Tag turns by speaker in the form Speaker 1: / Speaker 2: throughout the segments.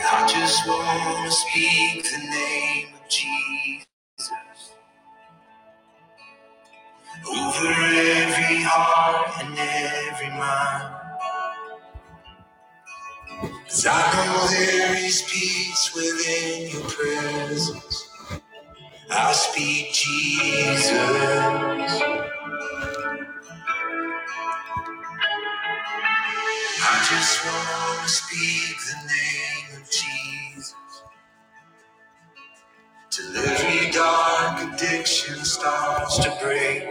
Speaker 1: I just wanna speak the name of Jesus over every heart and every mind. 'Cause I know there is peace within your presence. I speak Jesus. I just wanna speak the name of Jesus. Till every dark addiction starts to break,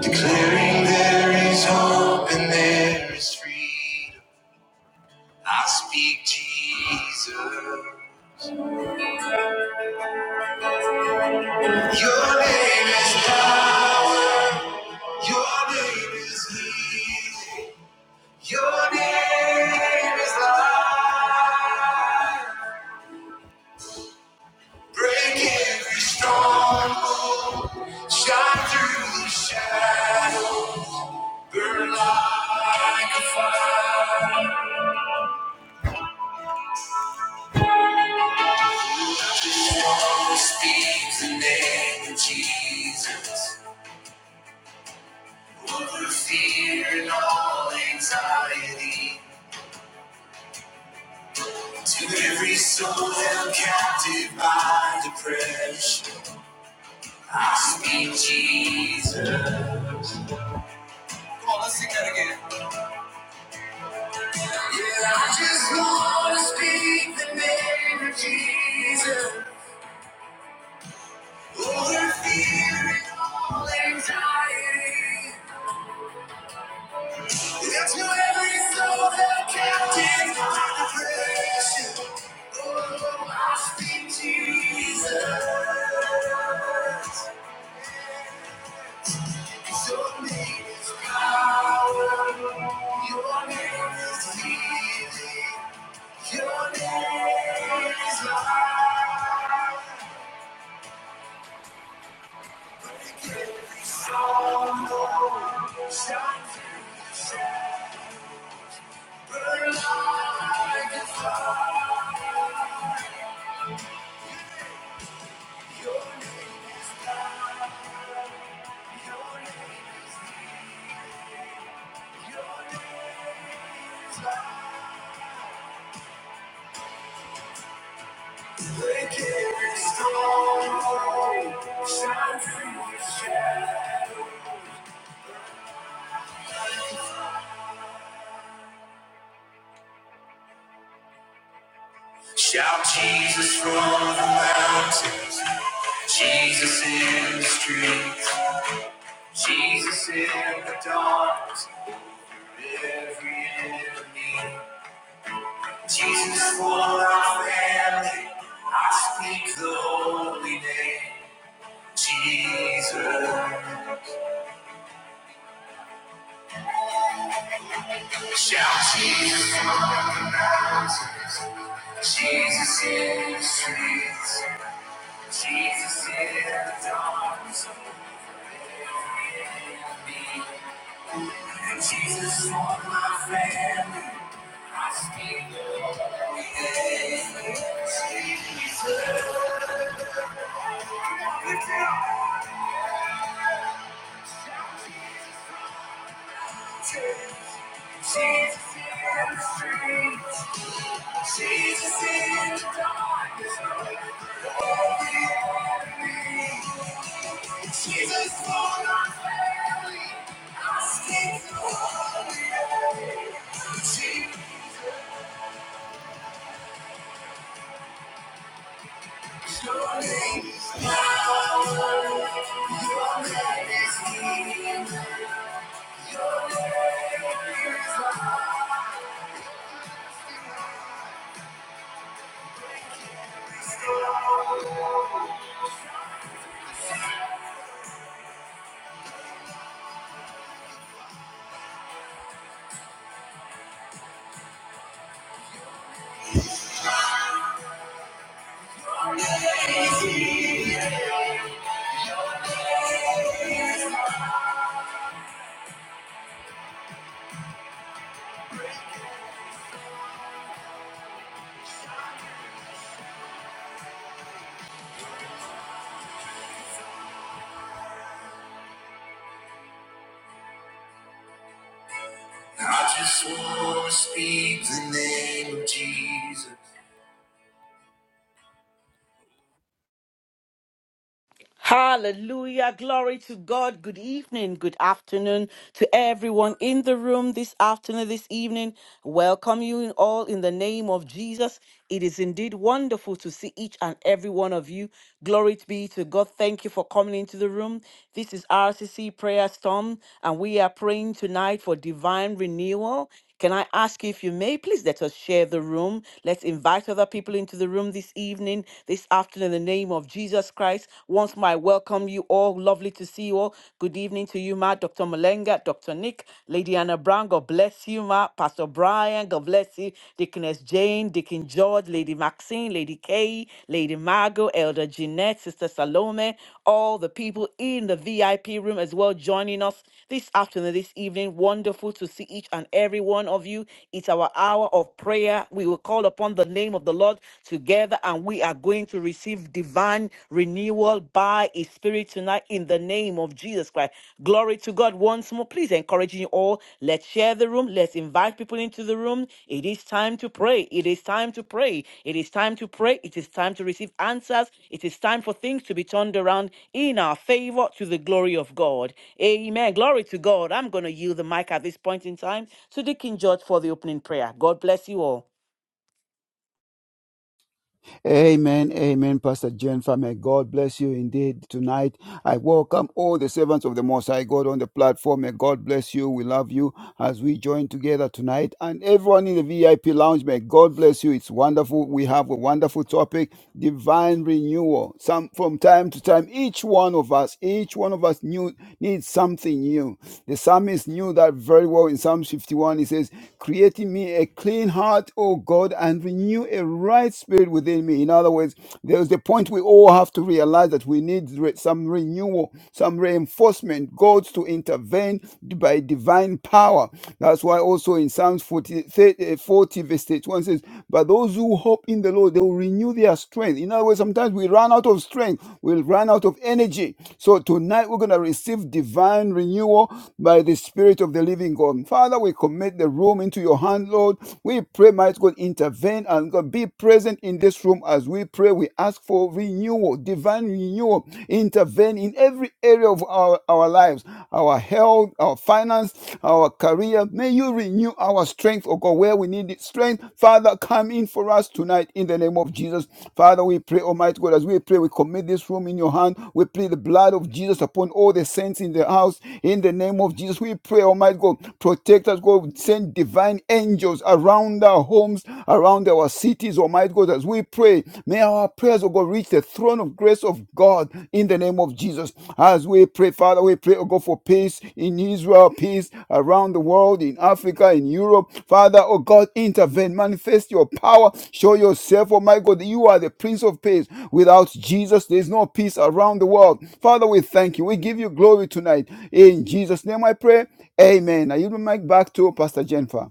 Speaker 1: declaring there is hope and there is freedom. I speak Jesus. Your name is love. Your name is healing. Your name is life. Break every stronghold. Shine through the shadow. Burn like a fire. Strong speaks the name of Jesus. Over fear and all anxiety. To every soul held captive by depression, I speak Jesus. Come on, let's sing that again. Yeah, I just wanna speak the name of Jesus. Over fear and all anxiety. And to every soul held captive by depression, oh, I speak Jesus. Your name is power. Your name is healing. Your name is life. Break every storm. Shine through the shadows. Shout Jesus from the mountains. Jesus in the streets. Jesus in the darkness. Every enemy. Jesus for our family, I speak the holy name. Jesus, shout Jesus from the mountains, Jesus in the streets, Jesus in the darkness, every enemy. And Jesus for my family, I speak the holy name. Jesus, Lift it up. Jesus in the streets. Jesus is on my I stick to your name. Power, your name is healing. Your name is life. I just want to speak the name of Jesus.
Speaker 2: Hallelujah. Glory to God. Good evening. Good afternoon to everyone in the room this afternoon, this evening. Welcome you in all in the name of Jesus. It is indeed wonderful to see each and every one of you. Glory be to God. Thank you for coming into the room. This is RCC Prayer Storm, and we are praying tonight for divine renewal. Can I ask you, if you may, please let us share the room. Let's invite other people into the room this evening, this afternoon, in the name of Jesus Christ. Once more, I welcome you all. Lovely to see you all. Good evening to you, Ma, Dr. Malenga, Dr. Nick, Lady Anna Brown. God bless you, Ma, Pastor Brian. God bless you, Deaconess Jane, Deacon George, Lady Maxine, Lady Kay, Lady. Lady Margot, Elder Jeanette, Sister Salome, all the people in the VIP room as well joining us this afternoon, this evening. Wonderful to see each and every one of you. It's our hour of prayer. We will call upon the name of the Lord together and we are going to receive divine renewal by His Spirit tonight in the name of Jesus Christ. Glory glory to God once more. Please encouraging you all. Let's share the room. Let's invite people into the room. It is time to pray. It is time to pray. It is time to pray. It is time to receive answers. It is time for things to be turned around in our favor to the glory of God. Amen. Glory to God. I'm going to yield the mic at this point in time to Deacon George for the opening prayer. God bless you all.
Speaker 3: Amen, amen, Pastor Jennifer. May God bless you indeed tonight. I welcome all the servants of the Most High God on the platform. May God bless you. We love you as we join together tonight. And everyone in the VIP lounge, may God bless you. It's wonderful. We have a wonderful topic, divine renewal. Some from time to time, each one of us, each one of us new, needs something new. The psalmist knew that very well in Psalm 51. He says, Create in me a clean heart, O God, and renew a right spirit within me. In other words, there's the point we all have to realize that we need re- some renewal, some reinforcement, God to intervene by divine power. That's why also in Psalms 40, thirty, uh, forty verse 31 says, But those who hope in the Lord, they will renew their strength. In other words, sometimes we run out of strength, we'll run out of energy. So tonight we're going to receive divine renewal power by the Spirit of the living God. Father, we commit the room into your hand, Lord. We pray, might God, intervene and God be present in this room as we pray. We ask for renewal, divine renewal. Intervene in every area of our, our lives, our health, our finance, our career. May you renew our strength, oh God, where we need strength. Father, come in for us tonight in the name of Jesus. Father, we pray, Almighty God, as we pray, we commit this room in your hand. We plead the blood of Jesus upon all the saints in the house in the name of Jesus, we pray, Almighty God, protect us, God. Send divine angels around our homes, around our cities, Almighty God, as we pray. May our prayers, O God, reach the throne of grace of God in the name of Jesus. As we pray, Father, we pray, O God, for peace in Israel, peace around the world, in Africa, in Europe. Father, O God, intervene, manifest your power, show yourself, oh my God, that you are the Prince of Peace. Without Jesus, there is no peace around the world. Father, we thank you. We give you glory tonight. In Jesus' name I pray. Amen. I yield my mic back to Pastor Jennifer.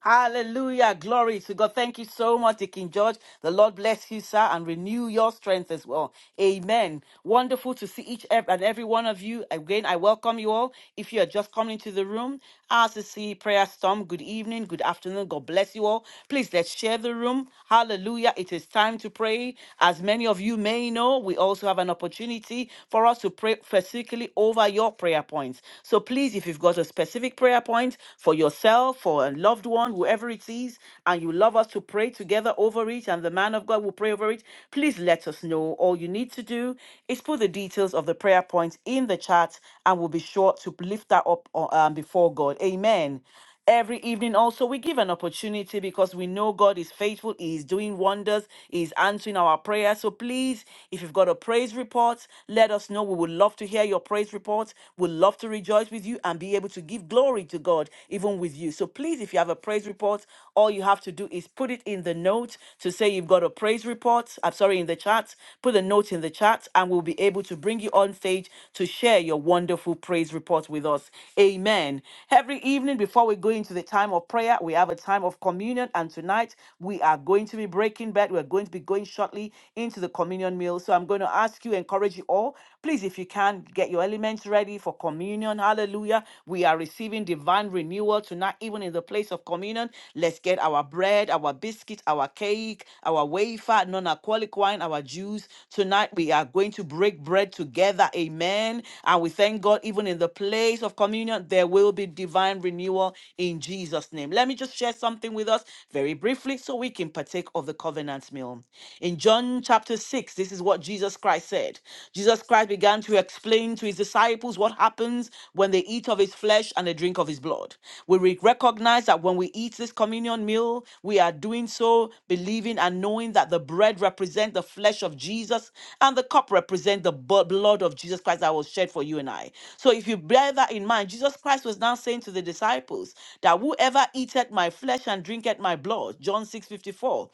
Speaker 2: Hallelujah. Glory to God. Thank you so much, Deacon George. The Lord bless you, sir, and renew your strength as well. Amen. Wonderful to see each ev- and every one of you. Again, I welcome you all. If you are just coming into the room, RCC Prayer Storm, good evening, good afternoon. God bless you all. Please let's share the room. Hallelujah. It is time to pray. As many of you may know, we also have an opportunity for us to pray specifically over your prayer points. So please, if you've got a specific prayer, prayer point for yourself, for a loved one, whoever it is, and you love us to pray together over it, and the man of God will pray over it, please let us know. All you need to do is put the details of the prayer point in the chat, and we'll be sure to lift that up uh, um, before God. Amen. Every evening, also, we give an opportunity because we know God is faithful, He is doing wonders, He is answering our prayers. So please, if you've got a praise report, let us know. We would love to hear your praise reports. We'd love to rejoice with you and be able to give glory to God even with you. So please, if you have a praise report, all you have to do is put it in the note to say you've got a praise report. I'm sorry, in the chat. Put a note in the chat and we'll will be able to bring you on stage to share your wonderful praise report with us. Amen. Every evening before we go into the time of prayer, we have a time of communion. And tonight we are going to be breaking bread. We're going to be going shortly into the communion meal. So I'm going to ask you, encourage you all. Please, if you can, get your elements ready for communion. Hallelujah. We are receiving divine renewal tonight, even in the place of communion. Let's get our bread, our biscuit, our cake, our wafer, non alcoholic wine, our juice. Tonight, we are going to break bread together. Amen. And we thank God, even in the place of communion, there will be divine renewal in Jesus' name. Let me just share something with us very briefly so we can partake of the covenant meal. In John chapter Matthew 6, this is what Jesus Christ said. Jesus Christ began to explain to his disciples what happens when they eat of his flesh and they drink of his blood. We re- recognize that when we eat this communion meal, we are doing so believing and knowing that the bread represents the flesh of Jesus and the cup represents the bu- blood of Jesus Christ that was shed for you and I. So if you bear that in mind, Jesus Christ was now saying to the disciples that whoever eateth my flesh and drinketh my blood, John 6:54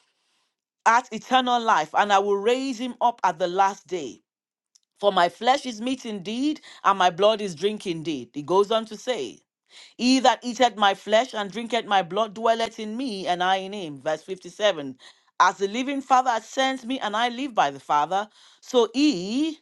Speaker 2: at eternal life, and I will raise him up at the last day. For my flesh is meat indeed, and my blood is drink indeed. He goes on to say, He that eateth my flesh and drinketh my blood dwelleth in me, and I in him. Verse 57. As the living Father hath sent me, and I live by the Father, so he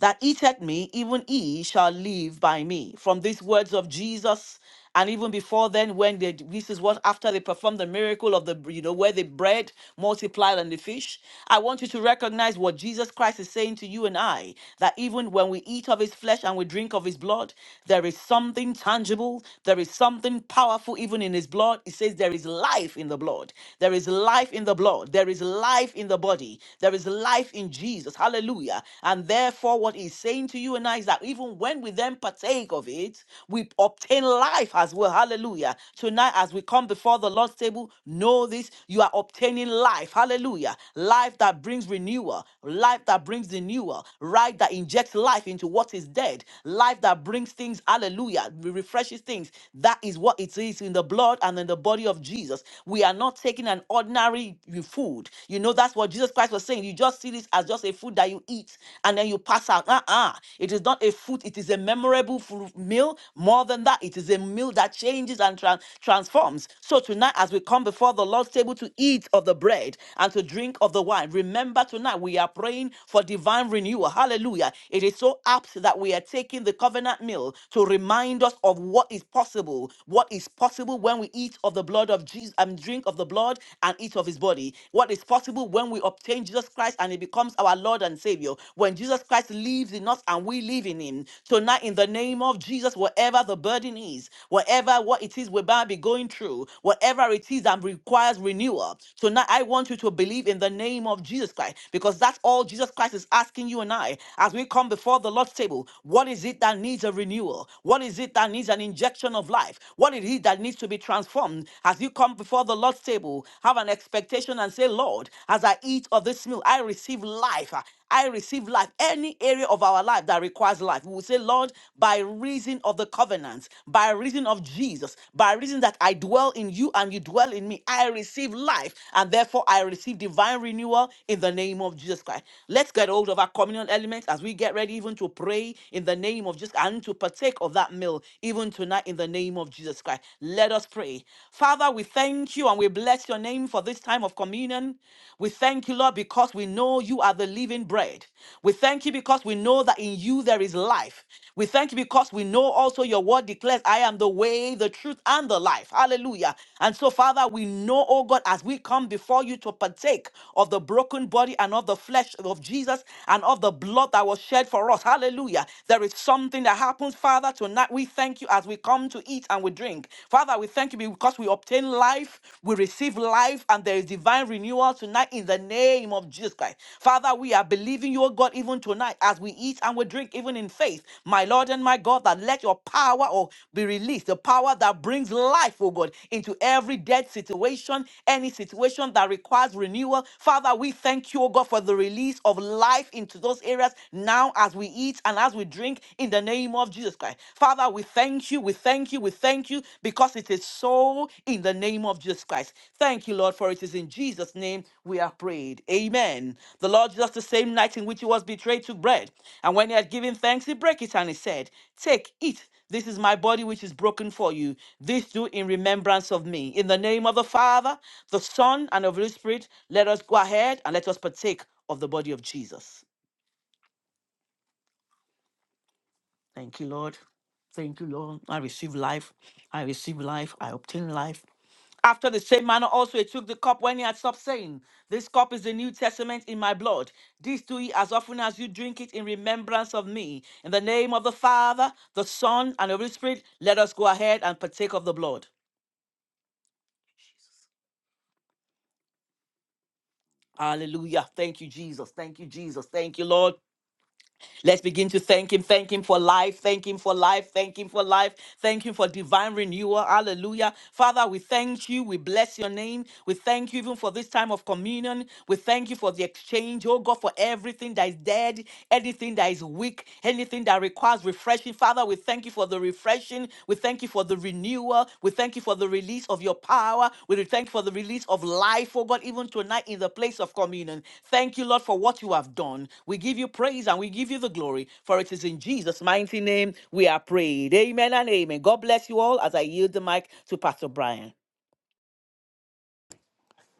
Speaker 2: that eateth me, even he shall live by me. From these words of Jesus, and even before then, when they this is what after they performed the miracle of the you know where the bread multiplied and the fish. I want you to recognize what Jesus Christ is saying to you and I that even when we eat of his flesh and we drink of his blood, there is something tangible, there is something powerful even in his blood. It says there is life in the blood, there is life in the blood, there is life in the body, there is life in Jesus. Jesus. Hallelujah. And therefore, what he's saying to you and I is that even when we then partake of it, we obtain life as well. Hallelujah. Tonight, as we come before the Lord's table, know this you are obtaining life. Hallelujah. Life that brings renewal, life that brings renewal, right? That injects life into what is dead, life that brings things, hallelujah, refreshes things. That is what it is in the blood and in the body of Jesus. We are not taking an ordinary food. You know, so that's what Jesus Christ was saying. You just see this as just a food that you eat and then you pass out. Uh-uh. It is not a food, it is a memorable fu- meal. More than that, it is a meal that changes and tran- transforms. So tonight, as we come before the Lord's table to eat of the bread and to drink of the wine, remember tonight we are praying for divine renewal. Hallelujah. It is so apt that we are taking the covenant meal to remind us of what is possible. What is possible when we eat of the blood of Jesus and drink of the blood blood and eat of his body. What is possible when we obtain Jesus Christ and he becomes our Lord and Savior? When Jesus Christ lives in us and we live in him. Tonight, in the name of Jesus, whatever the burden is, whatever what it is we might be going through, whatever it is that requires renewal, tonight I want you to believe in the name of Jesus Christ because that's all Jesus Christ is asking you and I as we come before the Lord's table. What is it that needs a renewal? What is it that needs an injection of life? What is it that needs to be transformed? come, as you come before the Lord's table, have an expectation and say, Lord, as I eat of this meal, I receive life. I receive life. Any area of our life that requires life, we will say, Lord, by reason of the covenant, by reason of Jesus, by reason that I dwell in you and you dwell in me, I receive life. And therefore, I receive divine renewal in the name of Jesus Christ. Let's get hold of our communion elements as we get ready even to pray in the name of Jesus and to partake of that meal even tonight in the name name of Jesus Christ. Let us pray. Father, we thank you and we bless your name for this time of communion. We thank you, Lord, because we know you are the living bread. We thank you because we know that in you there is life. We thank you because we know also your word declares, I am the way, the truth, and the life. Hallelujah. And so, Father, we know, oh God, as we come before you to partake of the broken body and of the flesh of Jesus and of the blood that was shed for us. Hallelujah. There is something that happens, Father. Father, tonight we thank you as we come to eat and we drink. Father, we thank you because we obtain life, we receive life, and there is divine renewal tonight in the name of Jesus Christ. Father, we are believing you, O God, even tonight as we eat and we drink, even in faith. My Lord and my God, that let your power oh, be released, the power that brings life, oh God, into every dead situation, any situation that requires renewal. Father, we thank you, oh God, for the release of life into those areas now as we eat eat and as we drink in the name of Jesus Christ. Father, we thank you, we thank you, we thank you because it is so in the name of Jesus Christ. Thank you, Lord, for it is in Jesus' name we are prayed. Amen. The Lord Jesus, the same night in which he was betrayed, took bread. And when he had given thanks, he brake it and he said, Take, eat. This is my body which is broken for you. This do in remembrance of me. In the name of the Father, the Son, and of the Holy Spirit, let us go ahead and let us partake of the body of Jesus. Thank you, Lord. Thank you, Lord. I receive life. I receive life. I obtain life. After the same manner, also he took the cup when he had stopped saying, This cup is the New Testament in my blood. This do ye as often as you drink it in remembrance of me. In the name of the Father, the Son, and the Holy Spirit, let us go ahead and partake of the blood. Hallelujah. Thank you, Jesus. Thank you, Jesus. Thank you, Lord. Let's begin to thank Him. Thank Him for life. Thank Him for life. Thank Him for life. Thank Him for divine renewal. Hallelujah. Father, we thank you. We bless your name. We thank you even for this time of communion. We thank you for the exchange. Oh God, for everything that is dead, anything that is weak, anything that requires refreshing. Father, we thank you for the refreshing refreshing. We thank you for the renewal. We thank you for the release of your power. We thank you for the release of life, oh God, even tonight in the place of communion. Thank you, Lord, for what you have done. We give you praise and we give you the glory, for it is in Jesus' mighty name we are prayed. Amen and amen. God bless you all as I yield the mic to Pastor Brian.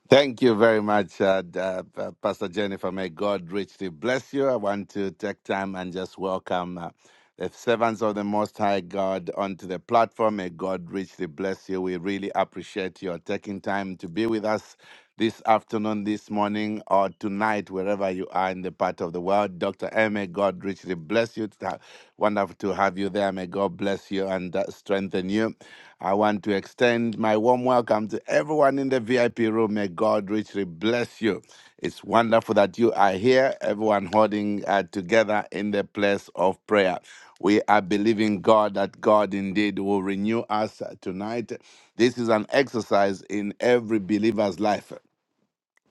Speaker 4: Thank you very much, uh, d- uh, uh, Pastor Jennifer. May God richly bless you. I want to take time and just welcome uh, the servants of the Most High God onto the platform. May God richly bless you. We really appreciate your taking time to be with us this afternoon, this morning, or tonight, wherever you are in the part of the world. Dr. M, may God richly bless you. Ta- Wonderful to have you there. May God bless you and uh, strengthen you. I want to extend my warm welcome to everyone in the VIP room. May God God richly bless you. It's wonderful that you are here, everyone holding uh, together in the place of prayer. We are believing God that God indeed will renew us uh, tonight. This is an exercise in every believer's life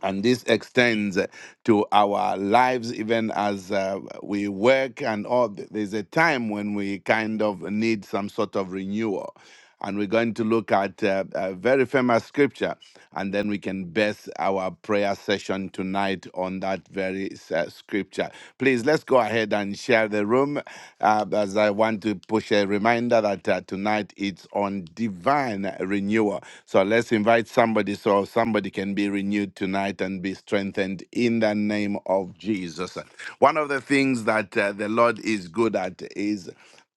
Speaker 4: and this extends to our lives even as uh, we work and all there's a time when we kind of need some sort of renewal and we're going to look at uh, a very famous scripture and then we can base our prayer session tonight on that very uh, scripture future. Please, let's go ahead and share the room uh, as I want to push a reminder that uh, tonight it's on divine renewal. So let's invite somebody so somebody can be renewed tonight and be strengthened in the name of Jesus. One of the things that uh, the Lord is good at is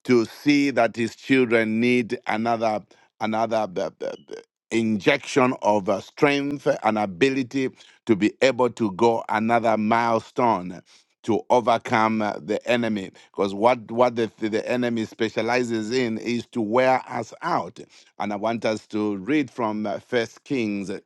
Speaker 4: to see that his children need another another b- b- b- injection of uh, strength and ability to be able to go another milestone to overcome uh, the enemy because what what the, the enemy specializes in is to wear us out and i want us to read from uh, first kings uh,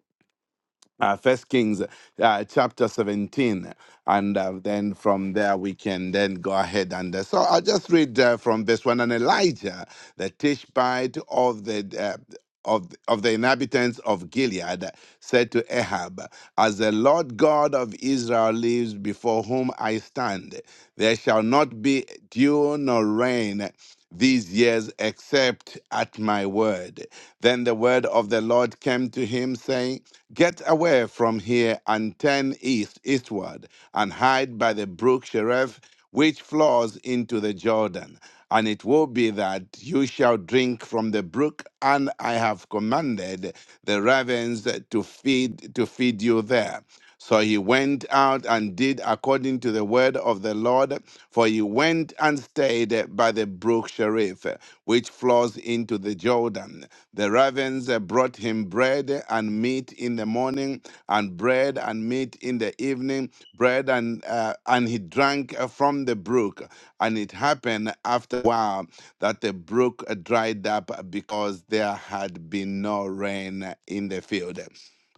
Speaker 4: uh, First Kings uh, chapter 17. And uh, then from there, we can then go ahead. And uh, so I'll just read uh, from verse 1 And Elijah, the Tishbite of the. Uh, of, of the inhabitants of Gilead said to Ahab, As the Lord God of Israel lives before whom I stand, there shall not be dew nor rain these years except at my word. Then the word of the Lord came to him, saying, Get away from here and turn east, eastward, and hide by the brook Sheref, which flows into the Jordan. And it will be that you shall drink from the brook, and I have commanded the ravens to feed to feed you there. So he went out and did according to the word of the Lord, for he went and stayed by the brook Cherith, which flows into the Jordan. The ravens uh, brought him bread and meat in the morning, and bread and meat in the evening, bread and uh, and he drank uh, from the brook. And it happened after a while that the brook dried up because there had been no rain in the field.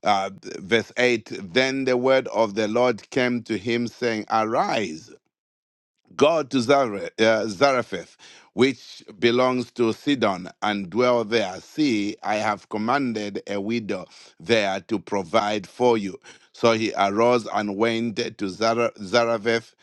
Speaker 4: Uh, verse 8 Then the word of the Lord came to him, saying, Arise, go to Zara- uh, Zarephath, which belongs to Sidon, and dwell there. See, I have commanded a widow there to provide for you. So he arose and went to Zara- Zarephath.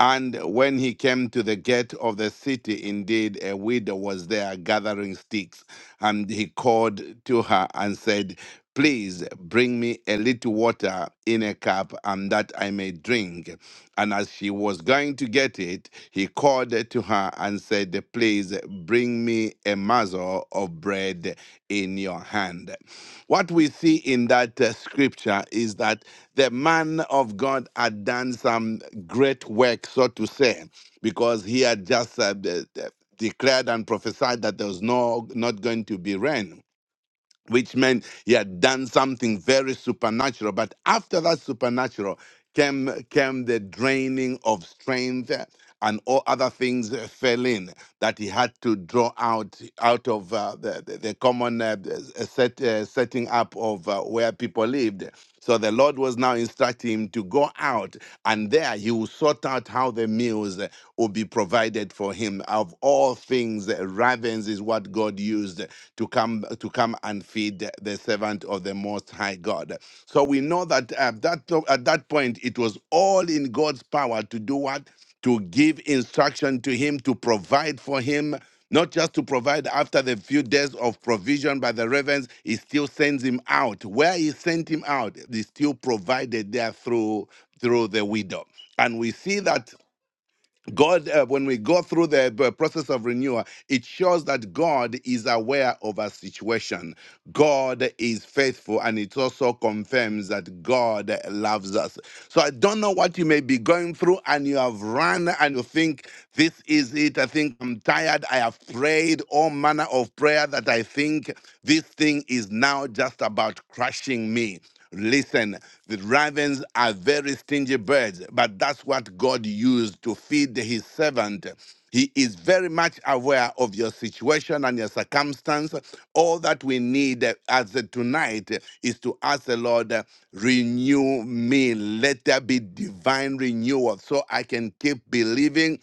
Speaker 4: And when he came to the gate of the city, indeed a widow was there gathering sticks. And he called to her and said, Please bring me a little water in a cup, and that I may drink. And as she was going to get it, he called to her and said, Please bring me a morsel of bread in your hand. What we see in that uh, scripture is that the man of God had done some great work, so to say, because he had just uh, de- de- declared and prophesied that there was no not going to be rain which meant he had done something very supernatural. But after that supernatural came came the draining of strength eh, and all other things eh, fell in that he had to draw out out of uh, the, the the common uh, eh, set, uh, setting up of uh, where people lived. So the Lord was now instructing him to go out, and there he will sort out how the meals eh, will be provided for him. Of all things, eh, ravens is what God used to to come to come and feed the servant of the Most High God. So we know that at that at that point it was all in God's power to do what to give instruction to him to provide for him. Not just to provide after the few days of provision by the ravens, he still sends him out. Where he sent him out, he still provided there through through the widow. And we see that God, uh, when we go through the b- process of renewal, it shows that God is aware of our situation. God is faithful, and it also confirms that God loves us. So I don't know what you may be going through, and you have run and you think, This is it. I think I'm tired. I have prayed all manner of prayer that I think this thing is now just about crushing me. Listen, the ravens are very stingy birds, but that's what God used to feed his servant. He is very much aware of your situation and your circumstance. All that we need uh, as uh, tonight uh, is to ask the Lord, uh, renew me. Let there be divine renewal so I can keep believing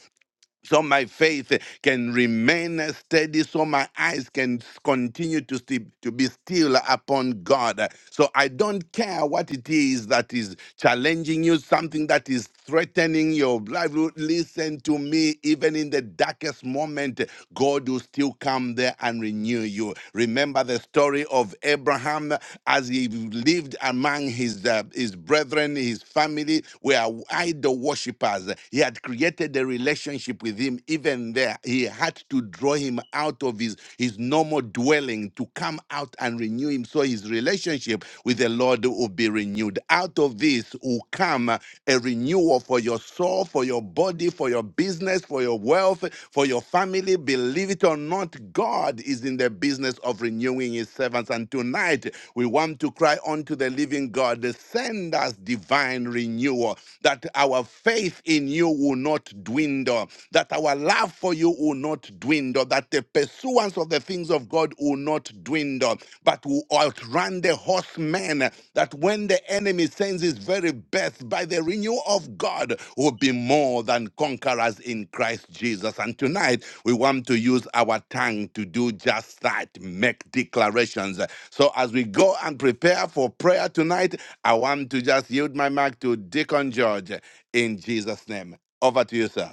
Speaker 4: so my faith can remain steady so my eyes can continue to sti- to be still upon god so i don't care what it is that is challenging you something that is threatening your livelihood listen to me even in the darkest moment god will still come there and renew you remember the story of abraham as he lived among his uh, his brethren his family were idol worshippers. He had created a relationship with him. Even there, he had to draw him out of his, his normal dwelling to come out and renew him. So his relationship with the Lord will be renewed. Out of this will come a renewal for your soul, for your body, for your business, for your wealth, for your family. Believe it or not, God is in the business of renewing his servants us. And tonight, we want to cry unto the living God, send us divine renewal, that our faith in you will not dwindle, that our love for you will not dwindle, that the pursuance of the things of God will not dwindle, but will outrun the horsemen, that when the enemy sends his very best, by the renewal of God, will be more than conquerors in Christ Jesus. And tonight, we want to use our tongue to do just that, make declarations. So as we go and prepare for prayer tonight, I want to just yield my mic to Deacon George in Jesus' name. Over to you, sir.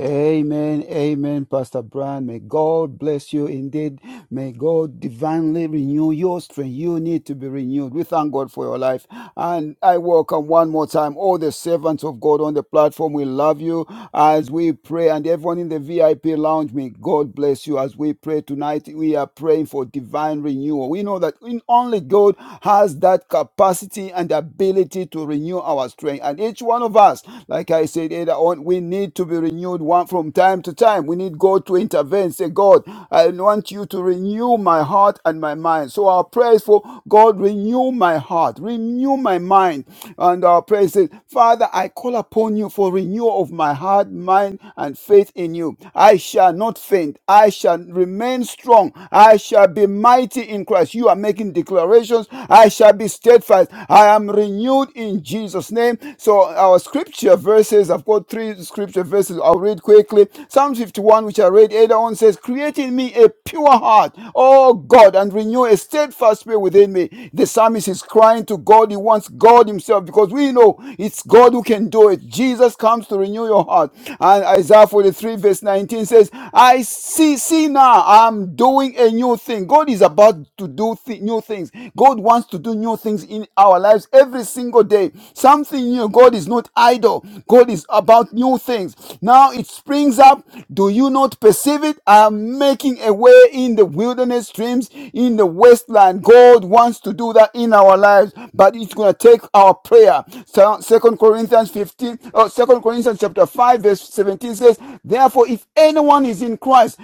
Speaker 3: Amen, amen, Pastor Brian. May God bless you indeed. May God divinely renew your strength. You need to be renewed. We thank God for your life. And I welcome one more time all the servants of God on the platform. We love you as we pray. And everyone in the VIP lounge, may God bless you as we pray tonight. We are praying for divine renewal. We know that only God has that capacity and ability to renew our strength. And each one of us, like I said earlier on, we need to be renewed one from time to time. We need God to intervene. Say, God, I want you to renew my heart and my mind mind. So our prayer is for God, renew my heart, renew my mind. And our prayer says, Father, I call upon you for renewal of my heart, mind, and faith in you. I shall not faint. I shall remain strong. I shall be mighty in Christ. You are making declarations. I shall be steadfast. I am renewed in Jesus' name. So our scripture verses, I've got three scripture verses. I'll read quickly. Psalm 51, which I read earlier on says, says, Create in me a pure heart, oh God, and renew a steadfast spirit within me. The psalmist is crying to God. He wants God Himself because we know it's God who can do it. Jesus comes to renew your heart. And Isaiah 43, verse 19 says, I see, see now, I'm doing a new thing. God is about to do thi- new things. God wants to do new things in our lives every single day. Something new. God is not idle. God is about new things things. Now it springs up. Do you not perceive it? I am making a way in the wilderness streams, in the wasteland. God wants to do that in our lives, but it's going to take our prayer. So, 2 Corinthians 15, or 2 Corinthians chapter 5, verse 17 says, Therefore, if anyone is in Christ,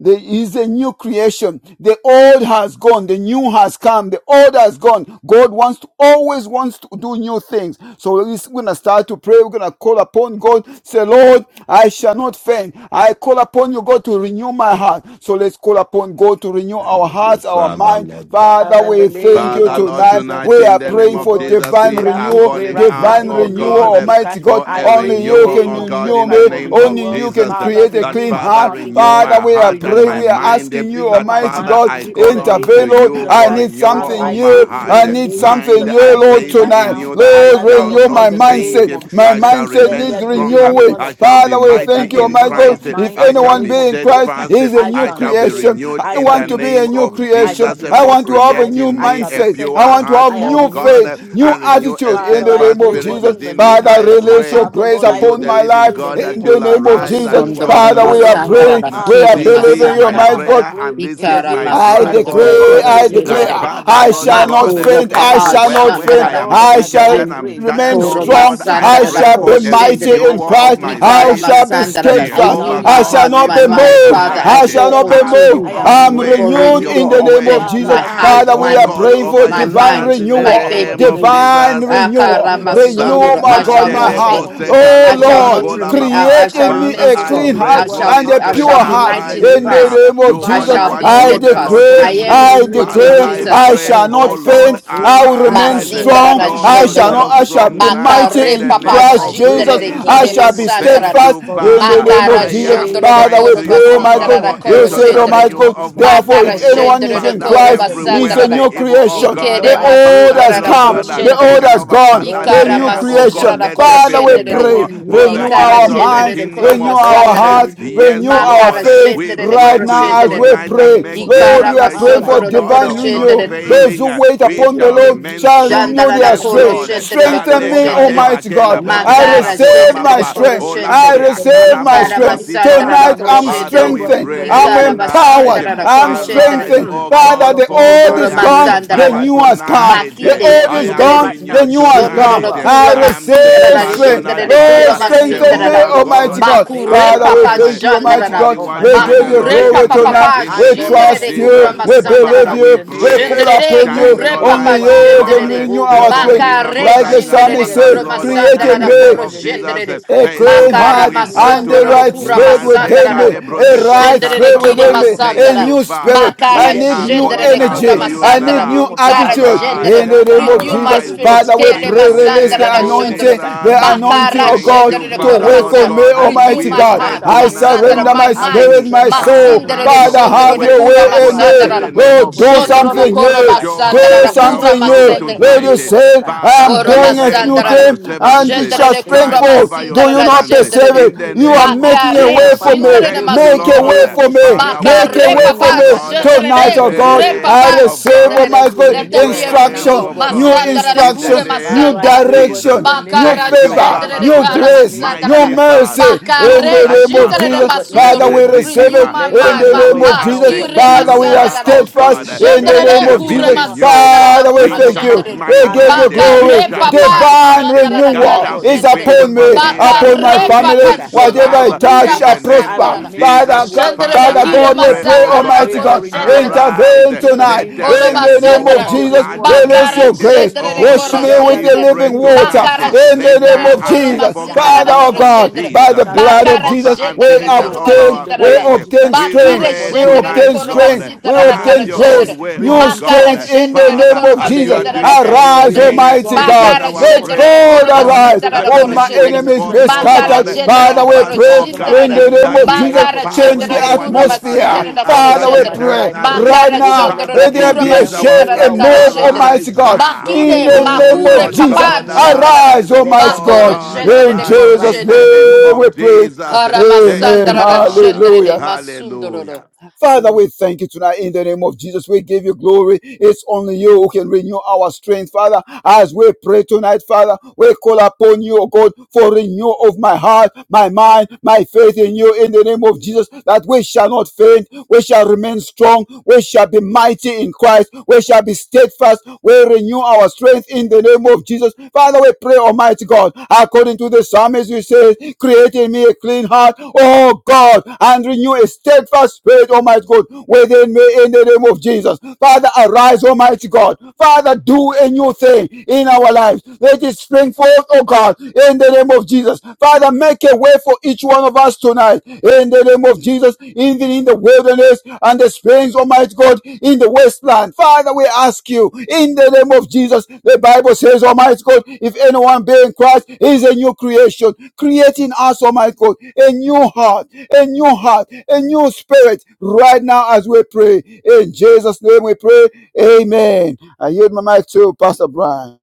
Speaker 3: there is a new creation. The old has gone. The new has come. The old has gone. God wants to always wants to do new things. So we're going to start to pray. We're going to call upon God. Say, Lord, I shall not faint. I call upon you, God, to renew my heart. So let's call upon God to renew our
Speaker 4: Thank you,
Speaker 3: hearts, our
Speaker 4: Father,
Speaker 3: mind.
Speaker 4: Lord God.
Speaker 3: Father,
Speaker 2: Father, in the
Speaker 3: we thank you
Speaker 2: name
Speaker 4: Father,
Speaker 2: of
Speaker 4: Lord,
Speaker 3: tonight time.
Speaker 2: Jesus,
Speaker 4: tonight
Speaker 3: We
Speaker 2: we
Speaker 4: in
Speaker 3: are
Speaker 4: the
Speaker 2: thank
Speaker 4: name
Speaker 3: praying
Speaker 2: you,
Speaker 4: of
Speaker 3: for
Speaker 2: God.
Speaker 4: Jesus,
Speaker 3: divine
Speaker 4: we
Speaker 2: Even as
Speaker 4: are
Speaker 2: we
Speaker 3: renewal,
Speaker 2: pray
Speaker 4: calling
Speaker 2: right now
Speaker 4: out,
Speaker 3: divine
Speaker 2: in
Speaker 4: oh
Speaker 2: the
Speaker 3: renewal,
Speaker 2: name
Speaker 4: God,
Speaker 2: of
Speaker 4: eh,
Speaker 2: Jesus
Speaker 3: Almighty
Speaker 2: Christ,
Speaker 3: God.
Speaker 4: for
Speaker 2: I
Speaker 4: a
Speaker 2: pray in
Speaker 3: Only
Speaker 2: the
Speaker 3: you
Speaker 4: renewal,
Speaker 3: can
Speaker 2: name
Speaker 4: oh
Speaker 2: of
Speaker 4: God,
Speaker 2: Jesus
Speaker 3: renew
Speaker 4: in the
Speaker 2: Christ
Speaker 3: me.
Speaker 2: for
Speaker 4: name of
Speaker 3: Only
Speaker 2: renewal.
Speaker 3: you can
Speaker 4: Jesus. eh,
Speaker 2: Father,
Speaker 3: create a
Speaker 4: That
Speaker 2: renew
Speaker 3: clean
Speaker 2: my
Speaker 4: Father,
Speaker 3: heart.
Speaker 2: heart, oh
Speaker 4: renew
Speaker 2: God, and
Speaker 3: Father,
Speaker 4: my
Speaker 3: we are
Speaker 4: heart and
Speaker 2: renew
Speaker 3: praying.
Speaker 4: my
Speaker 2: my
Speaker 3: We are
Speaker 2: faith.
Speaker 4: mind. eh,
Speaker 3: asking you,
Speaker 2: Renew
Speaker 4: That
Speaker 2: my
Speaker 3: Almighty
Speaker 4: Father,
Speaker 2: mind
Speaker 3: God,
Speaker 2: in
Speaker 4: I
Speaker 2: you in
Speaker 4: call
Speaker 2: the
Speaker 4: on
Speaker 2: name
Speaker 4: to
Speaker 3: intervene,
Speaker 2: of
Speaker 3: Lord.
Speaker 4: you
Speaker 2: Jesus
Speaker 3: I
Speaker 4: for
Speaker 3: need
Speaker 2: Christ.
Speaker 4: renewal
Speaker 2: Father,
Speaker 3: something
Speaker 4: of
Speaker 2: I
Speaker 4: my
Speaker 2: pray
Speaker 3: new.
Speaker 2: even
Speaker 4: heart,
Speaker 2: in
Speaker 3: I
Speaker 2: the
Speaker 4: eh,
Speaker 3: need
Speaker 2: name of
Speaker 3: something
Speaker 4: mind,
Speaker 2: Jesus
Speaker 3: new,
Speaker 2: Christ,
Speaker 4: and
Speaker 3: Lord,
Speaker 2: even
Speaker 4: faith
Speaker 2: right
Speaker 4: in
Speaker 3: tonight.
Speaker 2: now,
Speaker 4: you that
Speaker 2: as
Speaker 4: I
Speaker 3: Lord,
Speaker 2: I call
Speaker 4: shall
Speaker 3: renew
Speaker 2: upon in
Speaker 3: my
Speaker 4: not
Speaker 2: the
Speaker 4: faint.
Speaker 2: name
Speaker 4: eh,
Speaker 2: of
Speaker 3: mindset. My
Speaker 2: Jesus
Speaker 4: I
Speaker 2: Christ,
Speaker 4: shall
Speaker 3: mindset
Speaker 2: let
Speaker 4: remain
Speaker 3: needs
Speaker 2: there
Speaker 3: renewal
Speaker 2: be a
Speaker 3: in your
Speaker 4: stronger.
Speaker 3: way.
Speaker 2: renewal
Speaker 4: I
Speaker 2: of
Speaker 4: shall
Speaker 2: heart.
Speaker 4: be
Speaker 3: Father, we
Speaker 2: Let there
Speaker 4: mighty
Speaker 3: thank
Speaker 2: be
Speaker 3: you,
Speaker 2: a
Speaker 4: in
Speaker 3: Almighty
Speaker 2: renewal
Speaker 3: God.
Speaker 2: of
Speaker 4: Christ. eh,
Speaker 3: If
Speaker 2: mind in
Speaker 4: I
Speaker 2: the
Speaker 4: shall
Speaker 3: anyone
Speaker 4: be
Speaker 2: name
Speaker 3: be
Speaker 2: of
Speaker 3: in
Speaker 2: Jesus
Speaker 3: Christ,
Speaker 2: Christ.
Speaker 3: he
Speaker 4: steadfast. eh,
Speaker 3: is a
Speaker 2: I
Speaker 3: new
Speaker 4: I
Speaker 2: shall
Speaker 4: shall
Speaker 2: not
Speaker 4: be be
Speaker 3: creation.
Speaker 2: faint.
Speaker 4: renewed
Speaker 2: I
Speaker 3: I
Speaker 4: in
Speaker 2: shall
Speaker 4: the
Speaker 3: want to
Speaker 2: remain
Speaker 3: be a
Speaker 4: name
Speaker 3: new
Speaker 2: strong.
Speaker 4: of
Speaker 2: I
Speaker 3: creation.
Speaker 2: shall
Speaker 4: Jesus
Speaker 2: be
Speaker 4: eh,
Speaker 3: I
Speaker 4: for
Speaker 2: mighty
Speaker 3: want to
Speaker 2: in
Speaker 3: have a
Speaker 2: Christ.
Speaker 3: new
Speaker 4: creating
Speaker 2: I
Speaker 4: me
Speaker 2: shall be
Speaker 4: a
Speaker 3: mindset. I
Speaker 4: pure
Speaker 3: want to
Speaker 2: steadfast.
Speaker 4: heart,
Speaker 2: I
Speaker 3: have
Speaker 4: O
Speaker 2: am
Speaker 3: new
Speaker 2: renewed
Speaker 4: God,
Speaker 2: in
Speaker 3: faith,
Speaker 4: eh,
Speaker 3: new
Speaker 4: and
Speaker 2: Jesus' name.
Speaker 4: renew a
Speaker 3: attitude in
Speaker 2: Father,
Speaker 3: the
Speaker 2: I
Speaker 3: name
Speaker 4: steadfast
Speaker 2: pray,
Speaker 3: of
Speaker 2: oh
Speaker 4: spirit
Speaker 2: God,
Speaker 3: Jesus.
Speaker 2: in the
Speaker 4: within me.
Speaker 2: name of
Speaker 3: Father,
Speaker 4: I
Speaker 2: Jesus Christ.
Speaker 3: release your
Speaker 4: pray
Speaker 2: Father,
Speaker 3: grace
Speaker 2: Lord,
Speaker 4: to
Speaker 2: I
Speaker 4: you,
Speaker 3: upon
Speaker 4: the
Speaker 3: my
Speaker 2: pray
Speaker 4: living
Speaker 2: in
Speaker 3: life
Speaker 2: the
Speaker 4: God, that
Speaker 2: name
Speaker 3: in
Speaker 2: of
Speaker 3: the
Speaker 4: you'll
Speaker 2: Jesus
Speaker 3: name
Speaker 2: Christ for
Speaker 3: of
Speaker 2: a
Speaker 4: arise
Speaker 3: Jesus.
Speaker 4: and
Speaker 5: Masondoro
Speaker 2: renewal,
Speaker 4: show
Speaker 5: no
Speaker 3: Father,
Speaker 2: a
Speaker 3: we are
Speaker 4: yourself
Speaker 2: renewal
Speaker 5: masandara
Speaker 3: praying.
Speaker 4: strong.
Speaker 2: of
Speaker 5: la
Speaker 2: heart
Speaker 3: We
Speaker 2: and
Speaker 3: are
Speaker 5: kiri
Speaker 2: of
Speaker 4: This
Speaker 2: mind
Speaker 3: believing
Speaker 4: is
Speaker 2: right
Speaker 3: you,
Speaker 4: my
Speaker 5: masandara.
Speaker 2: now
Speaker 3: Almighty
Speaker 2: as I
Speaker 3: God.
Speaker 4: prayer
Speaker 2: pray
Speaker 4: and this
Speaker 2: in the
Speaker 4: is
Speaker 5: Ikara
Speaker 4: my
Speaker 2: name of Jesus
Speaker 3: I
Speaker 4: cry,
Speaker 2: Christ.
Speaker 5: masondoro
Speaker 4: oh
Speaker 5: no
Speaker 2: Let
Speaker 3: decree,
Speaker 2: there
Speaker 4: God,
Speaker 5: poro
Speaker 2: be
Speaker 4: eh,
Speaker 2: a
Speaker 3: I declare,
Speaker 4: that
Speaker 2: renewal
Speaker 5: shendere.
Speaker 2: now
Speaker 4: Father,
Speaker 2: as
Speaker 3: I
Speaker 2: I
Speaker 4: Lord
Speaker 2: call
Speaker 3: shall not
Speaker 2: upon
Speaker 4: God,
Speaker 2: you
Speaker 4: eh,
Speaker 2: in the
Speaker 5: Mapuro
Speaker 3: faint,
Speaker 2: name
Speaker 3: I
Speaker 2: of
Speaker 5: papa
Speaker 2: Jesus
Speaker 3: shall
Speaker 2: Christ.
Speaker 4: everywhere
Speaker 3: not
Speaker 4: where
Speaker 2: My
Speaker 3: faint,
Speaker 5: Shandra,
Speaker 4: I
Speaker 5: la.
Speaker 2: Lord
Speaker 4: am
Speaker 2: and
Speaker 3: I
Speaker 2: my God,
Speaker 4: weakened
Speaker 3: shall
Speaker 2: I
Speaker 4: and
Speaker 5: Jen
Speaker 4: I'm
Speaker 2: pray in
Speaker 3: remain
Speaker 4: tired,
Speaker 2: the
Speaker 4: oh
Speaker 5: poro
Speaker 2: name of
Speaker 3: strong,
Speaker 4: God,
Speaker 2: Jesus
Speaker 4: I
Speaker 2: Christ.
Speaker 3: I
Speaker 2: I
Speaker 5: masandara la
Speaker 4: pray
Speaker 2: shall
Speaker 3: shall
Speaker 5: poro
Speaker 2: not
Speaker 4: for
Speaker 3: be
Speaker 4: a
Speaker 2: faint.
Speaker 3: mighty
Speaker 5: shendere.
Speaker 2: I
Speaker 3: in
Speaker 4: renewal
Speaker 2: shall
Speaker 4: of
Speaker 3: Christ,
Speaker 2: remain
Speaker 4: my
Speaker 3: I
Speaker 5: Ikara
Speaker 2: strong.
Speaker 3: shall
Speaker 4: faith.
Speaker 3: be
Speaker 5: masandara la.
Speaker 2: I
Speaker 3: steadfast,
Speaker 2: shall
Speaker 5: Renew
Speaker 4: Jehovah
Speaker 2: be
Speaker 3: I
Speaker 5: my
Speaker 3: shall
Speaker 4: God,
Speaker 5: heart,
Speaker 2: mighty
Speaker 4: we
Speaker 3: not
Speaker 2: in
Speaker 5: my
Speaker 3: be
Speaker 4: pray
Speaker 5: mind.
Speaker 2: Christ.
Speaker 3: moved,
Speaker 2: I
Speaker 5: Father,
Speaker 2: shall
Speaker 5: I
Speaker 3: I
Speaker 4: tonight.
Speaker 2: be
Speaker 4: eh,
Speaker 3: shall
Speaker 5: call
Speaker 3: not be
Speaker 5: unto
Speaker 4: Have
Speaker 2: steadfast.
Speaker 3: moved.
Speaker 4: your
Speaker 2: I
Speaker 5: you
Speaker 2: am
Speaker 4: own
Speaker 3: I'm
Speaker 2: renewed
Speaker 4: way.
Speaker 5: for
Speaker 2: in
Speaker 4: Have
Speaker 3: renewed
Speaker 4: your
Speaker 2: Jesus'
Speaker 3: in
Speaker 5: renewal
Speaker 3: the
Speaker 4: own
Speaker 2: name.
Speaker 5: of
Speaker 3: name
Speaker 4: way.
Speaker 3: of
Speaker 5: the,
Speaker 2: Father,
Speaker 3: Jesus.
Speaker 5: my
Speaker 2: I pray,
Speaker 5: heart,
Speaker 2: oh
Speaker 4: Charge,
Speaker 3: Father,
Speaker 2: God,
Speaker 3: we
Speaker 4: oh
Speaker 2: in
Speaker 5: my,
Speaker 3: are
Speaker 2: the
Speaker 4: God,
Speaker 3: praying
Speaker 2: name
Speaker 3: for
Speaker 4: over
Speaker 2: of
Speaker 5: my
Speaker 4: your
Speaker 2: Jesus
Speaker 3: divine
Speaker 2: Christ,
Speaker 5: mind,
Speaker 4: servants
Speaker 2: even
Speaker 4: in
Speaker 2: for
Speaker 4: the
Speaker 5: my
Speaker 2: this, oh
Speaker 3: renewal,
Speaker 5: faith
Speaker 2: God,
Speaker 4: name
Speaker 2: in
Speaker 5: in
Speaker 2: the
Speaker 4: of
Speaker 5: you.
Speaker 2: name of Jesus
Speaker 3: divine
Speaker 4: Jesus.
Speaker 2: Christ.
Speaker 4: eh,
Speaker 2: Help
Speaker 3: renewal,
Speaker 5: Akara
Speaker 2: me, Lord, in the
Speaker 4: Fa-
Speaker 3: renew,
Speaker 5: masondoro.
Speaker 2: name of
Speaker 3: my
Speaker 5: I
Speaker 2: Jesus as
Speaker 3: God,
Speaker 5: shall
Speaker 2: I
Speaker 3: my
Speaker 5: not
Speaker 4: Mandele
Speaker 2: call
Speaker 5: faint.
Speaker 3: heart.
Speaker 2: upon you,
Speaker 4: kose
Speaker 2: oh God.
Speaker 3: Oh
Speaker 5: I
Speaker 2: In
Speaker 5: shall
Speaker 2: the
Speaker 4: kalambra
Speaker 5: not
Speaker 2: name
Speaker 3: Lord,
Speaker 4: kola
Speaker 2: of
Speaker 3: create
Speaker 5: remain.
Speaker 2: Jesus
Speaker 5: I,
Speaker 2: Christ,
Speaker 4: bababa.
Speaker 5: I
Speaker 3: Create
Speaker 2: I
Speaker 5: shall
Speaker 3: in me
Speaker 2: receive,
Speaker 4: Father,
Speaker 5: remain
Speaker 3: a
Speaker 2: oh
Speaker 4: I
Speaker 2: God,
Speaker 3: clean
Speaker 5: strong.
Speaker 4: pray,
Speaker 3: heart
Speaker 5: I
Speaker 2: renewal
Speaker 5: shall.
Speaker 2: of
Speaker 4: Holy
Speaker 3: and a
Speaker 2: heart
Speaker 5: I
Speaker 2: and
Speaker 4: Spirit,
Speaker 2: of
Speaker 5: shall
Speaker 3: pure
Speaker 5: be
Speaker 2: mind
Speaker 3: heart.
Speaker 2: in the
Speaker 5: mighty
Speaker 4: arise
Speaker 5: in
Speaker 3: In
Speaker 2: name of
Speaker 3: the
Speaker 4: now.
Speaker 2: Jesus
Speaker 5: Christ.
Speaker 2: Christ.
Speaker 3: name of
Speaker 4: Do
Speaker 5: I
Speaker 2: Father,
Speaker 4: only
Speaker 3: Jesus,
Speaker 5: shall
Speaker 2: I
Speaker 4: what
Speaker 5: be
Speaker 2: call
Speaker 3: I
Speaker 4: you,
Speaker 2: on
Speaker 4: the
Speaker 2: you even
Speaker 5: steadfast.
Speaker 4: Lord,
Speaker 2: for
Speaker 3: declare,
Speaker 5: I
Speaker 4: can
Speaker 2: this, oh
Speaker 5: am
Speaker 4: do.
Speaker 2: God.
Speaker 3: I
Speaker 2: In
Speaker 5: renewed
Speaker 2: the
Speaker 4: Father,
Speaker 5: in
Speaker 3: declare,
Speaker 4: I
Speaker 2: name of
Speaker 3: I
Speaker 5: Jesus'
Speaker 2: Jesus
Speaker 4: pray,
Speaker 3: shall
Speaker 2: Christ,
Speaker 5: name.
Speaker 4: oh
Speaker 3: not
Speaker 2: I shall
Speaker 4: Lord,
Speaker 3: faint.
Speaker 2: not faint.
Speaker 3: I will
Speaker 2: I
Speaker 3: remain
Speaker 2: shall
Speaker 4: arise.
Speaker 2: remain
Speaker 3: strong.
Speaker 5: Masindarara
Speaker 2: strong
Speaker 4: Show
Speaker 2: in the
Speaker 3: I shall
Speaker 2: name
Speaker 3: not,
Speaker 5: jondororo.
Speaker 2: of
Speaker 4: yourself
Speaker 3: I
Speaker 2: Jesus
Speaker 3: shall
Speaker 2: Christ.
Speaker 4: strong
Speaker 3: be
Speaker 4: now
Speaker 3: mighty
Speaker 4: in
Speaker 5: Makare
Speaker 4: the
Speaker 3: in
Speaker 5: papa
Speaker 4: name
Speaker 2: Father, I
Speaker 3: Christ
Speaker 4: of
Speaker 2: pray, oh
Speaker 5: jindere
Speaker 3: Jesus.
Speaker 2: God,
Speaker 5: de
Speaker 2: in the
Speaker 4: Jesus.
Speaker 3: I
Speaker 5: kire
Speaker 3: shall
Speaker 2: name
Speaker 3: be
Speaker 2: of Jesus
Speaker 4: Thank
Speaker 2: Christ,
Speaker 5: masandarara.
Speaker 3: steadfast
Speaker 4: you,
Speaker 2: for
Speaker 3: in
Speaker 2: this, oh
Speaker 3: the
Speaker 4: Father.
Speaker 2: God,
Speaker 3: name
Speaker 2: in
Speaker 5: Makara
Speaker 3: of
Speaker 2: the
Speaker 4: I
Speaker 3: Jesus.
Speaker 4: am
Speaker 2: name
Speaker 5: jondororo
Speaker 2: of
Speaker 3: Father,
Speaker 4: crying
Speaker 3: we
Speaker 2: Jesus
Speaker 5: koro
Speaker 4: to
Speaker 3: pray,
Speaker 4: you,
Speaker 2: Christ.
Speaker 3: oh
Speaker 4: oh
Speaker 2: Father,
Speaker 3: my
Speaker 4: God,
Speaker 2: Lord,
Speaker 3: God.
Speaker 5: basindarara
Speaker 2: I
Speaker 4: for
Speaker 2: pray,
Speaker 4: a
Speaker 2: oh
Speaker 3: You
Speaker 5: koro
Speaker 2: God,
Speaker 3: said,
Speaker 2: in
Speaker 4: total
Speaker 3: oh
Speaker 2: the
Speaker 3: my
Speaker 5: shendere.
Speaker 2: name
Speaker 4: renewal
Speaker 2: of
Speaker 3: God,
Speaker 2: Jesus
Speaker 4: of
Speaker 2: Christ.
Speaker 4: my
Speaker 3: therefore,
Speaker 5: Makara
Speaker 3: if
Speaker 2: Lord
Speaker 4: mind.
Speaker 2: God, I
Speaker 3: anyone
Speaker 5: shendere
Speaker 3: is
Speaker 5: de
Speaker 3: in
Speaker 2: pray, oh
Speaker 4: Father,
Speaker 2: God,
Speaker 5: koro
Speaker 2: in
Speaker 3: Christ,
Speaker 2: the
Speaker 3: he
Speaker 2: name
Speaker 3: is
Speaker 4: everywhere
Speaker 2: of
Speaker 3: a
Speaker 5: basandarara.
Speaker 2: Jesus
Speaker 4: the
Speaker 3: new
Speaker 2: Christ.
Speaker 4: evil, oh
Speaker 3: creation.
Speaker 2: Father,
Speaker 4: God,
Speaker 2: Lord,
Speaker 5: Ikere
Speaker 3: The
Speaker 4: eh,
Speaker 2: I pray, oh
Speaker 3: old has
Speaker 2: God,
Speaker 4: Father,
Speaker 3: has
Speaker 2: in
Speaker 5: masindarara
Speaker 2: the
Speaker 4: Lord
Speaker 3: come,
Speaker 5: koro
Speaker 4: God,
Speaker 2: name
Speaker 4: has
Speaker 3: the
Speaker 2: of
Speaker 3: old
Speaker 2: Jesus
Speaker 5: shendere.
Speaker 4: taken
Speaker 3: has
Speaker 2: Christ.
Speaker 4: over.
Speaker 2: And
Speaker 3: gone,
Speaker 4: Father,
Speaker 2: Lord, we
Speaker 3: the
Speaker 2: do,
Speaker 5: Ikara
Speaker 2: oh
Speaker 3: new
Speaker 4: there,
Speaker 2: God, in
Speaker 4: oh
Speaker 2: the
Speaker 4: God,
Speaker 3: creation.
Speaker 2: name of
Speaker 5: masindarara
Speaker 4: let
Speaker 2: Jesus
Speaker 5: koro
Speaker 4: there
Speaker 2: Christ.
Speaker 4: be
Speaker 3: Father, we
Speaker 2: Let there
Speaker 5: shendere.
Speaker 2: be a
Speaker 3: pray,
Speaker 4: renewal for
Speaker 2: renewal
Speaker 4: the
Speaker 3: renew
Speaker 2: right now in
Speaker 5: Ikara
Speaker 3: our
Speaker 4: things
Speaker 2: the
Speaker 4: of
Speaker 2: name
Speaker 4: the
Speaker 2: of
Speaker 5: shendere
Speaker 3: minds,
Speaker 5: de
Speaker 2: Jesus
Speaker 5: koro
Speaker 2: Christ.
Speaker 4: kingdom
Speaker 3: renew
Speaker 4: of
Speaker 2: Let
Speaker 3: our
Speaker 2: there
Speaker 4: God.
Speaker 2: be a
Speaker 4: eh,
Speaker 5: basandarara.
Speaker 3: hearts,
Speaker 4: Yes.
Speaker 2: renewal in the
Speaker 3: renew
Speaker 4: Yes,
Speaker 2: name of Jesus Christ.
Speaker 3: our
Speaker 4: Lord,
Speaker 5: Makara
Speaker 4: uh,
Speaker 3: faith
Speaker 4: we
Speaker 5: shendere
Speaker 2: Oh,
Speaker 5: de
Speaker 2: my
Speaker 3: right
Speaker 4: pray
Speaker 5: koro
Speaker 4: to
Speaker 2: mind,
Speaker 4: you
Speaker 3: now
Speaker 2: oh
Speaker 3: as
Speaker 5: shendere.
Speaker 2: God,
Speaker 3: we
Speaker 2: in
Speaker 4: tonight
Speaker 2: the
Speaker 4: and
Speaker 3: pray.
Speaker 2: name
Speaker 4: make
Speaker 2: of Jesus
Speaker 3: Lord,
Speaker 2: Christ.
Speaker 5: Ikara
Speaker 3: we are
Speaker 2: As
Speaker 3: praying
Speaker 4: declaration,
Speaker 2: I
Speaker 3: for
Speaker 4: oh
Speaker 5: masondoro
Speaker 2: pray
Speaker 4: God,
Speaker 5: koro
Speaker 2: right
Speaker 3: divine
Speaker 4: of
Speaker 2: now in the
Speaker 4: not
Speaker 3: renewal.
Speaker 2: name
Speaker 5: shendere.
Speaker 3: Those
Speaker 5: Mm.
Speaker 4: failing.
Speaker 3: who
Speaker 4: uh,
Speaker 3: wait
Speaker 2: there
Speaker 4: We
Speaker 3: upon
Speaker 2: there
Speaker 3: the
Speaker 4: shall
Speaker 2: be a
Speaker 3: Lord
Speaker 2: new
Speaker 4: remain
Speaker 2: you, our
Speaker 3: shall
Speaker 2: Lord.
Speaker 4: strong.
Speaker 3: renew
Speaker 5: Jandara
Speaker 2: In
Speaker 5: da
Speaker 3: their
Speaker 2: the
Speaker 4: Yes,
Speaker 5: coro
Speaker 3: strength.
Speaker 4: Lord.
Speaker 2: name
Speaker 4: Uh,
Speaker 2: of Jesus,
Speaker 5: scentere de
Speaker 2: Christ,
Speaker 5: coro
Speaker 3: Strengthen
Speaker 4: Ale
Speaker 2: of
Speaker 3: me,
Speaker 2: my
Speaker 5: scentere.
Speaker 4: kaleba
Speaker 2: heart,
Speaker 3: Almighty God.
Speaker 2: of
Speaker 4: kelaba
Speaker 2: my
Speaker 3: I
Speaker 2: mind,
Speaker 4: keleba
Speaker 5: Macara
Speaker 4: kola
Speaker 3: receive
Speaker 5: scentere
Speaker 3: my
Speaker 5: de
Speaker 2: of
Speaker 4: bababa.
Speaker 2: my
Speaker 5: coro
Speaker 3: strength.
Speaker 2: faith, Lord,
Speaker 3: I
Speaker 4: Olambri
Speaker 5: scentere.
Speaker 2: in the name
Speaker 3: receive my
Speaker 2: of
Speaker 4: akalambro
Speaker 5: Icara
Speaker 2: Jesus Christ.
Speaker 3: strength.
Speaker 4: kosi
Speaker 5: massandara
Speaker 2: Father,
Speaker 5: da
Speaker 4: kalabra.
Speaker 3: Tonight
Speaker 5: coro
Speaker 2: Lord,
Speaker 3: I'm
Speaker 2: I pray,
Speaker 4: Father,
Speaker 2: oh
Speaker 5: scentere.
Speaker 4: we
Speaker 2: God,
Speaker 3: strengthened.
Speaker 2: in the
Speaker 4: pray
Speaker 3: I'm
Speaker 5: Icara
Speaker 2: name of Jesus
Speaker 4: tonight.
Speaker 3: empowered.
Speaker 2: Christ.
Speaker 5: bassindara da
Speaker 2: Father,
Speaker 5: coro
Speaker 3: I'm
Speaker 2: Lord, I
Speaker 5: scentere.
Speaker 4: Arise,
Speaker 2: pray.
Speaker 3: strengthened.
Speaker 4: oh
Speaker 2: I
Speaker 3: Father,
Speaker 2: call
Speaker 4: God,
Speaker 3: the
Speaker 2: upon you,
Speaker 4: for
Speaker 2: oh God,
Speaker 3: old
Speaker 4: I
Speaker 5: Ora
Speaker 2: in
Speaker 3: is
Speaker 2: the
Speaker 4: am
Speaker 2: name
Speaker 3: gone,
Speaker 2: of Jesus
Speaker 3: the
Speaker 5: masandarara.
Speaker 2: Christ
Speaker 4: empowered
Speaker 3: new
Speaker 2: for this
Speaker 3: has
Speaker 2: evening.
Speaker 3: come.
Speaker 4: tonight.
Speaker 3: The
Speaker 2: Let
Speaker 4: Eh,
Speaker 5: Makire
Speaker 2: there
Speaker 3: old
Speaker 4: I
Speaker 2: be,
Speaker 3: is
Speaker 2: O
Speaker 4: am
Speaker 2: God,
Speaker 5: shindrede.
Speaker 3: gone,
Speaker 2: right
Speaker 3: the
Speaker 2: now,
Speaker 4: renewed
Speaker 3: new
Speaker 2: a
Speaker 3: has
Speaker 5: Jondororo
Speaker 4: tonight.
Speaker 3: come.
Speaker 2: renewal.
Speaker 4: Eh,
Speaker 3: I
Speaker 5: kura
Speaker 4: I am
Speaker 2: In the
Speaker 3: receive
Speaker 5: masindarara.
Speaker 4: steadfast
Speaker 2: name of
Speaker 3: strength.
Speaker 2: Jesus
Speaker 4: tonight,
Speaker 5: Jenderede
Speaker 2: Christ,
Speaker 5: kura
Speaker 2: let
Speaker 3: Lord,
Speaker 4: Father,
Speaker 2: there be a
Speaker 3: strengthen me,
Speaker 5: masindarara.
Speaker 4: Jehovah
Speaker 2: renewal, oh God, of
Speaker 3: Almighty
Speaker 2: my
Speaker 4: God.
Speaker 3: God.
Speaker 2: faith,
Speaker 5: Makure
Speaker 2: oh
Speaker 3: Father,
Speaker 2: God,
Speaker 3: we
Speaker 2: of
Speaker 5: papa
Speaker 4: Arise,
Speaker 2: my
Speaker 4: eh,
Speaker 3: thank you,
Speaker 2: heart, oh
Speaker 4: do
Speaker 2: God,
Speaker 3: Almighty
Speaker 5: jandarara.
Speaker 4: only
Speaker 3: God.
Speaker 2: of my
Speaker 4: what
Speaker 3: We
Speaker 4: you,
Speaker 2: mind.
Speaker 3: give
Speaker 4: the
Speaker 2: In
Speaker 3: you
Speaker 2: the
Speaker 4: Lord,
Speaker 5: Makure
Speaker 2: name of
Speaker 3: glory
Speaker 4: can
Speaker 5: papa
Speaker 2: Jesus
Speaker 4: do
Speaker 2: Christ,
Speaker 3: tonight.
Speaker 5: papa
Speaker 4: in
Speaker 2: I
Speaker 4: the
Speaker 3: We
Speaker 2: call
Speaker 4: name of
Speaker 2: upon
Speaker 5: jinderede
Speaker 3: trust
Speaker 2: you, oh
Speaker 3: you.
Speaker 5: kura
Speaker 2: God,
Speaker 4: Jesus.
Speaker 2: even
Speaker 3: We
Speaker 2: for this, oh
Speaker 3: believe
Speaker 4: Father,
Speaker 5: masandarara.
Speaker 2: God, in
Speaker 4: we
Speaker 3: you.
Speaker 2: the
Speaker 3: We
Speaker 2: name of
Speaker 3: call
Speaker 2: Jesus
Speaker 4: pray,
Speaker 2: Christ.
Speaker 5: Jenderede
Speaker 3: upon
Speaker 2: Let
Speaker 3: you.
Speaker 4: shine
Speaker 2: there
Speaker 5: kure
Speaker 4: your
Speaker 2: be a
Speaker 5: papa
Speaker 4: light,
Speaker 3: Only
Speaker 2: renewal
Speaker 4: oh
Speaker 3: you
Speaker 2: now,
Speaker 3: can
Speaker 4: God,
Speaker 5: jenderede.
Speaker 4: eh,
Speaker 3: renew
Speaker 2: oh
Speaker 3: our
Speaker 2: God, in the
Speaker 4: perform
Speaker 3: strength.
Speaker 2: name of
Speaker 4: miracle
Speaker 5: Makare
Speaker 2: Jesus
Speaker 3: Like the
Speaker 4: signs
Speaker 2: Christ.
Speaker 4: and
Speaker 2: Let
Speaker 5: jinderede
Speaker 3: psalmist
Speaker 2: there be
Speaker 4: wonders,
Speaker 2: a
Speaker 5: kura
Speaker 3: said,
Speaker 4: Lord,
Speaker 2: renewal now,
Speaker 3: created
Speaker 4: in
Speaker 5: masandarara
Speaker 2: oh
Speaker 4: the name
Speaker 2: God,
Speaker 3: me
Speaker 5: kura
Speaker 2: in
Speaker 4: of
Speaker 2: the name of
Speaker 4: Jesus.
Speaker 5: jenderede.
Speaker 4: eh.
Speaker 2: Jesus Christ.
Speaker 3: a
Speaker 4: Faithful
Speaker 2: Let
Speaker 3: clean
Speaker 2: there
Speaker 4: God,
Speaker 2: be
Speaker 5: Makara
Speaker 2: a
Speaker 3: heart
Speaker 4: we pray
Speaker 2: renewal
Speaker 3: and a
Speaker 2: now,
Speaker 4: tonight.
Speaker 2: in
Speaker 5: masondororo
Speaker 2: the
Speaker 3: right
Speaker 5: kura
Speaker 2: name of
Speaker 3: spirit
Speaker 2: Jesus Christ.
Speaker 4: Mase
Speaker 2: I
Speaker 3: within
Speaker 5: masandarara.
Speaker 3: me,
Speaker 2: call upon
Speaker 3: a
Speaker 2: you, oh
Speaker 4: kalebrose
Speaker 2: God,
Speaker 3: right
Speaker 4: skotara
Speaker 5: Jenderede
Speaker 3: spirit
Speaker 2: in the
Speaker 5: kire
Speaker 4: bababa.
Speaker 3: within
Speaker 2: name of
Speaker 3: me,
Speaker 2: Jesus
Speaker 3: a
Speaker 4: Thank
Speaker 5: masandara.
Speaker 4: you,
Speaker 2: Christ.
Speaker 3: new
Speaker 4: Father.
Speaker 3: spirit.
Speaker 2: Let
Speaker 3: I
Speaker 5: Makara
Speaker 4: We
Speaker 2: there
Speaker 3: need
Speaker 2: be a
Speaker 4: are
Speaker 3: new
Speaker 5: gendere
Speaker 2: renewal
Speaker 4: calling
Speaker 5: de
Speaker 2: now,
Speaker 4: out
Speaker 2: oh
Speaker 5: kura
Speaker 3: energy.
Speaker 4: to
Speaker 2: God,
Speaker 4: you
Speaker 3: I
Speaker 2: in the
Speaker 3: need
Speaker 5: masandra,
Speaker 4: now.
Speaker 3: new
Speaker 2: name of Jesus,
Speaker 5: Mkara
Speaker 2: as I
Speaker 3: attitude.
Speaker 2: pray
Speaker 4: Arise,
Speaker 5: gendere,
Speaker 3: In
Speaker 2: and
Speaker 4: eh,
Speaker 3: the
Speaker 2: as I
Speaker 3: name of
Speaker 2: call
Speaker 5: renew my
Speaker 2: upon
Speaker 3: Jesus,
Speaker 2: you, oh
Speaker 4: arise,
Speaker 2: God,
Speaker 4: Lord,
Speaker 5: spirit,
Speaker 3: Father,
Speaker 2: even
Speaker 3: we
Speaker 2: right
Speaker 5: kele
Speaker 4: in the
Speaker 3: pray,
Speaker 2: now,
Speaker 3: release
Speaker 2: in
Speaker 3: the
Speaker 5: masandra
Speaker 2: the
Speaker 4: name
Speaker 5: da
Speaker 4: of
Speaker 2: name of Jesus
Speaker 5: gendro,
Speaker 3: anointing,
Speaker 2: Christ,
Speaker 3: the
Speaker 4: Jesus.
Speaker 2: renew
Speaker 3: anointing
Speaker 2: me,
Speaker 5: Makara
Speaker 2: oh
Speaker 3: of
Speaker 2: God,
Speaker 4: Thank
Speaker 3: God
Speaker 4: you,
Speaker 5: gendere de
Speaker 3: to
Speaker 5: kura
Speaker 2: renew
Speaker 4: Father,
Speaker 2: me, oh
Speaker 3: work
Speaker 4: Lord
Speaker 3: on
Speaker 5: masandra,
Speaker 2: God.
Speaker 3: me,
Speaker 2: I
Speaker 4: God.
Speaker 2: will
Speaker 5: renew
Speaker 2: not
Speaker 3: Almighty
Speaker 4: We
Speaker 5: my
Speaker 2: faint,
Speaker 3: God.
Speaker 2: I
Speaker 4: pray
Speaker 5: heart,
Speaker 2: shall
Speaker 3: I
Speaker 2: remain
Speaker 4: tonight,
Speaker 5: masandra,
Speaker 2: strong,
Speaker 3: surrender
Speaker 5: my
Speaker 4: Lord.
Speaker 3: my
Speaker 2: I will be
Speaker 5: mind,
Speaker 3: spirit,
Speaker 4: Mm.
Speaker 3: my
Speaker 2: set fast, I am
Speaker 4: Father,
Speaker 3: soul.
Speaker 5: masindra
Speaker 4: have
Speaker 2: renewed
Speaker 5: de
Speaker 2: in
Speaker 4: your
Speaker 3: Father,
Speaker 4: own
Speaker 5: gendro
Speaker 3: have
Speaker 2: Jesus'
Speaker 5: de
Speaker 2: name.
Speaker 4: way
Speaker 3: your
Speaker 5: kura
Speaker 3: way
Speaker 2: Father,
Speaker 3: in
Speaker 4: upon
Speaker 2: I
Speaker 4: us in
Speaker 2: pray, oh
Speaker 5: masandra,
Speaker 4: the
Speaker 3: me.
Speaker 2: God,
Speaker 4: name
Speaker 2: even
Speaker 3: Lord,
Speaker 4: of
Speaker 2: for
Speaker 3: do
Speaker 2: this in the
Speaker 5: gendro
Speaker 4: Jesus.
Speaker 5: de
Speaker 3: something
Speaker 2: name of
Speaker 5: kura
Speaker 2: Jesus
Speaker 3: new.
Speaker 2: Christ.
Speaker 4: Show
Speaker 2: That
Speaker 5: masandra,
Speaker 3: Do
Speaker 2: Lord, you will
Speaker 4: yourself
Speaker 5: kura
Speaker 2: do
Speaker 3: something
Speaker 2: this, oh
Speaker 4: strong
Speaker 3: new.
Speaker 2: God,
Speaker 5: masandra,
Speaker 2: in the
Speaker 3: Lord,
Speaker 4: tonight.
Speaker 3: you
Speaker 2: name of Jesus
Speaker 3: said,
Speaker 2: Christ.
Speaker 3: I
Speaker 4: Father,
Speaker 3: am
Speaker 2: Father,
Speaker 3: doing
Speaker 2: Lord,
Speaker 3: a
Speaker 2: that you will
Speaker 3: new
Speaker 4: remember
Speaker 5: Koromasandarara.
Speaker 2: renew
Speaker 4: your
Speaker 3: thing
Speaker 2: me, oh God,
Speaker 3: and
Speaker 4: servants.
Speaker 2: renew
Speaker 3: it
Speaker 2: my
Speaker 3: shall
Speaker 5: Genderere
Speaker 3: spring
Speaker 2: faith,
Speaker 5: kura
Speaker 4: Charge
Speaker 3: forth.
Speaker 4: over your
Speaker 3: Do you
Speaker 5: masindarara
Speaker 3: not
Speaker 4: servants
Speaker 2: Christ,
Speaker 3: perceive
Speaker 5: genderere.
Speaker 3: it?
Speaker 4: in the
Speaker 2: In the
Speaker 3: You are
Speaker 4: name
Speaker 2: name of
Speaker 4: of
Speaker 3: making a
Speaker 2: Jesus
Speaker 5: Makare
Speaker 3: way
Speaker 2: Christ,
Speaker 4: Jesus.
Speaker 3: for
Speaker 2: Father, I
Speaker 3: me.
Speaker 5: genderere
Speaker 2: pray,
Speaker 4: Thank
Speaker 2: but
Speaker 4: you,
Speaker 2: in
Speaker 3: Make
Speaker 2: the
Speaker 3: a way
Speaker 4: Lord.
Speaker 5: masundarara.
Speaker 2: name of
Speaker 3: for
Speaker 2: Jesus Christ,
Speaker 3: me.
Speaker 2: let
Speaker 4: Father,
Speaker 2: there
Speaker 4: we
Speaker 3: Make
Speaker 2: be a
Speaker 3: a
Speaker 5: Makare
Speaker 3: way
Speaker 4: pray,
Speaker 3: for
Speaker 5: papa
Speaker 4: oh
Speaker 2: renewal
Speaker 3: me.
Speaker 2: right
Speaker 4: God,
Speaker 2: now.
Speaker 4: the
Speaker 3: Tonight,
Speaker 2: In
Speaker 5: genderere
Speaker 3: oh
Speaker 2: the
Speaker 3: God,
Speaker 5: kure
Speaker 2: name of
Speaker 3: I
Speaker 5: papa
Speaker 4: mercy
Speaker 2: Jesus Christ,
Speaker 4: of
Speaker 3: receive,
Speaker 2: let
Speaker 3: oh
Speaker 5: genderere.
Speaker 2: there
Speaker 4: God,
Speaker 3: my
Speaker 2: be a
Speaker 3: God,
Speaker 4: the
Speaker 5: Let there
Speaker 2: renewal
Speaker 5: be a
Speaker 2: right now,
Speaker 4: grace
Speaker 2: oh
Speaker 3: instructions,
Speaker 5: renewal.
Speaker 4: of
Speaker 2: God, in the
Speaker 3: new
Speaker 4: God
Speaker 2: name of
Speaker 5: Masandarara
Speaker 4: in
Speaker 2: Jesus
Speaker 4: the
Speaker 2: Christ.
Speaker 5: kure
Speaker 3: instructions, new
Speaker 2: Father,
Speaker 4: name
Speaker 2: I
Speaker 4: of
Speaker 5: masandara.
Speaker 2: pray, God, in
Speaker 4: Jesus.
Speaker 2: the
Speaker 3: direction,
Speaker 2: name
Speaker 3: new
Speaker 2: of
Speaker 5: Makara
Speaker 4: Thank
Speaker 2: Jesus
Speaker 4: you,
Speaker 2: Christ, even
Speaker 3: favor,
Speaker 2: for
Speaker 5: shendere
Speaker 4: Father,
Speaker 5: de
Speaker 2: this, oh
Speaker 3: new
Speaker 4: Lord,
Speaker 2: God, in the
Speaker 3: grace,
Speaker 2: name of
Speaker 3: new
Speaker 2: Jesus Christ.
Speaker 5: karamasandara.
Speaker 4: mighty
Speaker 3: mercy.
Speaker 4: Father,
Speaker 3: In the
Speaker 5: Bakare
Speaker 2: I
Speaker 4: glorious
Speaker 3: name
Speaker 2: pray
Speaker 3: of
Speaker 2: for
Speaker 5: jindere de
Speaker 2: this,
Speaker 4: Master,
Speaker 2: oh
Speaker 3: Jesus,
Speaker 2: God, in the
Speaker 3: Father,
Speaker 5: masundoro.
Speaker 4: blessed
Speaker 3: we
Speaker 2: name of this God.
Speaker 3: receive
Speaker 5: Renew
Speaker 3: it.
Speaker 4: Redeemer.
Speaker 5: my
Speaker 2: Let
Speaker 3: In
Speaker 2: there
Speaker 5: mind,
Speaker 2: be,
Speaker 3: the
Speaker 2: oh
Speaker 4: Father,
Speaker 5: my
Speaker 2: God,
Speaker 3: name
Speaker 4: we
Speaker 3: of
Speaker 2: right
Speaker 4: are
Speaker 5: heart.
Speaker 2: now, oh
Speaker 3: Jesus,
Speaker 2: God, a
Speaker 4: saying
Speaker 5: Kire
Speaker 4: to you
Speaker 3: Father, we are
Speaker 2: renewal
Speaker 4: now,
Speaker 5: masandara.
Speaker 4: oh
Speaker 2: of
Speaker 3: steadfast.
Speaker 2: faith.
Speaker 4: God,
Speaker 3: In the
Speaker 2: Let
Speaker 5: Jendere
Speaker 2: there
Speaker 4: let
Speaker 3: name
Speaker 5: de
Speaker 2: be a
Speaker 4: there
Speaker 3: of
Speaker 4: be
Speaker 5: kure
Speaker 3: Jesus,
Speaker 2: renewal of
Speaker 3: Father.
Speaker 5: masandara
Speaker 4: renewal.
Speaker 2: heart
Speaker 5: la
Speaker 3: Father, we
Speaker 5: koro
Speaker 2: and of
Speaker 3: thank
Speaker 4: Recharge
Speaker 2: mind
Speaker 3: you.
Speaker 5: jendere.
Speaker 4: my
Speaker 3: We
Speaker 2: as
Speaker 3: give
Speaker 2: I
Speaker 3: you
Speaker 4: mind,
Speaker 2: pray
Speaker 3: glory.
Speaker 5: Makare
Speaker 2: in the
Speaker 4: recharge
Speaker 2: name of
Speaker 5: papa
Speaker 4: my
Speaker 2: this God.
Speaker 3: Divine
Speaker 4: heart.
Speaker 5: jandara
Speaker 2: Let
Speaker 5: la
Speaker 2: me, oh
Speaker 4: God,
Speaker 3: renewal
Speaker 5: kara
Speaker 4: I'll
Speaker 2: God,
Speaker 4: be
Speaker 3: is
Speaker 2: receive
Speaker 5: jendere.
Speaker 2: a
Speaker 4: quick to
Speaker 3: upon me,
Speaker 2: renewal
Speaker 4: forgive.
Speaker 2: in
Speaker 3: upon
Speaker 2: the
Speaker 3: my
Speaker 4: I'll
Speaker 5: Makare
Speaker 2: name
Speaker 4: be
Speaker 2: of
Speaker 3: family.
Speaker 2: this
Speaker 5: papa
Speaker 4: quick
Speaker 2: God.
Speaker 4: to
Speaker 3: Whatever
Speaker 2: That
Speaker 5: jondoro
Speaker 2: I
Speaker 3: I
Speaker 5: lo
Speaker 2: will
Speaker 4: love
Speaker 2: not
Speaker 3: touch
Speaker 5: kura
Speaker 4: in
Speaker 3: shall
Speaker 4: the
Speaker 2: faint.
Speaker 4: name
Speaker 2: I will
Speaker 3: prosper.
Speaker 4: of
Speaker 5: masandara.
Speaker 2: remain
Speaker 3: Father,
Speaker 2: strong,
Speaker 4: Jesus.
Speaker 2: oh God, in
Speaker 5: Jendere
Speaker 2: the
Speaker 4: Father,
Speaker 5: de
Speaker 3: Father
Speaker 2: name
Speaker 4: I
Speaker 2: of
Speaker 5: kire
Speaker 3: God,
Speaker 2: Jesus
Speaker 3: we
Speaker 4: pray,
Speaker 2: Christ.
Speaker 3: pray,
Speaker 4: oh
Speaker 5: masandara
Speaker 2: I
Speaker 5: la
Speaker 4: God,
Speaker 2: pray
Speaker 3: Almighty
Speaker 4: eh,
Speaker 5: koro
Speaker 2: for
Speaker 3: God,
Speaker 2: renewal right
Speaker 5: jendere.
Speaker 2: now
Speaker 4: arise.
Speaker 3: intervene
Speaker 4: eh,
Speaker 2: in the
Speaker 3: tonight.
Speaker 4: Let
Speaker 2: name of
Speaker 4: there
Speaker 2: Jesus
Speaker 4: be
Speaker 3: In
Speaker 5: Oroba
Speaker 2: Christ.
Speaker 3: the name
Speaker 2: Let
Speaker 4: renewal
Speaker 2: there
Speaker 3: of
Speaker 5: Sandra,
Speaker 2: be
Speaker 4: of
Speaker 2: a
Speaker 3: Jesus,
Speaker 4: heart
Speaker 2: renewal of
Speaker 4: and
Speaker 2: my
Speaker 3: release
Speaker 5: Bakara
Speaker 3: your
Speaker 2: faith,
Speaker 4: mind.
Speaker 2: oh
Speaker 4: eh.
Speaker 2: God,
Speaker 3: grace.
Speaker 2: even
Speaker 5: Jedre,
Speaker 2: in
Speaker 5: the
Speaker 4: Oh
Speaker 3: Wash
Speaker 2: you.
Speaker 5: Cora
Speaker 3: me
Speaker 4: Father,
Speaker 2: Let
Speaker 3: with
Speaker 2: there
Speaker 4: we
Speaker 3: the
Speaker 2: be a
Speaker 5: Jedre,
Speaker 4: pray
Speaker 3: living
Speaker 2: renewal of my
Speaker 3: water.
Speaker 4: tonight.
Speaker 5: Bakara
Speaker 4: eh,
Speaker 2: heart, oh
Speaker 3: In
Speaker 2: God,
Speaker 3: the
Speaker 2: in
Speaker 5: Jindre,
Speaker 4: Let
Speaker 2: the
Speaker 3: name
Speaker 4: my
Speaker 5: the
Speaker 2: name
Speaker 3: of
Speaker 2: of Jesus
Speaker 4: heart
Speaker 2: Christ.
Speaker 4: be
Speaker 5: Coroma
Speaker 3: Jesus,
Speaker 2: The
Speaker 4: focused
Speaker 2: high
Speaker 5: Sindra,
Speaker 2: will
Speaker 3: Father,
Speaker 5: the
Speaker 3: oh
Speaker 2: not
Speaker 4: more
Speaker 5: Cora
Speaker 2: be
Speaker 4: on
Speaker 3: God,
Speaker 5: Jedre,
Speaker 2: fainting,
Speaker 3: by
Speaker 2: that
Speaker 3: the
Speaker 4: Jesus,
Speaker 2: shall
Speaker 4: eh,
Speaker 2: lie
Speaker 3: blood
Speaker 2: be
Speaker 4: the
Speaker 3: of
Speaker 5: Bakara
Speaker 2: this
Speaker 3: Jesus,
Speaker 4: author
Speaker 2: city.
Speaker 4: and
Speaker 5: Jedre,
Speaker 3: we
Speaker 5: the
Speaker 2: Use
Speaker 4: finisher
Speaker 2: hope,
Speaker 5: Coroma
Speaker 2: oh
Speaker 4: of
Speaker 2: God,
Speaker 3: obtain,
Speaker 2: in
Speaker 4: our
Speaker 2: the
Speaker 3: we
Speaker 2: name
Speaker 5: Sindra,
Speaker 4: faith.
Speaker 2: of
Speaker 4: eh.
Speaker 2: Jesus
Speaker 3: obtain
Speaker 2: Christ.
Speaker 4: We
Speaker 2: Father,
Speaker 3: strength.
Speaker 5: Makire
Speaker 4: pray
Speaker 2: but
Speaker 3: We
Speaker 5: Jedre, the
Speaker 2: remain
Speaker 3: obtain
Speaker 4: tonight,
Speaker 5: Coroma
Speaker 4: Lord,
Speaker 3: strength.
Speaker 4: eh,
Speaker 2: strong,
Speaker 3: We
Speaker 5: Sindra,
Speaker 3: obtain
Speaker 5: the
Speaker 2: remain
Speaker 5: Cara
Speaker 4: have
Speaker 3: obtain
Speaker 4: your
Speaker 2: strong,
Speaker 3: grace,
Speaker 5: Jedre,
Speaker 4: own way, oh
Speaker 3: new
Speaker 2: remain
Speaker 5: Makara
Speaker 4: God.
Speaker 2: strong,
Speaker 4: eh.
Speaker 3: strength in the
Speaker 5: Jedre, the
Speaker 3: name
Speaker 4: Father,
Speaker 3: of
Speaker 5: Coroma
Speaker 2: in
Speaker 4: as
Speaker 2: the
Speaker 4: you
Speaker 3: Jesus.
Speaker 4: are
Speaker 2: name
Speaker 5: Sindra,
Speaker 2: of
Speaker 5: the
Speaker 4: doing
Speaker 2: Jesus
Speaker 4: a
Speaker 5: Cora
Speaker 2: Christ.
Speaker 4: new
Speaker 3: Arise,
Speaker 5: Jedre.
Speaker 4: thing,
Speaker 2: Remain
Speaker 4: morning.
Speaker 3: Almighty
Speaker 2: strong, oh
Speaker 4: It
Speaker 2: God,
Speaker 3: God.
Speaker 4: is
Speaker 2: in
Speaker 5: Makara
Speaker 2: the
Speaker 4: our
Speaker 2: name
Speaker 3: Let
Speaker 2: of
Speaker 5: shedere
Speaker 2: Jesus
Speaker 4: prayer,
Speaker 5: de
Speaker 2: Christ.
Speaker 4: oh
Speaker 3: God
Speaker 5: korba
Speaker 4: God,
Speaker 3: arise.
Speaker 2: Renewed, oh
Speaker 5: sindere
Speaker 4: that
Speaker 5: de
Speaker 2: God,
Speaker 3: All
Speaker 4: as
Speaker 5: koro
Speaker 4: it
Speaker 2: even
Speaker 3: my
Speaker 2: you and
Speaker 5: shedere.
Speaker 2: in
Speaker 4: springs
Speaker 2: your
Speaker 3: enemies
Speaker 4: forth,
Speaker 3: be
Speaker 2: strength, oh
Speaker 4: oh
Speaker 2: God, in the
Speaker 5: Makara
Speaker 3: scattered.
Speaker 4: God,
Speaker 2: name of
Speaker 5: shedere
Speaker 2: Jesus
Speaker 3: Father,
Speaker 5: de
Speaker 4: help
Speaker 2: Christ.
Speaker 3: we
Speaker 5: koro
Speaker 4: us,
Speaker 3: pray
Speaker 4: oh
Speaker 2: Father, I
Speaker 4: God,
Speaker 3: in
Speaker 2: in the
Speaker 5: shindere.
Speaker 3: the
Speaker 2: name
Speaker 3: name
Speaker 2: of
Speaker 4: that
Speaker 3: of
Speaker 2: Jesus
Speaker 4: we
Speaker 2: Christ, even
Speaker 3: Jesus.
Speaker 4: are
Speaker 2: for
Speaker 5: Makara
Speaker 2: this, oh
Speaker 4: part
Speaker 3: Change
Speaker 2: God,
Speaker 5: shedere
Speaker 3: the
Speaker 2: in
Speaker 4: of
Speaker 5: de
Speaker 2: the
Speaker 4: what
Speaker 2: name
Speaker 4: you
Speaker 5: kurba
Speaker 2: of
Speaker 4: are
Speaker 2: Jesus Christ.
Speaker 3: atmosphere.
Speaker 5: sindere
Speaker 4: doing
Speaker 5: de
Speaker 2: My
Speaker 4: at
Speaker 5: koro
Speaker 3: Father,
Speaker 2: Lord
Speaker 4: such
Speaker 3: we
Speaker 2: and
Speaker 4: a
Speaker 2: my
Speaker 5: shedere.
Speaker 2: God,
Speaker 4: time
Speaker 3: pray
Speaker 2: I
Speaker 4: as
Speaker 2: pray,
Speaker 3: right
Speaker 4: this.
Speaker 5: Makara
Speaker 2: oh
Speaker 3: now.
Speaker 2: God, let
Speaker 5: jondere
Speaker 4: Father,
Speaker 5: de
Speaker 2: there
Speaker 3: Let
Speaker 2: be a
Speaker 3: there
Speaker 4: it
Speaker 3: be
Speaker 5: kurba
Speaker 3: a
Speaker 2: divine
Speaker 4: is our
Speaker 3: shift,
Speaker 5: sindere
Speaker 2: renewal,
Speaker 3: a
Speaker 5: de
Speaker 4: cry.
Speaker 2: oh
Speaker 5: kara
Speaker 2: God, in
Speaker 3: move,
Speaker 2: the name
Speaker 5: shedere.
Speaker 2: of
Speaker 3: Almighty
Speaker 4: Arise
Speaker 2: Jesus
Speaker 3: God.
Speaker 2: Christ. Let
Speaker 4: now.
Speaker 2: there
Speaker 3: In
Speaker 5: Makine
Speaker 2: be
Speaker 3: the
Speaker 2: a
Speaker 4: Oh
Speaker 3: name
Speaker 2: renewal,
Speaker 3: of
Speaker 5: makure
Speaker 2: oh
Speaker 4: Lord
Speaker 2: God, in
Speaker 3: Jesus.
Speaker 2: the
Speaker 5: papa
Speaker 4: God,
Speaker 2: name of
Speaker 5: jandere
Speaker 2: Jesus
Speaker 5: de.
Speaker 3: Arise,
Speaker 4: arise.
Speaker 2: Christ. Let there
Speaker 3: Almighty
Speaker 4: Oh
Speaker 2: be a
Speaker 5: Makoro
Speaker 3: God.
Speaker 4: God,
Speaker 2: renewal,
Speaker 5: shedere
Speaker 3: In
Speaker 5: de
Speaker 2: even
Speaker 4: arise
Speaker 5: koro
Speaker 2: right
Speaker 3: Jesus'
Speaker 4: in the
Speaker 2: now,
Speaker 5: shedere.
Speaker 4: name
Speaker 2: in
Speaker 5: Mm.
Speaker 3: name
Speaker 2: the
Speaker 3: we
Speaker 4: of
Speaker 3: pray.
Speaker 4: Jesus.
Speaker 5: Kara
Speaker 4: Thank
Speaker 3: Amen.
Speaker 4: you,
Speaker 5: masandere de
Speaker 4: Father.
Speaker 5: jendere de
Speaker 3: Hallelujah.
Speaker 4: Hallelujah.
Speaker 5: masundoro.
Speaker 3: Father, we thank you tonight in the name of Jesus. We give you glory. It's only you who can renew our strength, Father. As we pray tonight, Father, we call upon you, O God, for renewal of my heart, my mind, my faith in you in the name of Jesus, that we shall not faint. We shall remain strong. We shall be mighty in Christ. We shall be steadfast. We renew our strength in in the name of Jesus. Father, we pray, Almighty God, according to the psalmist, you says, create in me a clean heart, oh God, and renew a steadfast spirit, Almighty God, within me in the name of Jesus. Father, arise, Almighty God. Father, do a new thing in our lives. Let it spring forth, oh God, in the name of Jesus. Father, make a way for each one of us us tonight in the name of Jesus, even in the wilderness and the springs, Almighty God, in the wasteland. Father, we ask you in the name of Jesus. The Bible says, Almighty God, if anyone be in Christ, he is a new creation, creating us, Almighty God, a new heart, a new heart, a new spirit right now as we pray. In Jesus' name we pray. Amen. I yield my mic to Pastor Brian.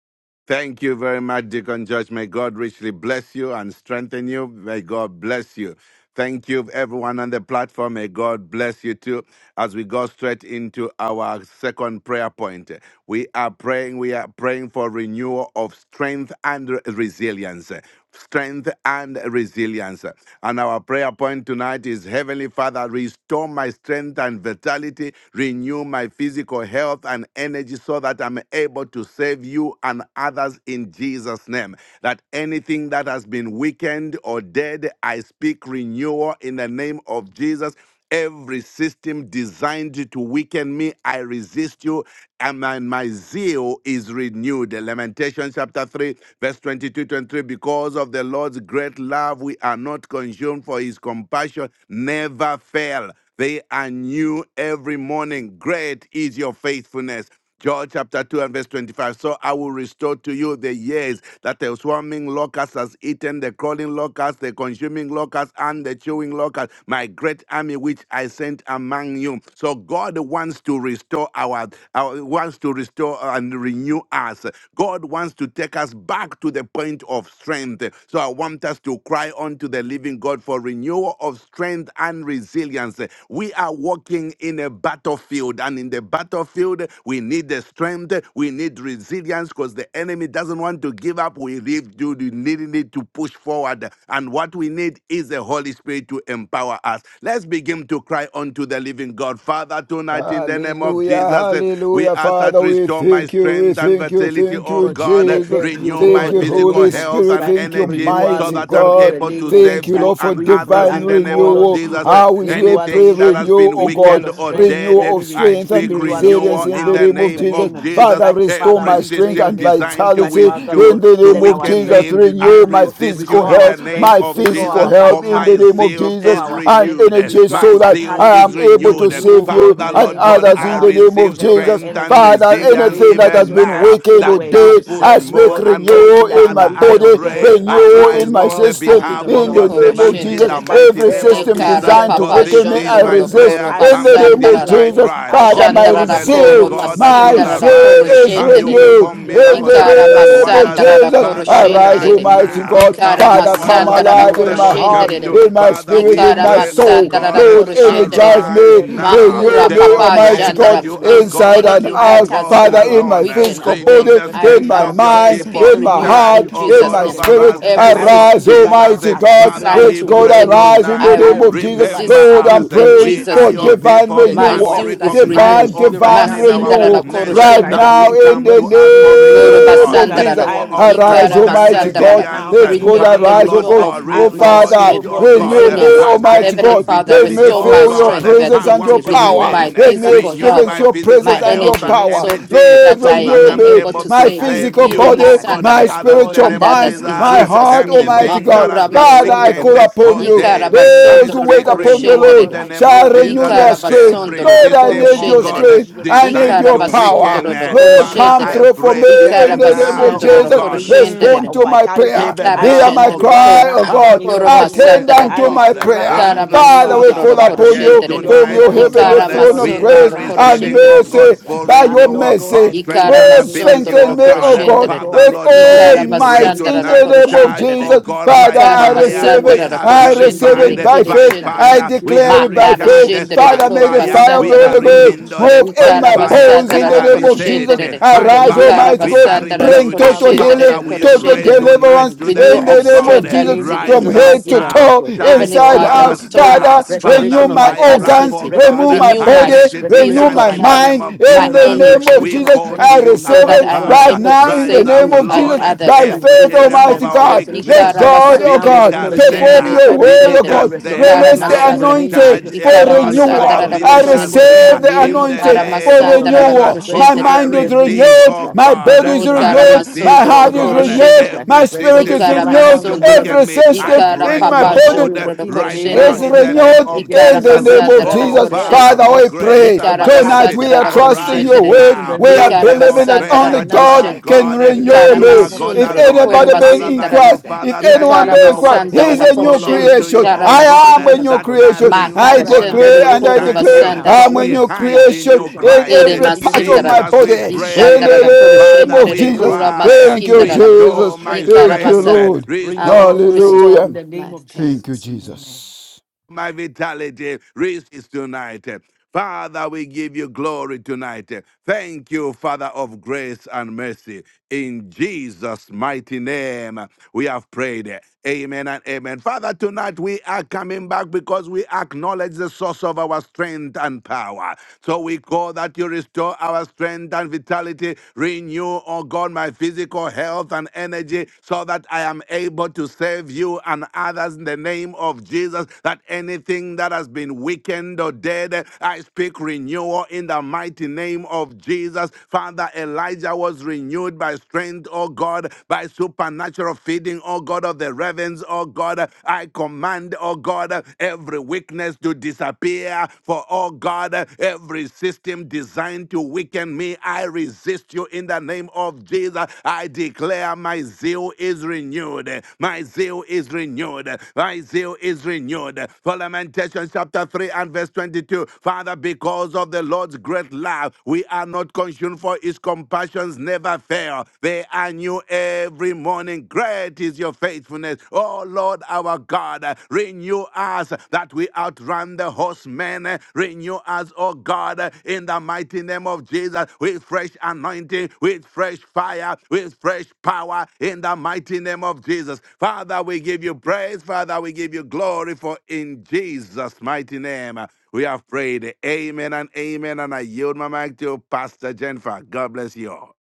Speaker 4: Thank you very much, Deacon Judge. May God richly bless you and strengthen you. May God bless you. Thank you, everyone on the platform. May God bless you too. As we go straight into our second prayer point, we are praying. We are praying for renewal of strength and resilience strength and resilience. And our prayer point tonight is Heavenly Father, restore my strength and vitality, renew my physical health and energy so that I'm able to save you and others in Jesus' name. That anything that has been weakened or dead, I speak renewal in the name of Jesus. Every system designed to weaken me, I resist you, and my, my zeal is renewed. Lamentation chapter 3, verse 22, 23. Because of the Lord's great love, we are not consumed, for his compassion never fail. They are new every morning. Great is your faithfulness. Joel chapter 2 and verse 25. So I will restore to you the years that the swarming locust has eaten, the crawling locust, the consuming locust, and the chewing locust, my great army which I sent among you. So God wants to restore our, our wants to restore and renew us. God wants to take us back to the point of strength. So I want us to cry unto the living God for renewal of strength and resilience. We are walking in a battlefield, and in the battlefield, we need the strength, we need resilience because the enemy doesn't want to give up. We live due to needing it to push forward. And what we need is the Holy Spirit to empower us. Let's begin to cry unto the living God. Father, tonight in the name of
Speaker 3: Hallelujah,
Speaker 4: Jesus, eh, we
Speaker 3: hallelujah,
Speaker 4: ask that
Speaker 3: Father. We
Speaker 4: restore my
Speaker 3: thank you, we
Speaker 4: strength and
Speaker 3: thank you,
Speaker 4: vitality,
Speaker 3: thank
Speaker 4: oh
Speaker 3: you,
Speaker 2: God.
Speaker 4: God. Eh,
Speaker 2: Let
Speaker 3: Jesus.
Speaker 2: there be, O
Speaker 4: Renew
Speaker 3: Thank
Speaker 4: my
Speaker 2: God,
Speaker 3: you,
Speaker 2: in the
Speaker 4: physical
Speaker 3: Holy
Speaker 2: name of
Speaker 4: health
Speaker 2: Jesus
Speaker 3: Spirit.
Speaker 4: and
Speaker 2: Christ,
Speaker 3: Thank you,
Speaker 4: energy so
Speaker 2: renewal,
Speaker 3: mighty
Speaker 2: O
Speaker 4: that I'm
Speaker 2: God, in
Speaker 3: God.
Speaker 2: the
Speaker 4: able to
Speaker 2: name of
Speaker 3: Thank
Speaker 2: Jesus
Speaker 4: save
Speaker 3: you,
Speaker 2: Christ.
Speaker 4: you
Speaker 3: Lord, for
Speaker 4: and
Speaker 2: We pray
Speaker 4: others
Speaker 3: divine
Speaker 2: as
Speaker 4: in
Speaker 2: we
Speaker 4: the name
Speaker 2: call
Speaker 4: of
Speaker 3: renewal.
Speaker 2: unto you,
Speaker 4: Jesus.
Speaker 2: God,
Speaker 3: How is we
Speaker 2: renewal of
Speaker 3: pray
Speaker 4: Anything that has
Speaker 2: strength,
Speaker 3: renew,
Speaker 4: been
Speaker 3: oh
Speaker 2: renewal
Speaker 3: God,
Speaker 4: weakened
Speaker 2: of
Speaker 4: or
Speaker 2: strength.
Speaker 3: renew
Speaker 2: Let
Speaker 4: dead,
Speaker 2: me
Speaker 3: of
Speaker 2: re-
Speaker 4: I
Speaker 3: strength
Speaker 2: receive
Speaker 3: and
Speaker 4: speak
Speaker 2: renewal of strength
Speaker 3: resilience
Speaker 4: renewal
Speaker 3: in
Speaker 4: in
Speaker 3: the
Speaker 2: now
Speaker 4: the
Speaker 3: name
Speaker 2: in
Speaker 3: of
Speaker 2: the
Speaker 4: name
Speaker 3: Jesus.
Speaker 2: name
Speaker 4: of
Speaker 2: of Jesus
Speaker 4: Jesus.
Speaker 3: Father,
Speaker 2: Christ.
Speaker 3: restore
Speaker 2: Father,
Speaker 4: Every
Speaker 3: my
Speaker 2: we pray
Speaker 3: strength
Speaker 2: in the
Speaker 4: system
Speaker 3: and
Speaker 2: name of Jesus
Speaker 4: designed to,
Speaker 2: Christ,
Speaker 3: vitality
Speaker 4: wiz-
Speaker 2: Father, Lord.
Speaker 4: to,
Speaker 3: in the
Speaker 4: to
Speaker 3: name
Speaker 2: Let
Speaker 3: of
Speaker 2: our
Speaker 4: weaken
Speaker 2: strength
Speaker 3: Jesus.
Speaker 4: me,
Speaker 2: be
Speaker 4: I
Speaker 3: Renew
Speaker 2: renewed, O
Speaker 3: my
Speaker 2: God.
Speaker 4: resist you
Speaker 3: physical
Speaker 2: Restore
Speaker 4: in
Speaker 2: our
Speaker 4: the
Speaker 3: health,
Speaker 4: name
Speaker 2: strength,
Speaker 3: my
Speaker 4: of
Speaker 2: restore
Speaker 3: physical
Speaker 4: Jesus,
Speaker 2: our
Speaker 3: health
Speaker 4: for
Speaker 3: in the
Speaker 4: my
Speaker 3: name
Speaker 2: vitality,
Speaker 3: of
Speaker 4: zeal
Speaker 2: restore
Speaker 3: Jesus
Speaker 4: is
Speaker 2: our
Speaker 3: and
Speaker 2: strength,
Speaker 4: renewed.
Speaker 3: energy
Speaker 2: restore our
Speaker 4: My
Speaker 3: so that
Speaker 4: zeal
Speaker 3: I am
Speaker 4: is
Speaker 2: vitality,
Speaker 3: able to
Speaker 4: renewed.
Speaker 2: renew, O
Speaker 3: save you
Speaker 2: God, in
Speaker 4: Father,
Speaker 2: the
Speaker 3: and
Speaker 4: Lord
Speaker 2: name of
Speaker 4: God,
Speaker 2: Jesus
Speaker 3: others
Speaker 2: Christ,
Speaker 4: I
Speaker 3: in
Speaker 2: our
Speaker 3: the name
Speaker 2: physical
Speaker 4: receive
Speaker 3: of
Speaker 2: health and
Speaker 3: Jesus.
Speaker 4: strength and
Speaker 2: energy,
Speaker 3: Father,
Speaker 2: in the
Speaker 4: resilience
Speaker 3: anything
Speaker 2: name
Speaker 3: that
Speaker 2: of
Speaker 3: has
Speaker 4: even
Speaker 2: Jesus
Speaker 3: been
Speaker 2: Christ,
Speaker 4: now.
Speaker 2: so
Speaker 3: weakened
Speaker 2: that
Speaker 3: or
Speaker 4: That
Speaker 2: we're able
Speaker 4: shall
Speaker 2: to
Speaker 3: dead,
Speaker 4: push
Speaker 3: I
Speaker 2: serve you, oh
Speaker 3: speak
Speaker 4: more
Speaker 2: God.
Speaker 4: and more.
Speaker 3: renewal
Speaker 2: Anything that's
Speaker 3: in
Speaker 2: been
Speaker 3: my
Speaker 4: Father,
Speaker 3: body
Speaker 4: I
Speaker 2: weakened or
Speaker 3: body,
Speaker 2: dead,
Speaker 4: pray,
Speaker 2: I speak
Speaker 3: renewal in
Speaker 4: arise
Speaker 3: my
Speaker 4: on
Speaker 2: renewal,
Speaker 4: the
Speaker 2: I
Speaker 3: system.
Speaker 2: speak
Speaker 4: behalf of
Speaker 3: In
Speaker 2: renewal
Speaker 3: the
Speaker 4: your
Speaker 2: in the
Speaker 5: Sondorokoro
Speaker 3: name of
Speaker 2: name
Speaker 4: servants
Speaker 2: of
Speaker 4: in
Speaker 3: Jesus,
Speaker 4: the
Speaker 5: Shendere.
Speaker 2: Jesus Christ.
Speaker 4: mighty
Speaker 3: every
Speaker 4: name
Speaker 3: system
Speaker 4: of
Speaker 2: Every
Speaker 4: Jesus,
Speaker 5: Ekara
Speaker 2: system,
Speaker 3: designed
Speaker 2: oh
Speaker 3: to
Speaker 4: for
Speaker 5: Papa
Speaker 2: God,
Speaker 3: weaken
Speaker 4: this
Speaker 3: me,
Speaker 2: designed to
Speaker 4: is
Speaker 3: I
Speaker 4: my
Speaker 2: weaken me,
Speaker 3: resist.
Speaker 5: Jondorokoro
Speaker 4: prayer
Speaker 2: I
Speaker 3: In
Speaker 4: and
Speaker 3: the
Speaker 2: resist
Speaker 4: this
Speaker 2: in
Speaker 3: name of
Speaker 4: is
Speaker 5: Basandarara.
Speaker 2: Jesus'
Speaker 4: my
Speaker 2: name.
Speaker 3: Jesus,
Speaker 4: cry
Speaker 2: I
Speaker 3: Father,
Speaker 2: declare, oh
Speaker 4: unto
Speaker 3: my
Speaker 2: God,
Speaker 4: the
Speaker 2: in the
Speaker 4: living
Speaker 3: zeal,
Speaker 5: Jandarakoro
Speaker 2: name
Speaker 4: God
Speaker 2: of
Speaker 4: that
Speaker 2: Jesus
Speaker 3: my
Speaker 4: you'll
Speaker 2: Christ,
Speaker 3: zeal
Speaker 2: oh God.
Speaker 4: arise
Speaker 5: Basindarakoro
Speaker 3: is
Speaker 2: In the
Speaker 4: and you
Speaker 5: Shendere.
Speaker 2: name
Speaker 3: renewed.
Speaker 2: of
Speaker 4: perform
Speaker 2: Jesus
Speaker 3: In
Speaker 4: miracle
Speaker 2: Christ, in the
Speaker 5: Ikara
Speaker 4: signs
Speaker 2: name
Speaker 4: and
Speaker 3: the
Speaker 2: of
Speaker 3: name of
Speaker 2: Jesus
Speaker 4: wonders.
Speaker 2: Christ.
Speaker 3: Jesus,
Speaker 5: Masandarakoro
Speaker 2: And
Speaker 4: Father,
Speaker 2: Lord, I
Speaker 3: arise,
Speaker 4: charge
Speaker 2: declare
Speaker 5: Shendere.
Speaker 2: in the
Speaker 3: Almighty
Speaker 2: name of
Speaker 4: now
Speaker 3: God.
Speaker 2: Jesus Christ,
Speaker 4: and
Speaker 5: Ikara
Speaker 4: do
Speaker 3: Father,
Speaker 4: only
Speaker 3: come
Speaker 2: renewal of
Speaker 4: what
Speaker 3: alive
Speaker 4: you,
Speaker 2: strength
Speaker 5: Masandarakoro
Speaker 3: in
Speaker 4: the
Speaker 2: right
Speaker 3: my
Speaker 2: now
Speaker 4: Lord,
Speaker 2: in the
Speaker 3: heart,
Speaker 4: can do.
Speaker 5: Shendere.
Speaker 2: name
Speaker 3: in
Speaker 2: of
Speaker 3: my
Speaker 2: Jesus
Speaker 4: Father,
Speaker 2: Christ.
Speaker 3: spirit,
Speaker 4: we
Speaker 3: in
Speaker 2: I
Speaker 5: Ikara
Speaker 3: my
Speaker 2: yes,
Speaker 4: pray,
Speaker 2: Lord,
Speaker 4: oh
Speaker 2: in
Speaker 3: soul.
Speaker 2: the name of
Speaker 4: God,
Speaker 3: Lord,
Speaker 5: Masandarakoro
Speaker 2: Jesus Christ.
Speaker 5: Shendere.
Speaker 2: Father,
Speaker 3: energize
Speaker 2: Lord,
Speaker 4: arise
Speaker 3: me,
Speaker 2: every system
Speaker 4: now.
Speaker 2: that you
Speaker 3: renew
Speaker 5: Makura
Speaker 2: working in
Speaker 3: me,
Speaker 2: me,
Speaker 4: demonstrate
Speaker 5: Papa
Speaker 2: I
Speaker 3: Almighty
Speaker 4: demonstrate
Speaker 3: God,
Speaker 4: that
Speaker 5: Jandara.
Speaker 2: resist
Speaker 4: you
Speaker 2: in the
Speaker 4: are
Speaker 5: In
Speaker 2: name of Jesus
Speaker 3: inside
Speaker 4: God
Speaker 2: Christ.
Speaker 4: and
Speaker 3: and
Speaker 4: you
Speaker 5: anything
Speaker 2: I
Speaker 4: are
Speaker 5: that
Speaker 3: out.
Speaker 5: has
Speaker 4: God
Speaker 2: receive
Speaker 3: Father,
Speaker 5: been
Speaker 2: renewal
Speaker 3: in
Speaker 2: of
Speaker 3: my
Speaker 4: alone.
Speaker 5: weakened
Speaker 2: strength, oh
Speaker 3: physical
Speaker 5: or
Speaker 2: God,
Speaker 4: Renew
Speaker 5: dead,
Speaker 3: body,
Speaker 4: the
Speaker 3: in
Speaker 5: I,
Speaker 4: strength
Speaker 2: restoration
Speaker 3: my
Speaker 5: I,
Speaker 2: of
Speaker 4: of your
Speaker 5: I
Speaker 2: strength,
Speaker 3: mind,
Speaker 5: speak
Speaker 4: people.
Speaker 3: in
Speaker 2: restoration of
Speaker 3: my
Speaker 5: renewal
Speaker 4: Charge,
Speaker 5: in
Speaker 3: heart,
Speaker 4: oh
Speaker 2: vitality
Speaker 3: in
Speaker 5: Jesus'
Speaker 4: God,
Speaker 3: my
Speaker 2: in the
Speaker 5: name.
Speaker 4: over
Speaker 2: name
Speaker 3: spirit.
Speaker 4: us
Speaker 2: of
Speaker 4: in
Speaker 2: Jesus
Speaker 4: the
Speaker 5: Every
Speaker 2: Christ. I
Speaker 4: name of
Speaker 3: Arise,
Speaker 2: receive
Speaker 5: system
Speaker 2: it right
Speaker 4: Jesus.
Speaker 2: now
Speaker 3: Almighty
Speaker 2: as I
Speaker 3: God.
Speaker 4: Father,
Speaker 2: pray
Speaker 5: designed
Speaker 3: Let us
Speaker 4: we
Speaker 5: to
Speaker 2: in the
Speaker 3: God
Speaker 4: pray
Speaker 2: name
Speaker 5: weaken
Speaker 2: of
Speaker 5: me.
Speaker 2: Jesus
Speaker 3: arise in
Speaker 2: Christ.
Speaker 5: I
Speaker 3: the
Speaker 4: tonight.
Speaker 2: I
Speaker 5: re-
Speaker 3: name of
Speaker 2: receive it
Speaker 3: Jesus.
Speaker 2: right now
Speaker 4: Remember
Speaker 5: resist
Speaker 3: Lord,
Speaker 2: as I
Speaker 3: I'm
Speaker 4: us.
Speaker 5: you in
Speaker 2: pray
Speaker 4: We
Speaker 3: praying
Speaker 4: are
Speaker 3: for
Speaker 5: Jesus'
Speaker 4: your
Speaker 5: name.
Speaker 3: divine
Speaker 2: in
Speaker 4: people
Speaker 2: the
Speaker 5: My
Speaker 2: name
Speaker 4: and we
Speaker 2: of
Speaker 3: renewal,
Speaker 5: zeal
Speaker 2: this Christ.
Speaker 5: is
Speaker 2: I
Speaker 4: recognize,
Speaker 5: renewed.
Speaker 3: divine,
Speaker 2: receive
Speaker 4: oh
Speaker 2: it right
Speaker 4: God,
Speaker 3: divine
Speaker 2: now
Speaker 4: in
Speaker 2: in the
Speaker 4: our
Speaker 5: Masinda
Speaker 2: name of
Speaker 3: renewal
Speaker 5: rarakoro
Speaker 4: weakness
Speaker 2: Jesus
Speaker 3: right
Speaker 2: Christ
Speaker 4: that
Speaker 2: as I
Speaker 4: we
Speaker 3: now
Speaker 5: shendere.
Speaker 2: pray,
Speaker 3: in
Speaker 4: come
Speaker 3: the
Speaker 2: but
Speaker 4: to us
Speaker 2: in
Speaker 4: for
Speaker 2: the
Speaker 5: Koro
Speaker 2: name of
Speaker 3: name
Speaker 4: renewal,
Speaker 2: Jesus
Speaker 3: of
Speaker 2: Christ,
Speaker 5: basandarara,
Speaker 3: Jesus.
Speaker 2: I
Speaker 4: renewal of
Speaker 2: receive
Speaker 3: Arise,
Speaker 5: ikara
Speaker 4: strength
Speaker 2: renewal of
Speaker 4: and
Speaker 3: Almighty
Speaker 2: strength right
Speaker 3: God.
Speaker 5: masandarara.
Speaker 2: now
Speaker 4: resilience.
Speaker 3: Let
Speaker 2: in
Speaker 3: God
Speaker 2: the
Speaker 5: Renew the
Speaker 2: name
Speaker 4: Father,
Speaker 2: of
Speaker 3: arise, oh
Speaker 2: Jesus
Speaker 4: Lord
Speaker 5: renewal
Speaker 3: God.
Speaker 2: Christ.
Speaker 5: of
Speaker 4: God,
Speaker 5: m-
Speaker 2: I
Speaker 3: Oh
Speaker 5: my
Speaker 4: restore
Speaker 2: receive,
Speaker 3: Father,
Speaker 2: oh
Speaker 4: it,
Speaker 5: strength,
Speaker 2: God,
Speaker 4: oh
Speaker 3: renew
Speaker 2: strength
Speaker 4: God
Speaker 3: me,
Speaker 2: and
Speaker 5: resilience.
Speaker 4: my
Speaker 3: Almighty
Speaker 4: strength
Speaker 2: vitality.
Speaker 5: Heavenly
Speaker 4: and
Speaker 3: God.
Speaker 2: It
Speaker 5: Father,
Speaker 2: is
Speaker 3: Let me
Speaker 4: vitality,
Speaker 5: restore
Speaker 4: oh
Speaker 5: my
Speaker 2: restored, oh
Speaker 3: feel your
Speaker 2: God,
Speaker 5: strength,
Speaker 4: God.
Speaker 2: even unto
Speaker 3: presence
Speaker 4: I
Speaker 3: and
Speaker 2: me, oh
Speaker 3: your
Speaker 5: vitality,
Speaker 4: want
Speaker 2: God,
Speaker 4: to
Speaker 2: in the
Speaker 5: renew
Speaker 3: power.
Speaker 2: name
Speaker 5: my
Speaker 2: of
Speaker 4: remain.
Speaker 3: Let
Speaker 2: Jesus
Speaker 3: me
Speaker 2: Christ.
Speaker 5: physical
Speaker 4: Renew
Speaker 5: health,
Speaker 2: Father,
Speaker 3: experience
Speaker 4: my
Speaker 2: Lord,
Speaker 3: your
Speaker 2: it is
Speaker 4: physical
Speaker 5: my
Speaker 3: presence and
Speaker 2: restored
Speaker 3: your
Speaker 2: in
Speaker 4: health
Speaker 2: the
Speaker 5: energy,
Speaker 4: and
Speaker 2: name
Speaker 3: power.
Speaker 2: of
Speaker 5: so
Speaker 2: Jesus
Speaker 4: energy
Speaker 2: Christ.
Speaker 3: Lord,
Speaker 5: that
Speaker 4: so
Speaker 5: I
Speaker 2: In the
Speaker 5: am
Speaker 4: that
Speaker 3: renew
Speaker 4: I'm
Speaker 2: name of
Speaker 5: able
Speaker 3: me,
Speaker 4: able
Speaker 5: to
Speaker 2: Jesus
Speaker 3: my
Speaker 4: to
Speaker 2: Christ,
Speaker 5: save
Speaker 2: I, in
Speaker 5: you.
Speaker 2: the
Speaker 4: save
Speaker 3: physical
Speaker 2: name of
Speaker 5: Kire
Speaker 4: you,
Speaker 2: Jesus
Speaker 3: body,
Speaker 4: oh
Speaker 2: Christ.
Speaker 4: God, and
Speaker 3: my
Speaker 5: masandarara.
Speaker 2: Yes,
Speaker 4: others in
Speaker 2: Lord,
Speaker 4: the
Speaker 2: in
Speaker 3: spiritual
Speaker 2: the
Speaker 5: And
Speaker 4: name of
Speaker 2: name
Speaker 5: others
Speaker 2: of
Speaker 3: mind,
Speaker 5: in
Speaker 4: Jesus.
Speaker 3: my
Speaker 2: Jesus Christ.
Speaker 5: Jesus'
Speaker 3: heart,
Speaker 2: Yes,
Speaker 5: name.
Speaker 3: Almighty
Speaker 2: Lord,
Speaker 4: Anything
Speaker 2: God,
Speaker 4: that
Speaker 3: God.
Speaker 4: has
Speaker 5: Makura
Speaker 2: in the
Speaker 4: been
Speaker 3: Father, I
Speaker 2: name of
Speaker 5: masondarara.
Speaker 3: call
Speaker 4: weakened
Speaker 2: Jesus Christ.
Speaker 3: upon
Speaker 4: or
Speaker 2: I
Speaker 3: you.
Speaker 2: bless
Speaker 5: Ikara
Speaker 2: you, Lord,
Speaker 4: dead,
Speaker 2: in the
Speaker 4: I
Speaker 2: name
Speaker 3: Those
Speaker 2: of
Speaker 3: who
Speaker 2: Jesus
Speaker 5: basondarara
Speaker 3: wait
Speaker 2: Christ.
Speaker 4: speak
Speaker 5: koro
Speaker 3: upon the
Speaker 4: renewal
Speaker 2: Father,
Speaker 3: Lord
Speaker 4: in
Speaker 2: Lord,
Speaker 5: shendarara.
Speaker 4: the
Speaker 2: I
Speaker 4: name
Speaker 2: pray, oh
Speaker 3: shall
Speaker 4: of
Speaker 2: God, in the
Speaker 3: renew
Speaker 4: Jesus.
Speaker 2: name
Speaker 3: their
Speaker 5: Ikara
Speaker 2: of Jesus
Speaker 3: strength.
Speaker 2: Christ.
Speaker 4: Every
Speaker 5: basondarara
Speaker 3: Lord,
Speaker 2: Father,
Speaker 3: I
Speaker 5: koro
Speaker 2: Lord,
Speaker 4: system,
Speaker 2: in
Speaker 3: need
Speaker 2: the
Speaker 4: oh
Speaker 3: your
Speaker 2: name of
Speaker 4: God,
Speaker 3: strength.
Speaker 2: Jesus
Speaker 3: I
Speaker 2: Christ, oh
Speaker 3: need
Speaker 4: designed
Speaker 2: God,
Speaker 3: your
Speaker 4: to
Speaker 2: even for
Speaker 3: power.
Speaker 4: weaken,
Speaker 3: Lord,
Speaker 2: restoration of
Speaker 4: Father,
Speaker 3: come
Speaker 4: I
Speaker 2: strength,
Speaker 3: through for
Speaker 2: of
Speaker 4: pray
Speaker 3: me
Speaker 2: strength,
Speaker 5: Ikara
Speaker 3: in
Speaker 2: of
Speaker 4: even
Speaker 3: the name of
Speaker 4: now,
Speaker 2: resilience, of
Speaker 4: oh
Speaker 2: in
Speaker 5: Ikarabasundoro
Speaker 2: the
Speaker 3: Jesus.
Speaker 4: God.
Speaker 2: name of Jesus Christ,
Speaker 3: Respond
Speaker 4: mm,
Speaker 5: koroshendere.
Speaker 2: of
Speaker 3: to my
Speaker 2: vitality,
Speaker 3: prayer.
Speaker 4: even
Speaker 2: I
Speaker 3: Hear
Speaker 4: now,
Speaker 3: my
Speaker 5: Ikarashenda
Speaker 2: receive
Speaker 4: oh
Speaker 2: it right
Speaker 3: cry,
Speaker 5: to-
Speaker 4: God,
Speaker 2: now
Speaker 3: oh
Speaker 2: in the
Speaker 3: God.
Speaker 4: have
Speaker 2: name
Speaker 4: your
Speaker 2: of
Speaker 4: own
Speaker 2: Jesus Christ.
Speaker 4: way,
Speaker 3: Attend
Speaker 4: oh
Speaker 5: toromasandara.
Speaker 2: I
Speaker 3: unto my
Speaker 2: receive it
Speaker 4: God.
Speaker 2: right
Speaker 3: prayer.
Speaker 2: now in
Speaker 4: Thank
Speaker 2: the
Speaker 4: you,
Speaker 2: name
Speaker 3: Father,
Speaker 2: of
Speaker 3: we
Speaker 4: Father,
Speaker 5: Ikaramasundoro
Speaker 3: call
Speaker 2: Jesus
Speaker 4: that
Speaker 2: Christ.
Speaker 3: upon
Speaker 4: yes,
Speaker 3: you
Speaker 2: Thank you,
Speaker 5: koroshendere.
Speaker 2: Lord
Speaker 3: from
Speaker 2: God.
Speaker 4: tonight,
Speaker 3: your
Speaker 2: I
Speaker 4: oh
Speaker 2: receive
Speaker 3: heavenly
Speaker 2: it, oh
Speaker 4: God,
Speaker 3: throne
Speaker 2: Lord,
Speaker 3: of
Speaker 2: even
Speaker 4: we
Speaker 2: right
Speaker 4: are
Speaker 3: grace
Speaker 5: Ikaramasundoro
Speaker 2: now in the
Speaker 3: and
Speaker 4: receiving,
Speaker 2: name
Speaker 4: oh
Speaker 2: of
Speaker 5: koroshendere.
Speaker 3: mercy.
Speaker 4: God,
Speaker 2: Jesus Christ.
Speaker 4: for
Speaker 3: By
Speaker 2: I,
Speaker 3: your
Speaker 2: Lord
Speaker 4: renewal
Speaker 2: God,
Speaker 3: mercy,
Speaker 2: I
Speaker 4: of
Speaker 2: pray, oh
Speaker 4: strength
Speaker 2: God,
Speaker 4: and
Speaker 2: in
Speaker 3: Oh,
Speaker 2: the name of Jesus
Speaker 4: ability,
Speaker 2: Christ.
Speaker 5: Ikaramasondro
Speaker 4: oh
Speaker 3: strengthen me,
Speaker 2: The
Speaker 3: oh
Speaker 4: God.
Speaker 3: God,
Speaker 2: Lord
Speaker 5: koroshendere.
Speaker 4: Father,
Speaker 2: God,
Speaker 3: with
Speaker 2: let us
Speaker 4: Lord
Speaker 2: hear
Speaker 4: God,
Speaker 3: all
Speaker 2: God
Speaker 4: we
Speaker 2: in the
Speaker 4: pray
Speaker 3: might
Speaker 2: name of
Speaker 5: Ikarabasandra
Speaker 3: in
Speaker 5: da
Speaker 3: the
Speaker 4: tonight.
Speaker 2: Jesus
Speaker 3: name
Speaker 2: Christ.
Speaker 3: of
Speaker 4: Charge,
Speaker 5: koroshendere.
Speaker 4: oh
Speaker 3: Jesus.
Speaker 4: God,
Speaker 3: Father,
Speaker 4: by
Speaker 2: In
Speaker 3: I
Speaker 2: the
Speaker 4: fire.
Speaker 2: name
Speaker 3: receive
Speaker 2: of
Speaker 4: We
Speaker 3: it.
Speaker 5: Ikarabasandra da
Speaker 2: Jesus
Speaker 4: are
Speaker 2: Christ.
Speaker 3: I
Speaker 2: In the
Speaker 3: receive
Speaker 5: koroshendere de
Speaker 3: it
Speaker 2: name
Speaker 4: purified
Speaker 2: of
Speaker 3: by
Speaker 5: kire
Speaker 4: by
Speaker 3: faith.
Speaker 2: Jesus Christ.
Speaker 5: shendere.
Speaker 2: We
Speaker 3: I
Speaker 4: fire.
Speaker 2: declare, oh
Speaker 4: We
Speaker 2: God,
Speaker 3: declare
Speaker 4: are
Speaker 3: it
Speaker 2: in the
Speaker 3: by
Speaker 5: Makara
Speaker 2: name
Speaker 4: recharged
Speaker 3: faith.
Speaker 2: of
Speaker 5: shendere
Speaker 2: Jesus
Speaker 5: de
Speaker 4: by
Speaker 3: Father,
Speaker 2: Christ.
Speaker 3: may the
Speaker 2: Oh
Speaker 4: fire.
Speaker 3: fire of
Speaker 4: We
Speaker 3: the
Speaker 2: Lord, in
Speaker 5: korobasandra.
Speaker 2: the
Speaker 3: Holy
Speaker 4: are
Speaker 5: Mm.
Speaker 2: name
Speaker 3: Ghost
Speaker 2: of
Speaker 4: rekindled
Speaker 2: Jesus.
Speaker 4: eh,
Speaker 3: move in
Speaker 4: by
Speaker 2: in
Speaker 3: my
Speaker 2: the Name of
Speaker 4: fire.
Speaker 2: Jesus
Speaker 3: bones
Speaker 2: Christ,
Speaker 4: We
Speaker 3: in
Speaker 5: Ikarabasandra
Speaker 3: the
Speaker 2: I
Speaker 5: da
Speaker 4: are
Speaker 3: name of
Speaker 2: receive, oh
Speaker 4: reset
Speaker 3: Jesus.
Speaker 2: God,
Speaker 5: koroshendere.
Speaker 4: eh,
Speaker 5: de.
Speaker 2: in
Speaker 4: by
Speaker 2: the
Speaker 3: Arise,
Speaker 4: fire.
Speaker 2: name
Speaker 3: Almighty
Speaker 4: We
Speaker 2: of
Speaker 4: are
Speaker 3: God.
Speaker 5: Ikarabasandra da
Speaker 2: Jesus,
Speaker 3: Bring
Speaker 4: renewed. eh.
Speaker 3: total
Speaker 2: Father, Lord,
Speaker 5: koroshendere
Speaker 3: healing,
Speaker 5: de
Speaker 4: Father,
Speaker 2: we
Speaker 4: we
Speaker 2: receive
Speaker 3: total
Speaker 4: pray
Speaker 2: in
Speaker 5: koroshendere
Speaker 2: the name
Speaker 3: deliverance
Speaker 4: tonight
Speaker 2: of
Speaker 4: to the
Speaker 2: Jesus
Speaker 5: renewal
Speaker 3: in
Speaker 2: Christ.
Speaker 5: of
Speaker 3: the
Speaker 4: living
Speaker 3: name
Speaker 2: In
Speaker 4: God.
Speaker 3: of
Speaker 5: strength
Speaker 2: the
Speaker 4: eh,
Speaker 3: Jesus
Speaker 5: and
Speaker 2: name of
Speaker 5: zeal-
Speaker 3: from
Speaker 4: Rise
Speaker 2: Jesus
Speaker 5: uh,
Speaker 4: up
Speaker 2: Christ,
Speaker 3: head
Speaker 2: yes,
Speaker 3: to
Speaker 5: zealand.
Speaker 4: now.
Speaker 2: Lord
Speaker 3: toe,
Speaker 2: God,
Speaker 4: Charge
Speaker 5: Heavenly
Speaker 3: inside
Speaker 4: over
Speaker 5: Father,
Speaker 2: restoration of
Speaker 4: us
Speaker 3: out.
Speaker 5: restore
Speaker 2: strength
Speaker 5: my
Speaker 4: now.
Speaker 3: Father,
Speaker 5: strength,
Speaker 4: Father,
Speaker 3: renew
Speaker 2: restoration of
Speaker 5: my
Speaker 3: my
Speaker 4: fire
Speaker 2: vitality,
Speaker 4: up,
Speaker 3: organs,
Speaker 4: oh
Speaker 5: vitality,
Speaker 4: God,
Speaker 3: remove
Speaker 4: eh,
Speaker 3: my
Speaker 2: restoration
Speaker 3: my
Speaker 2: of
Speaker 5: renew my
Speaker 4: and
Speaker 3: body,
Speaker 2: strength,
Speaker 4: let
Speaker 5: s-
Speaker 4: it be
Speaker 3: renew
Speaker 2: restoration
Speaker 4: done
Speaker 2: of
Speaker 5: physical
Speaker 3: my
Speaker 4: in the
Speaker 5: health
Speaker 4: name
Speaker 3: mind
Speaker 4: of
Speaker 2: vitality. I
Speaker 5: my
Speaker 3: in the
Speaker 4: Jesus.
Speaker 2: receive
Speaker 4: Eh,
Speaker 3: name
Speaker 5: energy,
Speaker 3: of
Speaker 4: We
Speaker 2: restoration of
Speaker 3: Jesus.
Speaker 4: call
Speaker 2: strength
Speaker 4: to
Speaker 3: I
Speaker 4: you,
Speaker 2: in my
Speaker 5: so
Speaker 3: receive
Speaker 4: Abba
Speaker 5: that
Speaker 2: body. Oh
Speaker 3: it
Speaker 2: God,
Speaker 5: I'm
Speaker 2: I
Speaker 3: right
Speaker 4: Father.
Speaker 2: receive
Speaker 5: able
Speaker 3: now
Speaker 5: to
Speaker 3: in
Speaker 2: restoration
Speaker 3: the
Speaker 4: Rise
Speaker 2: of
Speaker 5: save
Speaker 4: up,
Speaker 3: name
Speaker 2: strength
Speaker 5: you
Speaker 3: of
Speaker 2: in the
Speaker 5: and
Speaker 3: Jesus
Speaker 4: Lord.
Speaker 2: name
Speaker 4: eh,
Speaker 2: of Jesus
Speaker 5: others
Speaker 3: by
Speaker 2: Christ.
Speaker 5: in
Speaker 4: Every
Speaker 3: faith,
Speaker 2: So
Speaker 4: area
Speaker 5: Jesus'
Speaker 2: in me, I
Speaker 5: name.
Speaker 4: of
Speaker 3: Almighty
Speaker 4: our
Speaker 2: receive
Speaker 3: God.
Speaker 4: weakness
Speaker 2: restoration of
Speaker 3: Let
Speaker 5: Ikara
Speaker 4: sickness.
Speaker 2: strength
Speaker 3: God,
Speaker 2: right
Speaker 3: oh
Speaker 2: now
Speaker 5: basondoro
Speaker 4: Visit
Speaker 5: do
Speaker 3: God,
Speaker 2: in the
Speaker 4: us
Speaker 2: name of
Speaker 3: perform
Speaker 5: koroshendere
Speaker 4: there.
Speaker 2: Jesus
Speaker 3: your
Speaker 2: Christ.
Speaker 3: will, oh
Speaker 2: Let
Speaker 4: Visit
Speaker 5: koroshendere.
Speaker 2: there be
Speaker 3: God.
Speaker 4: us there.
Speaker 5: Ikara
Speaker 2: restoration
Speaker 3: Release the
Speaker 2: now in the
Speaker 4: Every
Speaker 5: masandara.
Speaker 2: name of
Speaker 4: charge,
Speaker 3: anointing
Speaker 2: Jesus
Speaker 3: for
Speaker 4: oh
Speaker 2: Christ.
Speaker 5: Ikara
Speaker 2: We
Speaker 4: God,
Speaker 2: receive
Speaker 4: Father,
Speaker 3: renewal.
Speaker 5: masandara da
Speaker 3: I
Speaker 4: visit
Speaker 2: restoration, oh
Speaker 4: us
Speaker 2: God,
Speaker 5: koroshendere.
Speaker 2: in the
Speaker 4: there.
Speaker 3: receive the
Speaker 2: name
Speaker 4: In
Speaker 2: of
Speaker 4: the
Speaker 2: Jesus
Speaker 3: anointing
Speaker 5: Ikara
Speaker 2: Christ.
Speaker 3: for
Speaker 4: name of
Speaker 5: masandara da
Speaker 2: Restoration of
Speaker 4: Jesus,
Speaker 3: renewal.
Speaker 4: for
Speaker 3: My
Speaker 2: strength, oh
Speaker 5: koroshendere.
Speaker 2: God,
Speaker 4: I
Speaker 3: mind
Speaker 2: in
Speaker 3: is
Speaker 5: Mm.
Speaker 2: the name of
Speaker 4: receive,
Speaker 2: Jesus
Speaker 4: oh
Speaker 3: renewed.
Speaker 2: Christ.
Speaker 3: My
Speaker 2: My
Speaker 3: body
Speaker 4: God,
Speaker 3: is
Speaker 2: Lord and my
Speaker 4: I
Speaker 5: Ikara
Speaker 2: God,
Speaker 3: renewed.
Speaker 2: we pray,
Speaker 4: receive,
Speaker 3: My
Speaker 2: God,
Speaker 5: masondoro
Speaker 4: oh
Speaker 2: in
Speaker 3: heart
Speaker 5: do
Speaker 2: the
Speaker 3: is
Speaker 2: name
Speaker 4: God,
Speaker 2: of Jesus
Speaker 5: koroshendere.
Speaker 3: renewed.
Speaker 2: Christ.
Speaker 4: every
Speaker 3: My spirit
Speaker 4: system
Speaker 3: is
Speaker 2: Restoration
Speaker 5: Ikara
Speaker 2: right
Speaker 3: renewed.
Speaker 2: now
Speaker 4: designed
Speaker 2: in
Speaker 4: to
Speaker 2: the
Speaker 5: masondoro
Speaker 2: name
Speaker 5: do.
Speaker 4: weaken
Speaker 3: Every
Speaker 2: of
Speaker 4: me.
Speaker 2: Jesus Christ.
Speaker 4: I
Speaker 3: system
Speaker 5: Ikara
Speaker 3: in
Speaker 4: break
Speaker 2: Father,
Speaker 3: my
Speaker 5: papa
Speaker 4: your
Speaker 2: Lord, I
Speaker 4: hold
Speaker 3: body
Speaker 2: pray,
Speaker 5: shondoro
Speaker 2: God,
Speaker 5: do
Speaker 2: in the
Speaker 4: right now
Speaker 2: name
Speaker 3: is
Speaker 5: koroshendere.
Speaker 2: of
Speaker 4: in
Speaker 2: Jesus
Speaker 4: the
Speaker 2: Christ.
Speaker 4: name
Speaker 3: renewed
Speaker 2: Let
Speaker 4: of
Speaker 2: there be
Speaker 5: Ikara
Speaker 3: in the
Speaker 4: Jesus.
Speaker 3: name of
Speaker 2: restoration
Speaker 5: basandara da
Speaker 4: Oh
Speaker 2: of
Speaker 3: Jesus.
Speaker 4: Father,
Speaker 2: health,
Speaker 3: Father,
Speaker 5: koroshendere.
Speaker 4: oh
Speaker 2: of
Speaker 3: we
Speaker 2: strength,
Speaker 4: grace
Speaker 3: pray
Speaker 2: of
Speaker 4: and mercy
Speaker 3: tonight
Speaker 4: mercy.
Speaker 2: vitality,
Speaker 3: we
Speaker 5: Ikarabasandara
Speaker 3: are
Speaker 5: la
Speaker 2: of
Speaker 3: trusting
Speaker 4: Arise
Speaker 3: your
Speaker 5: korshedere.
Speaker 2: resilience
Speaker 3: word.
Speaker 2: in the
Speaker 4: now
Speaker 3: We are
Speaker 2: name
Speaker 4: and
Speaker 2: of Jesus
Speaker 3: believing
Speaker 2: Christ.
Speaker 3: that
Speaker 2: And
Speaker 4: demonstrate
Speaker 5: Ikarabasandara
Speaker 2: Right
Speaker 5: la
Speaker 3: only
Speaker 4: that
Speaker 2: now,
Speaker 4: you
Speaker 2: as
Speaker 3: God
Speaker 4: are
Speaker 5: korshe.
Speaker 2: I pray,
Speaker 3: can
Speaker 4: God eh,
Speaker 2: in the
Speaker 4: and
Speaker 3: renew
Speaker 4: you are
Speaker 2: name of
Speaker 3: me.
Speaker 4: God
Speaker 3: If
Speaker 2: Jesus
Speaker 5: Ikaramasundoro la
Speaker 2: Christ,
Speaker 4: alone. eh.
Speaker 2: in
Speaker 3: anybody
Speaker 2: the
Speaker 4: Other
Speaker 3: be
Speaker 2: name
Speaker 3: in
Speaker 2: of
Speaker 4: than
Speaker 5: korobasindara. la.
Speaker 4: you,
Speaker 2: Jesus
Speaker 3: Christ,
Speaker 2: Christ.
Speaker 3: if
Speaker 4: Father,
Speaker 2: In
Speaker 4: there
Speaker 2: the
Speaker 3: anyone
Speaker 4: is
Speaker 3: be
Speaker 2: name
Speaker 3: in
Speaker 4: no
Speaker 2: of
Speaker 4: one.
Speaker 3: Christ,
Speaker 2: Jesus
Speaker 3: he
Speaker 4: So
Speaker 5: Ikaramasandara
Speaker 3: is
Speaker 5: la
Speaker 2: Christ,
Speaker 4: we
Speaker 3: a
Speaker 2: in
Speaker 3: new
Speaker 2: the
Speaker 4: call
Speaker 5: korshe.
Speaker 2: name
Speaker 4: unto
Speaker 2: of Jesus
Speaker 3: creation.
Speaker 4: you,
Speaker 2: Christ,
Speaker 4: O
Speaker 3: I
Speaker 4: God,
Speaker 3: am
Speaker 4: eh,
Speaker 2: receive
Speaker 3: a
Speaker 5: Ikaramasandara.
Speaker 2: it, oh
Speaker 3: new
Speaker 4: that
Speaker 2: God. We
Speaker 3: creation.
Speaker 4: nothing,
Speaker 2: receive
Speaker 4: O
Speaker 3: I
Speaker 2: right
Speaker 4: God,
Speaker 2: now.
Speaker 4: can
Speaker 5: Makarashendere
Speaker 3: declare
Speaker 5: la
Speaker 2: We
Speaker 3: and I
Speaker 2: receive
Speaker 4: withstand
Speaker 3: declare
Speaker 2: right
Speaker 4: you.
Speaker 2: now.
Speaker 5: korobasandara.
Speaker 3: I
Speaker 4: So
Speaker 3: am
Speaker 2: We
Speaker 3: a
Speaker 4: we
Speaker 5: Mm.
Speaker 3: new
Speaker 2: receive that
Speaker 4: hide in
Speaker 3: creation
Speaker 4: you,
Speaker 2: restoration right
Speaker 3: in
Speaker 4: Christ.
Speaker 2: now.
Speaker 5: Ere
Speaker 4: eh.
Speaker 3: every
Speaker 2: In the
Speaker 3: part of
Speaker 2: name
Speaker 5: masindara
Speaker 3: my
Speaker 5: la.
Speaker 2: of
Speaker 4: Jesus,
Speaker 3: body.
Speaker 2: Jesus
Speaker 4: we
Speaker 2: Christ, my
Speaker 3: In
Speaker 5: Ishandara
Speaker 2: Lord,
Speaker 5: la
Speaker 4: pray.
Speaker 2: my God,
Speaker 3: the name
Speaker 2: receive
Speaker 4: Father,
Speaker 2: the
Speaker 3: of
Speaker 5: korshendere la
Speaker 4: we
Speaker 3: Jesus.
Speaker 2: restoration
Speaker 4: cry,
Speaker 2: of
Speaker 4: eh,
Speaker 3: Thank you,
Speaker 5: koramasindara
Speaker 2: strength,
Speaker 5: la.
Speaker 2: of
Speaker 3: Jesus.
Speaker 4: restore my
Speaker 2: strength,
Speaker 3: Thank
Speaker 2: of
Speaker 3: you,
Speaker 4: strength,
Speaker 5: Ikaramasan.
Speaker 4: eh,
Speaker 2: strength,
Speaker 3: Lord.
Speaker 5: I'll
Speaker 2: renewal
Speaker 4: restore
Speaker 2: of strength. In
Speaker 5: restore
Speaker 3: Hallelujah.
Speaker 2: the
Speaker 5: my
Speaker 2: name of Jesus.
Speaker 3: Thank you,
Speaker 5: currency.
Speaker 2: Amen.
Speaker 3: Jesus.
Speaker 4: my vitality raises tonight. Father, we give you glory tonight. Thank you, Father of grace and mercy. In Jesus' mighty name, we have prayed. Amen and amen. Father, tonight we are coming back because we acknowledge the source of our strength and power. So we call that you restore our strength and vitality. Renew, oh God, my physical health and energy so that I am able to serve you and others in the name of Jesus. That anything that has been weakened or dead, I speak renewal in the mighty name of Jesus. Father, Elijah was renewed by strength, oh God, by supernatural feeding, oh God, of the ravens, oh God. I command, oh God, uh, every weakness to disappear. For oh God, uh, every system designed to weaken me, I resist you in the name of Jesus. I declare my zeal is renewed. My zeal is renewed. My zeal is renewed. For Lamentation chapter 3 and verse 22. Father, because of the Lord's great love, we are not consumed, for his compassions never fail. They are new every morning. Great is your faithfulness. Oh Lord our God, uh, renew us uh, that we outrun the horsemen. uh, Renew us, oh God, uh, in the mighty name of Jesus, with fresh anointing, with fresh fire, with fresh power, in the mighty name of Jesus. Father, we give you praise. Father, we give you glory, for in Jesus' mighty name uh, we have prayed. Amen and amen. And I yield my mic to Pastor Jennifer. God bless you all.